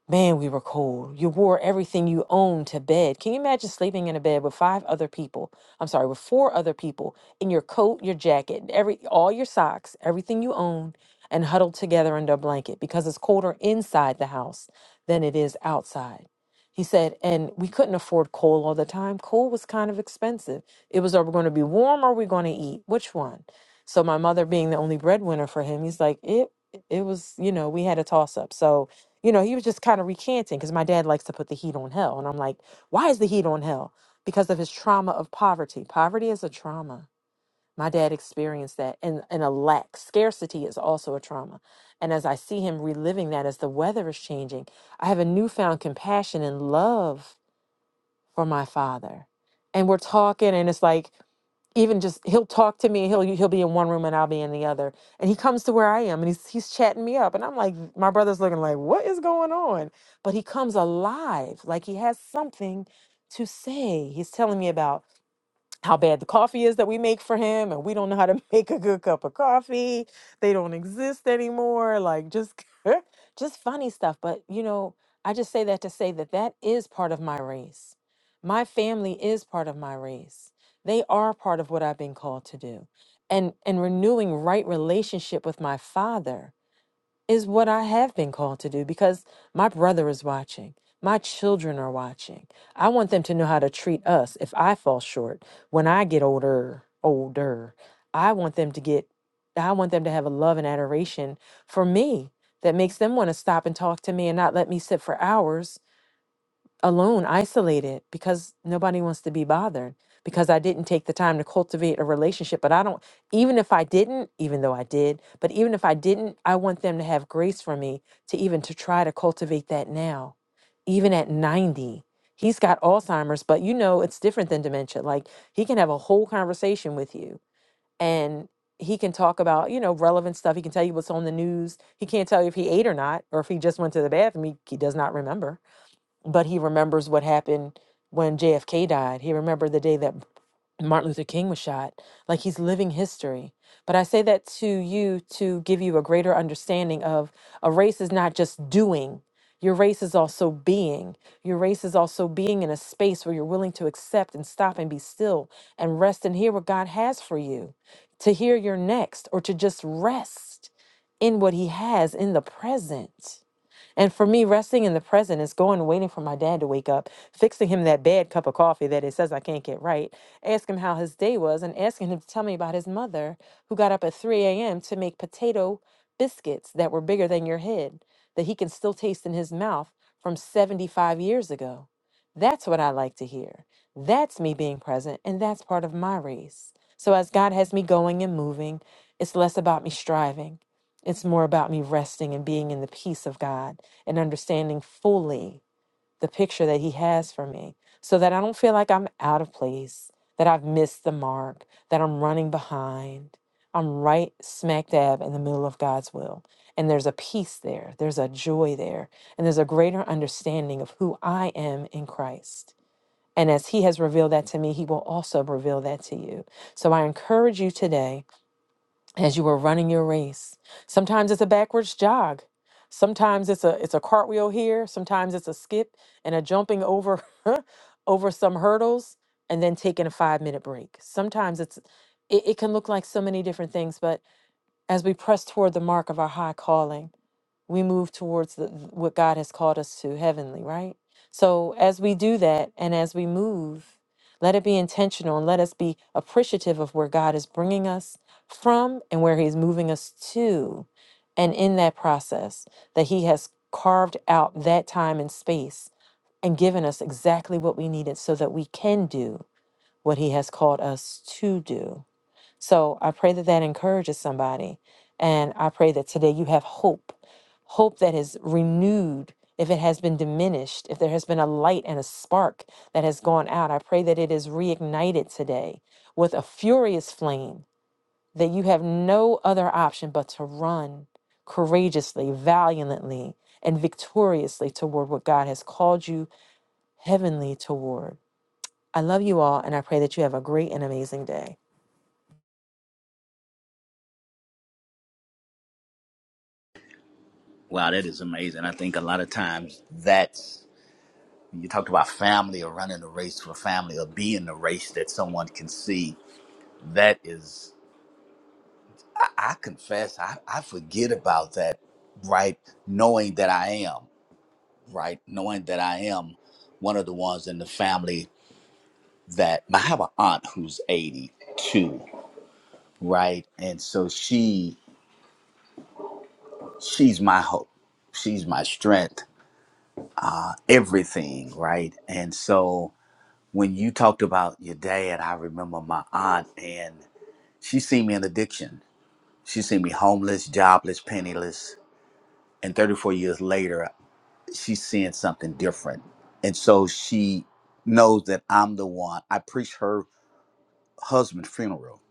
Speaker 7: Man, we were cold. You wore everything you owned to bed. Can you imagine sleeping in a bed with five other people? I'm sorry, with four other people in your coat, your jacket, every all your socks, everything you own, and huddled together under a blanket because it's colder inside the house than it is outside. He said, and we couldn't afford coal all the time. Coal was kind of expensive. It was are we going to be warm or are we going to eat? Which one? So my mother being the only breadwinner for him, he's like, it it was, you know, we had a toss up. So you know, he was just kind of recanting because my dad likes to put the heat on hell. And I'm like, why is the heat on hell? Because of his trauma of poverty. Poverty is a trauma. My dad experienced that and, and a lack. Scarcity is also a trauma. And as I see him reliving that as the weather is changing, I have a newfound compassion and love for my father. And we're talking, and it's like, even just he'll talk to me he'll he'll be in one room and I'll be in the other and he comes to where I am and he's he's chatting me up and I'm like my brother's looking like what is going on but he comes alive like he has something to say he's telling me about how bad the coffee is that we make for him and we don't know how to make a good cup of coffee they don't exist anymore like just just funny stuff but you know i just say that to say that that is part of my race my family is part of my race they are part of what i've been called to do and and renewing right relationship with my father is what I have been called to do because my brother is watching. My children are watching. I want them to know how to treat us if I fall short when I get older, older. I want them to get I want them to have a love and adoration for me that makes them want to stop and talk to me and not let me sit for hours alone, isolated, because nobody wants to be bothered, because I didn't take the time to cultivate a relationship. But I don't, even if I didn't, even though I did, but even if I didn't, I want them to have grace for me to even to try to cultivate that now, even at 90. He's got Alzheimer's, but you know, it's different than dementia. Like he can have a whole conversation with you and he can talk about, you know, relevant stuff. He can tell you what's on the news. He can't tell you if he ate or not, or if he just went to the bathroom. He, he does not remember but he remembers what happened when JFK died. He remembered the day that Martin Luther King was shot. Like he's living history. But I say that to you to give you a greater understanding of a race is not just doing. Your race is also being. Your race is also being in a space where you're willing to accept and stop and be still and rest and hear what God has for you, to hear your next or to just rest in what He has in the present. And for me, resting in the present is going and waiting for my dad to wake up, fixing him that bad cup of coffee that it says I can't get right, asking him how his day was, and asking him to tell me about his mother who got up at 3 a.m. to make potato biscuits that were bigger than your head that he can still taste in his mouth from 75 years ago. That's what I like to hear. That's me being present, and that's part of my race. So as God has me going and moving, it's less about me striving. It's more about me resting and being in the peace of God and understanding fully the picture that He has for me so that I don't feel like I'm out of place, that I've missed the mark, that I'm running behind. I'm right smack dab in the middle of God's will. And there's a peace there, there's a joy there, and there's a greater understanding of who I am in Christ. And as He has revealed that to me, He will also reveal that to you. So I encourage you today as you are running your race. Sometimes it's a backwards jog. Sometimes it's a it's a cartwheel here, sometimes it's a skip and a jumping over over some hurdles and then taking a 5-minute break. Sometimes it's it, it can look like so many different things, but as we press toward the mark of our high calling, we move towards the, what God has called us to heavenly, right? So as we do that and as we move, let it be intentional and let us be appreciative of where God is bringing us from and where He's moving us to. And in that process, that He has carved out that time and space and given us exactly what we needed so that we can do what He has called us to do. So I pray that that encourages somebody. And I pray that today you have hope, hope that is renewed. If it has been diminished, if there has been a light and a spark that has gone out, I pray that it is reignited today with a furious flame, that you have no other option but to run courageously, valiantly, and victoriously toward what God has called you heavenly toward. I love you all, and I pray that you have a great and amazing day.
Speaker 3: Wow, that is amazing. I think a lot of times that's You talked about family or running a race for family or being the race that someone can see. That is, I, I confess, I, I forget about that, right? Knowing that I am, right? Knowing that I am one of the ones in the family that I have an aunt who's 82, right? And so she, she's my hope. She's my strength, uh, everything, right? And so when you talked about your dad, I remember my aunt and. She seen me in addiction. She seen me homeless, jobless, penniless. And 34 years later, she's seeing something different. And so she knows that I'm the one. I preached her husband's funeral,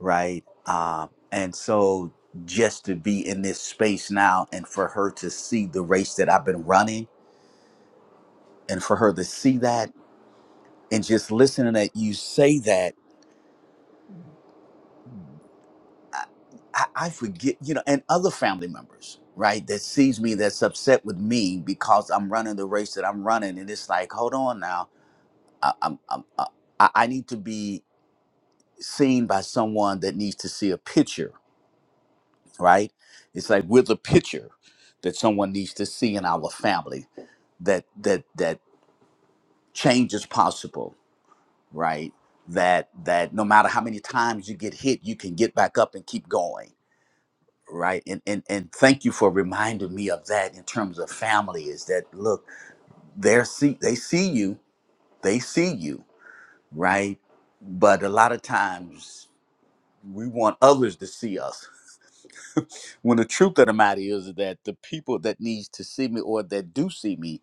Speaker 3: right? Uh, and so just to be in this space now and for her to see the race that I've been running and for her to see that and just listening that you say that I, I I forget, you know, and other family members, right, that sees me, that's upset with me because I'm running the race that I'm running, and it's like, hold on now, I, I'm, I'm, uh, I, I need to be seen by someone that needs to see a picture, right? It's like we're the picture that someone needs to see in our family that that that change is possible, right? That that no matter how many times you get hit, you can get back up and keep going right and and and thank you for reminding me of that in terms of family is that look they see they see you they see you right but a lot of times we want others to see us when the truth of the matter is that the people that needs to see me or that do see me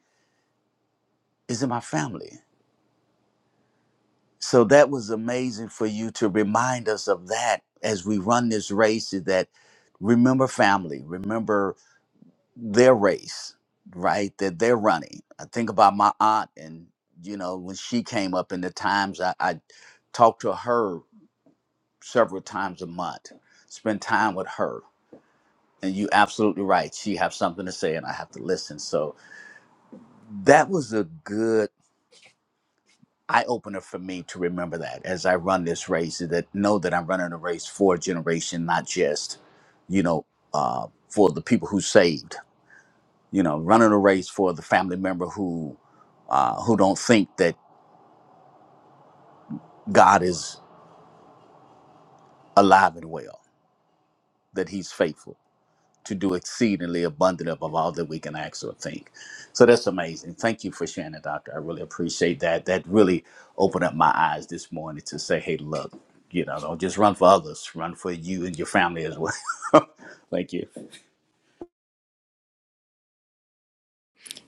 Speaker 3: is in my family so that was amazing for you to remind us of that as we run this race is that remember family remember their race, right? That they're running. I think about my aunt, and you know, when she came up in the times, I, I talked to her several times a month, spend time with her. And you absolutely right. She have something to say, and I have to listen. So that was a good eye opener for me to remember that as I run this race, that know that I'm running a race for a generation, not just, you know, uh, for the people who saved. you know, running a race for the family member who uh, who don't think that God is alive and well, that He's faithful to do exceedingly abundant above all that we can ask or think. So that's amazing. Thank you for sharing that, Doctor. I really appreciate that. That really opened up my eyes this morning to say, hey, look, you know, don't just run for others, run for you and your family as well. Thank you.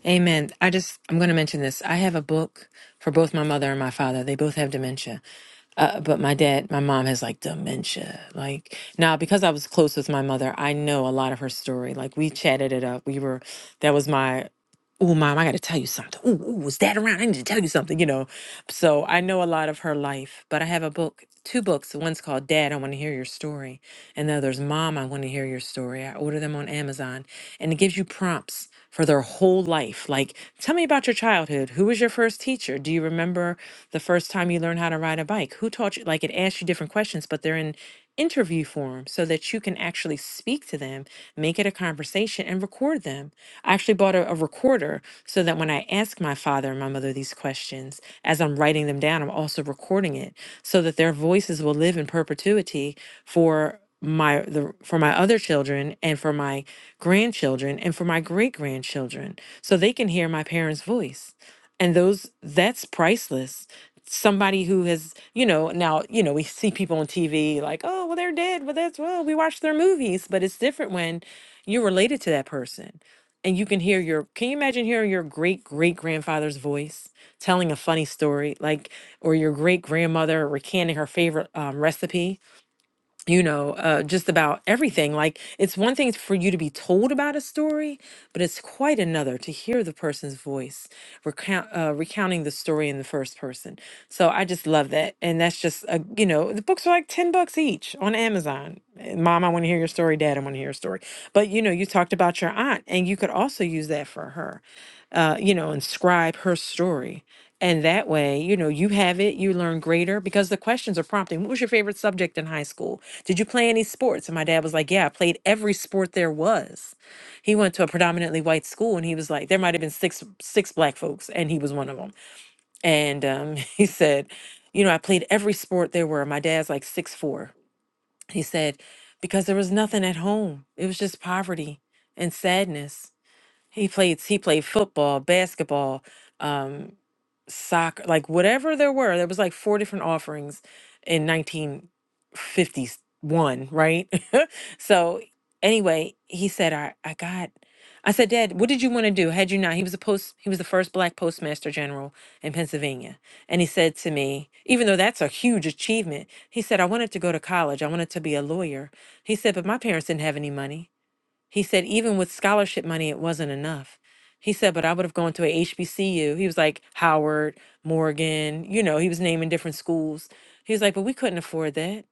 Speaker 7: Amen. I just, I'm going to mention this. I have a book for both my mother and my father. They both have dementia. Uh, but my dad, my mom has like dementia. Like now, because I was close with my mother, I know a lot of her story. Like we chatted it up. We were that was my oh mom, I gotta tell you something. Ooh, ooh, was dad around? I need to tell you something, you know. So I know a lot of her life, but I have a book, two books. One's called Dad, I Wanna Hear Your Story, and the other's Mom, I Wanna Hear Your Story. I order them on Amazon and it gives you prompts for their whole life. Like, tell me about your childhood. Who was your first teacher? Do you remember? the first time you learn how to ride a bike? Who taught you? Like it asks you different questions, but they're in interview form so that you can actually speak to them, make it a conversation, and record them. I actually bought a, a recorder so that when I ask my father and my mother these questions, as I'm writing them down, I'm also recording it so that their voices will live in perpetuity for my the for my other children and for my grandchildren and for my great grandchildren so they can hear my parents voice and those that's priceless somebody who has, you know, now, you know, we see people on TV like, oh, well, they're dead. Well, that's, well, we watch their movies. But it's different when you're related to that person and you can hear your, can you imagine hearing your great great grandfather's voice telling a funny story, like, or your great grandmother recanting her favorite um, recipe? you know, uh, just about everything. Like, it's one thing for you to be told about a story, but it's quite another to hear the person's voice recount, uh, recounting the story in the first person. So I just love that. And that's just, a, you know, the books are like 10 bucks each on Amazon. Eh, Mom, I want to hear your story. Dad, I want to hear your story. But, you know, you talked about your aunt, and you could also use that for her uh, you know, inscribe her story. And that way, you know, you have it, you learn greater because the questions are prompting. What was your favorite subject in high school? Did you play any sports? And my dad was like, Yeah, I played every sport there was. He went to a predominantly white school and he was like, There might have been six six black folks, and he was one of them. And um, he said, You know, I played every sport there were. My dad's like six four. He said, Because there was nothing at home. It was just poverty and sadness he played he played football, basketball, um, soccer, like whatever there were. There was like four different offerings in 1951, right? so anyway, he said, I, I got I said, Dad, what did you want to do? Had you not? He was a post he was the first black postmaster general in Pennsylvania. And he said to me, even though that's a huge achievement, he said, I wanted to go to college. I wanted to be a lawyer. He said, but my parents didn't have any money. He said, even with scholarship money, it wasn't enough. He said, but I would have gone to a HBCU. He was like Howard, Morgan, you know, he was naming different schools. He was like, but we couldn't afford that.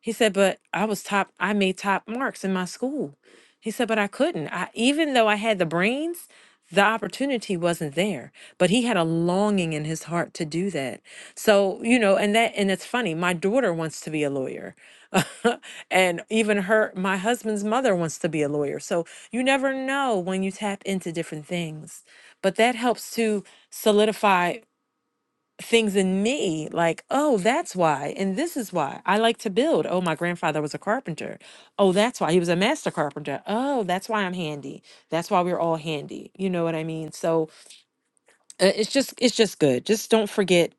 Speaker 7: He said, but I was top, I made top marks in my school. He said, but I couldn't. I, even though I had the brains, the opportunity wasn't there. But he had a longing in his heart to do that. So, you know, and that, and it's funny, my daughter wants to be a lawyer. and even her, my husband's mother wants to be a lawyer. So you never know when you tap into different things. But that helps to solidify things in me like oh that's why and this is why i like to build oh my grandfather was a carpenter oh that's why he was a master carpenter oh that's why i'm handy that's why we're all handy you know what i mean so uh, it's just it's just good just don't forget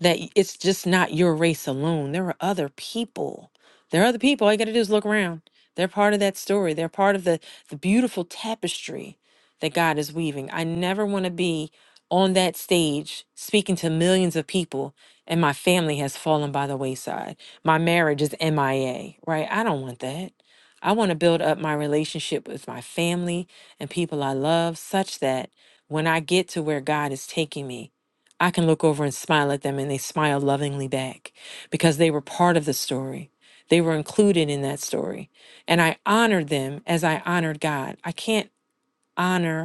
Speaker 7: that y- it's just not your race alone. There are other people. There are other people. All you got to do is look around. They're part of that story. They're part of the the beautiful tapestry that God is weaving. I never want to be on that stage speaking to millions of people and my family has fallen by the wayside. My marriage is MIA, right? I don't want that. I want to build up my relationship with my family and people I love such that when I get to where God is taking me, I can look over and smile at them and they smile lovingly back because they were part of the story. They were included in that story. And I honored them as I honored God. I can't honor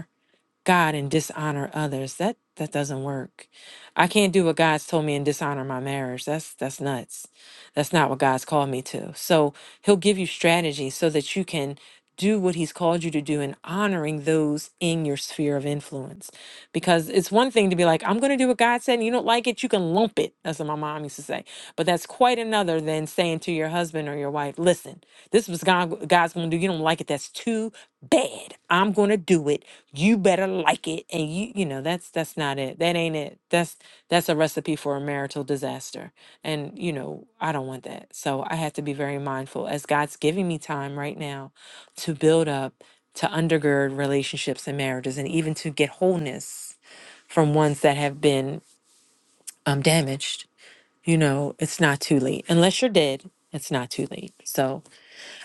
Speaker 7: God and dishonor others. That that doesn't work. I can't do what God's told me and dishonor my marriage. That's that's nuts. That's not what God's called me to. So he'll give you strategy so that you can do what he's called you to do in honoring those in your sphere of influence. Because it's one thing to be like, I'm gonna do what God said and you don't like it, you can lump it. That's what my mom used to say. But that's quite another than saying to your husband or your wife, listen, this was God God's gonna do. You don't like it, that's too bad. I'm gonna do it you better like it and you you know that's that's not it that ain't it that's that's a recipe for a marital disaster and you know i don't want that so i have to be very mindful as god's giving me time right now to build up to undergird relationships and marriages and even to get wholeness from ones that have been um damaged you know it's not too late unless you're dead it's not too late so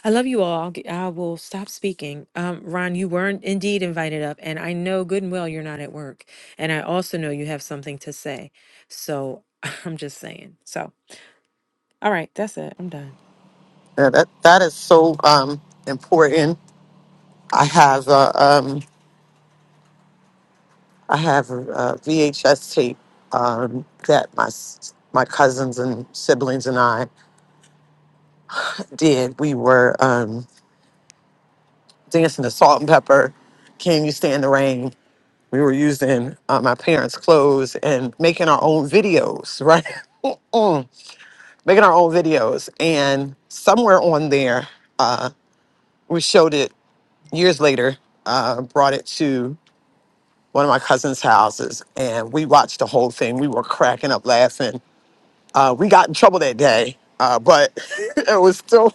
Speaker 7: I love you all. I'll g- I will stop speaking. Um, Ron, you weren't indeed invited up, and I know good and well you're not at work, and I also know you have something to say. So I'm just saying. So, all right, that's it. I'm done.
Speaker 4: A VHS tape um, that my s- my cousins and siblings and I did. We were um, dancing to Salt and Pepper. Can you stand the rain? We were using uh, my parents' clothes and making our own videos, right? Mm. making our own videos. And somewhere on there, uh, we showed it years later, uh, brought it to one of my cousin's houses, and we watched the whole thing. We were cracking up laughing. Uh, we got in trouble that day, uh, but it was still,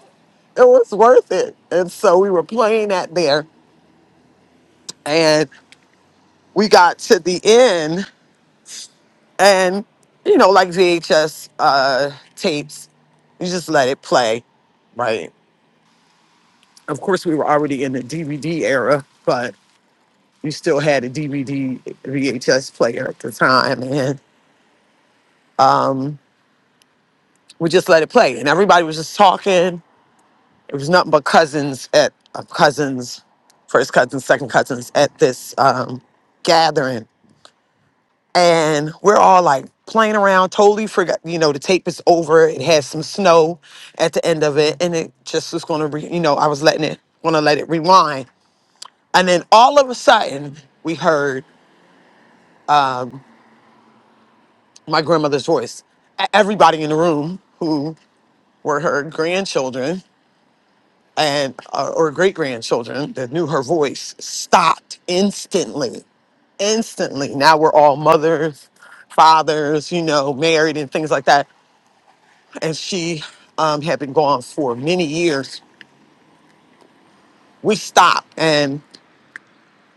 Speaker 4: it was worth it. And so we were playing that there, and we got to the end, and you know, like VHS uh, tapes, you just let it play right? Of course, we were already in the DVD era, but you still had a DVD VHS player at the time, and um, we just let it play. And everybody was just talking. It was nothing but cousins at uh, cousins, first cousins, second cousins at this um, gathering, and we're all like playing around. Totally forgot, you know, the tape is over. It has some snow at the end of it, and it just was going to, re- you know, I was letting it, going to let it rewind, and then all of a sudden we heard my grandmother's voice. E- Everybody in the room who were her grandchildren and uh, or great grandchildren that knew her voice stopped instantly instantly now we're all mothers fathers you know married and things like that and she um, had been gone for many years we stopped and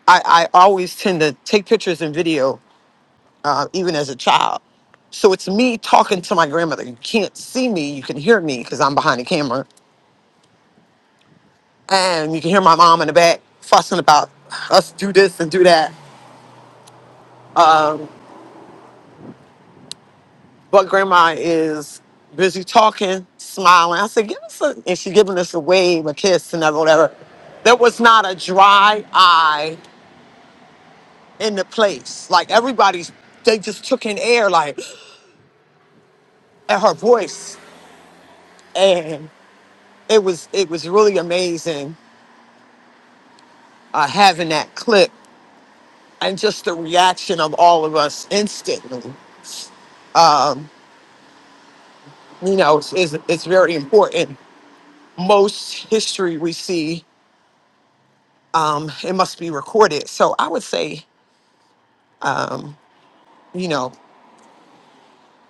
Speaker 4: i, I always tend to take pictures and video uh, even as a child so it's me talking to my grandmother you can't see me you can hear me because i'm behind the camera and you can hear my mom in the back fussing about us do this and do that. Um, but grandma is busy talking, smiling. I said, give us a, and she's giving us a wave, a kiss, and whatever. There was not a dry eye in the place. Like everybody's, they just took in air, like at her voice, and it was it was really amazing uh, having that clip and just the reaction of all of us instantly. Um, you know, it's, it's, it's very important most history we see, um, it must be recorded. So I would say, um, you know,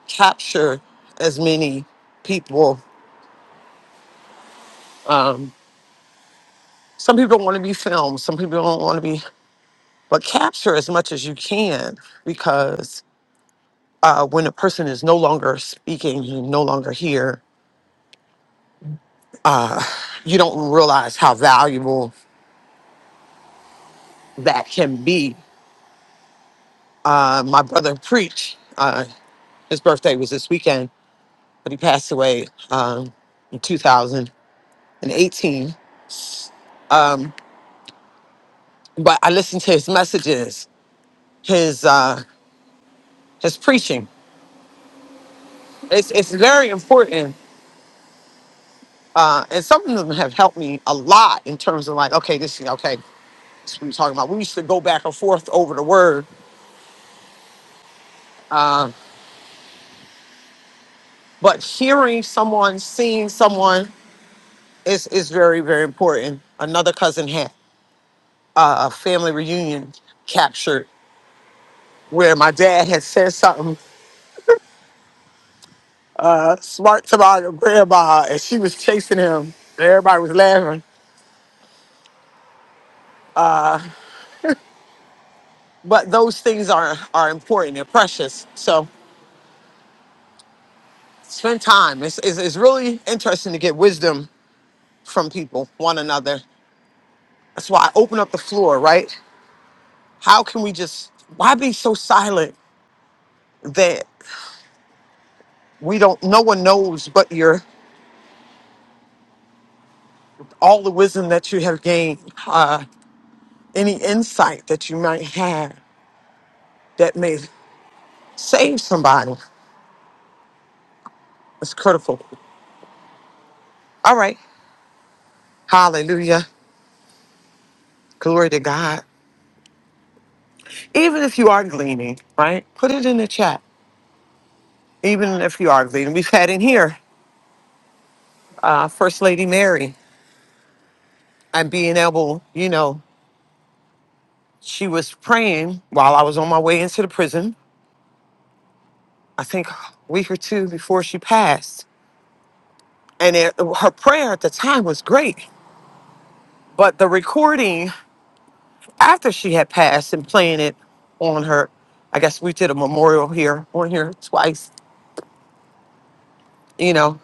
Speaker 4: capture as many people. Um, some people don't want to be filmed, some people don't want to be, but capture as much as you can because uh, when a person is no longer speaking, you no longer here, uh, you don't realize how valuable that can be. Uh, my brother preached, uh, his birthday was this weekend but he passed away um, in 2018. Um, but I listened to his messages, his uh, his preaching. It's it's very important, uh, and some of them have helped me a lot in terms of like, okay, this is okay. This is what we're talking about. We used to go back and forth over the word, uh, but hearing someone, seeing someone is is very very important. Another cousin had uh, a family reunion captured where my dad had said something uh, smart about your grandma, and she was chasing him. And everybody was laughing. Uh, but those things are are important. They're precious. So spend time. It's, it's it's really interesting to get wisdom from people, one another. That's why I open up the floor. Right? How can we just? Why be so silent that we don't? No one knows but your all the wisdom that you have gained. Uh, any insight that you might have that may save somebody. It's critical. All right. Hallelujah. Glory to God. Even if you are gleaning, right? Put it in the chat. Even if you are gleaning, we've had in here uh, First Lady Mary and being able, you know, she was praying while I was on my way into the prison. I think a week or two before she passed, and it, her prayer at the time was great. But the recording after she had passed and playing it on her, I guess we did a memorial here on here twice. You know,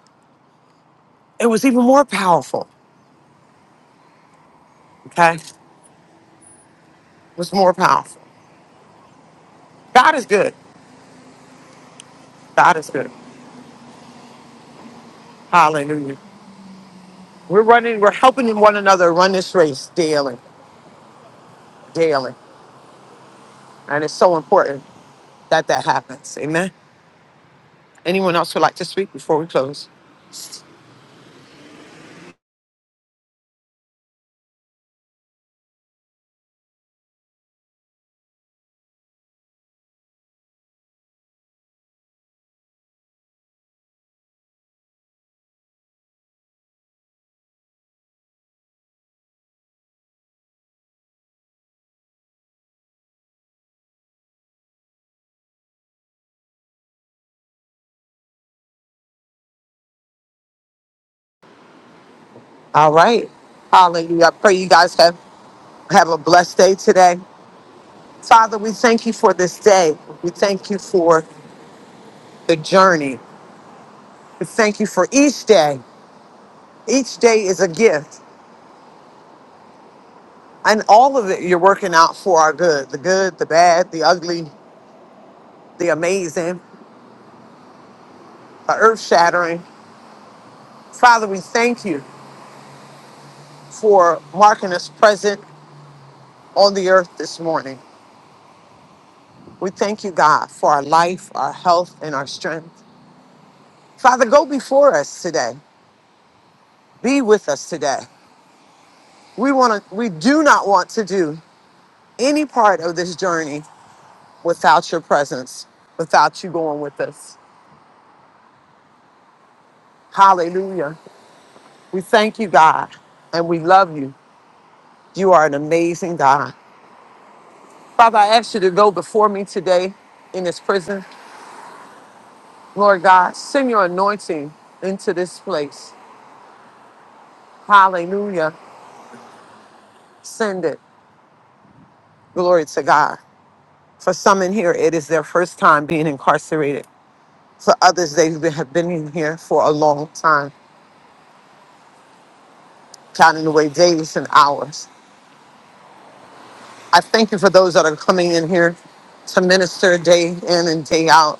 Speaker 4: it was even more powerful. Okay, it was more powerful. God is good. God is good. Hallelujah. We're running, we're helping one another run this race daily, daily. And it's so important that that happens. Amen. Anyone else would like to speak before we close? All right. Hallelujah. I pray you guys have, have a blessed day today. Father, we thank you for this day. We thank you for the journey. We thank you for each day. Each day is a gift. And all of it you're working out for our good the good, the bad, the ugly, the amazing, the earth shattering. Father, we thank you for marking us present on the earth this morning. We thank you, God, for our life, our health, and our strength. Father, go before us today. Be with us today. We want to we do not want to do any part of this journey without your presence, without you going with us. Hallelujah. We thank you, God, and we love you. You are an amazing God. Father, I ask you to go before me today in this prison. Lord God, send your anointing into this place. Hallelujah. Send it. Glory to God. For some in here, it is their first time being incarcerated. For others, they have been in here for a long time, counting away days and hours. I thank you for those that are coming in here to minister day in and day out.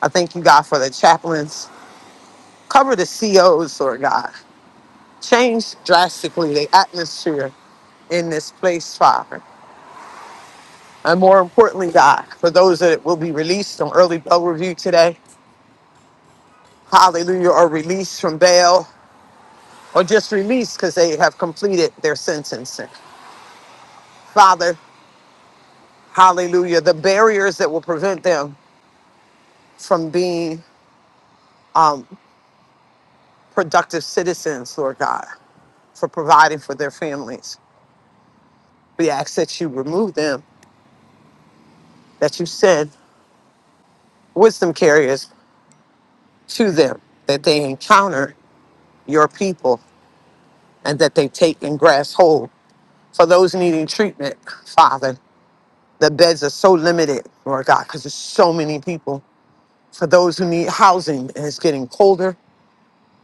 Speaker 4: I thank you, God, for the chaplains. Cover the COs, Lord God. Change drastically the atmosphere in this place, Father. and more importantly, God, for those that will be released on early bail review today, hallelujah, or released from bail, or just released because they have completed their sentence. Father, hallelujah, the barriers that will prevent them from being um, productive citizens, Lord God, for providing for their families. We ask that you remove them, that you send wisdom carriers to them, that they encounter your people, and that they take and grasp hold for those needing treatment, Father. The beds are so limited, Lord God, because there's so many people. For those who need housing, and it's getting colder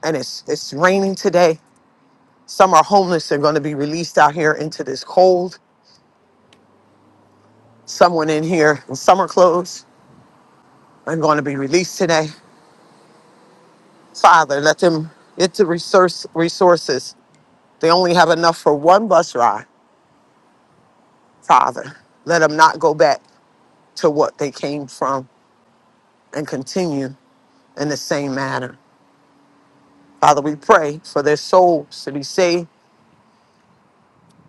Speaker 4: and it's it's raining today. Some are homeless. They're going to be released out here into this cold. Someone in here in summer clothes are going to be released today. Father, let them get the resource resources. They only have enough for one bus ride. Father, let them not go back to what they came from and continue in the same manner. Father, we pray for their souls to be saved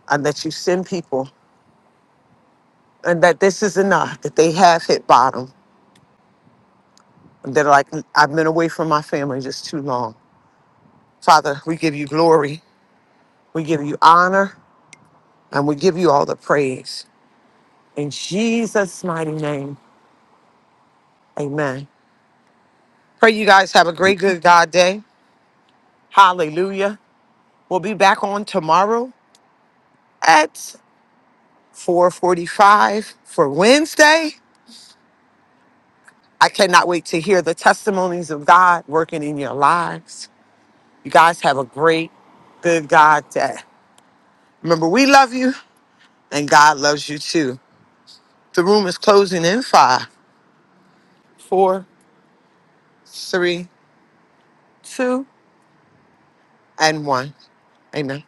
Speaker 4: and that you send people and that this is enough, that they have hit bottom, and they're like, I've been away from my family just too long. Father, we give you glory, we give you honor, and we give you all the praise. In Jesus' mighty name, amen. Pray you guys have a great, good God day. Hallelujah. We'll be back on tomorrow at 4.45 for Wednesday I cannot wait to hear the testimonies of God working in your lives. You guys have a great, good God day. Remember, we love you and God loves you too. The room is closing in five, four, three, two, and one. Amen.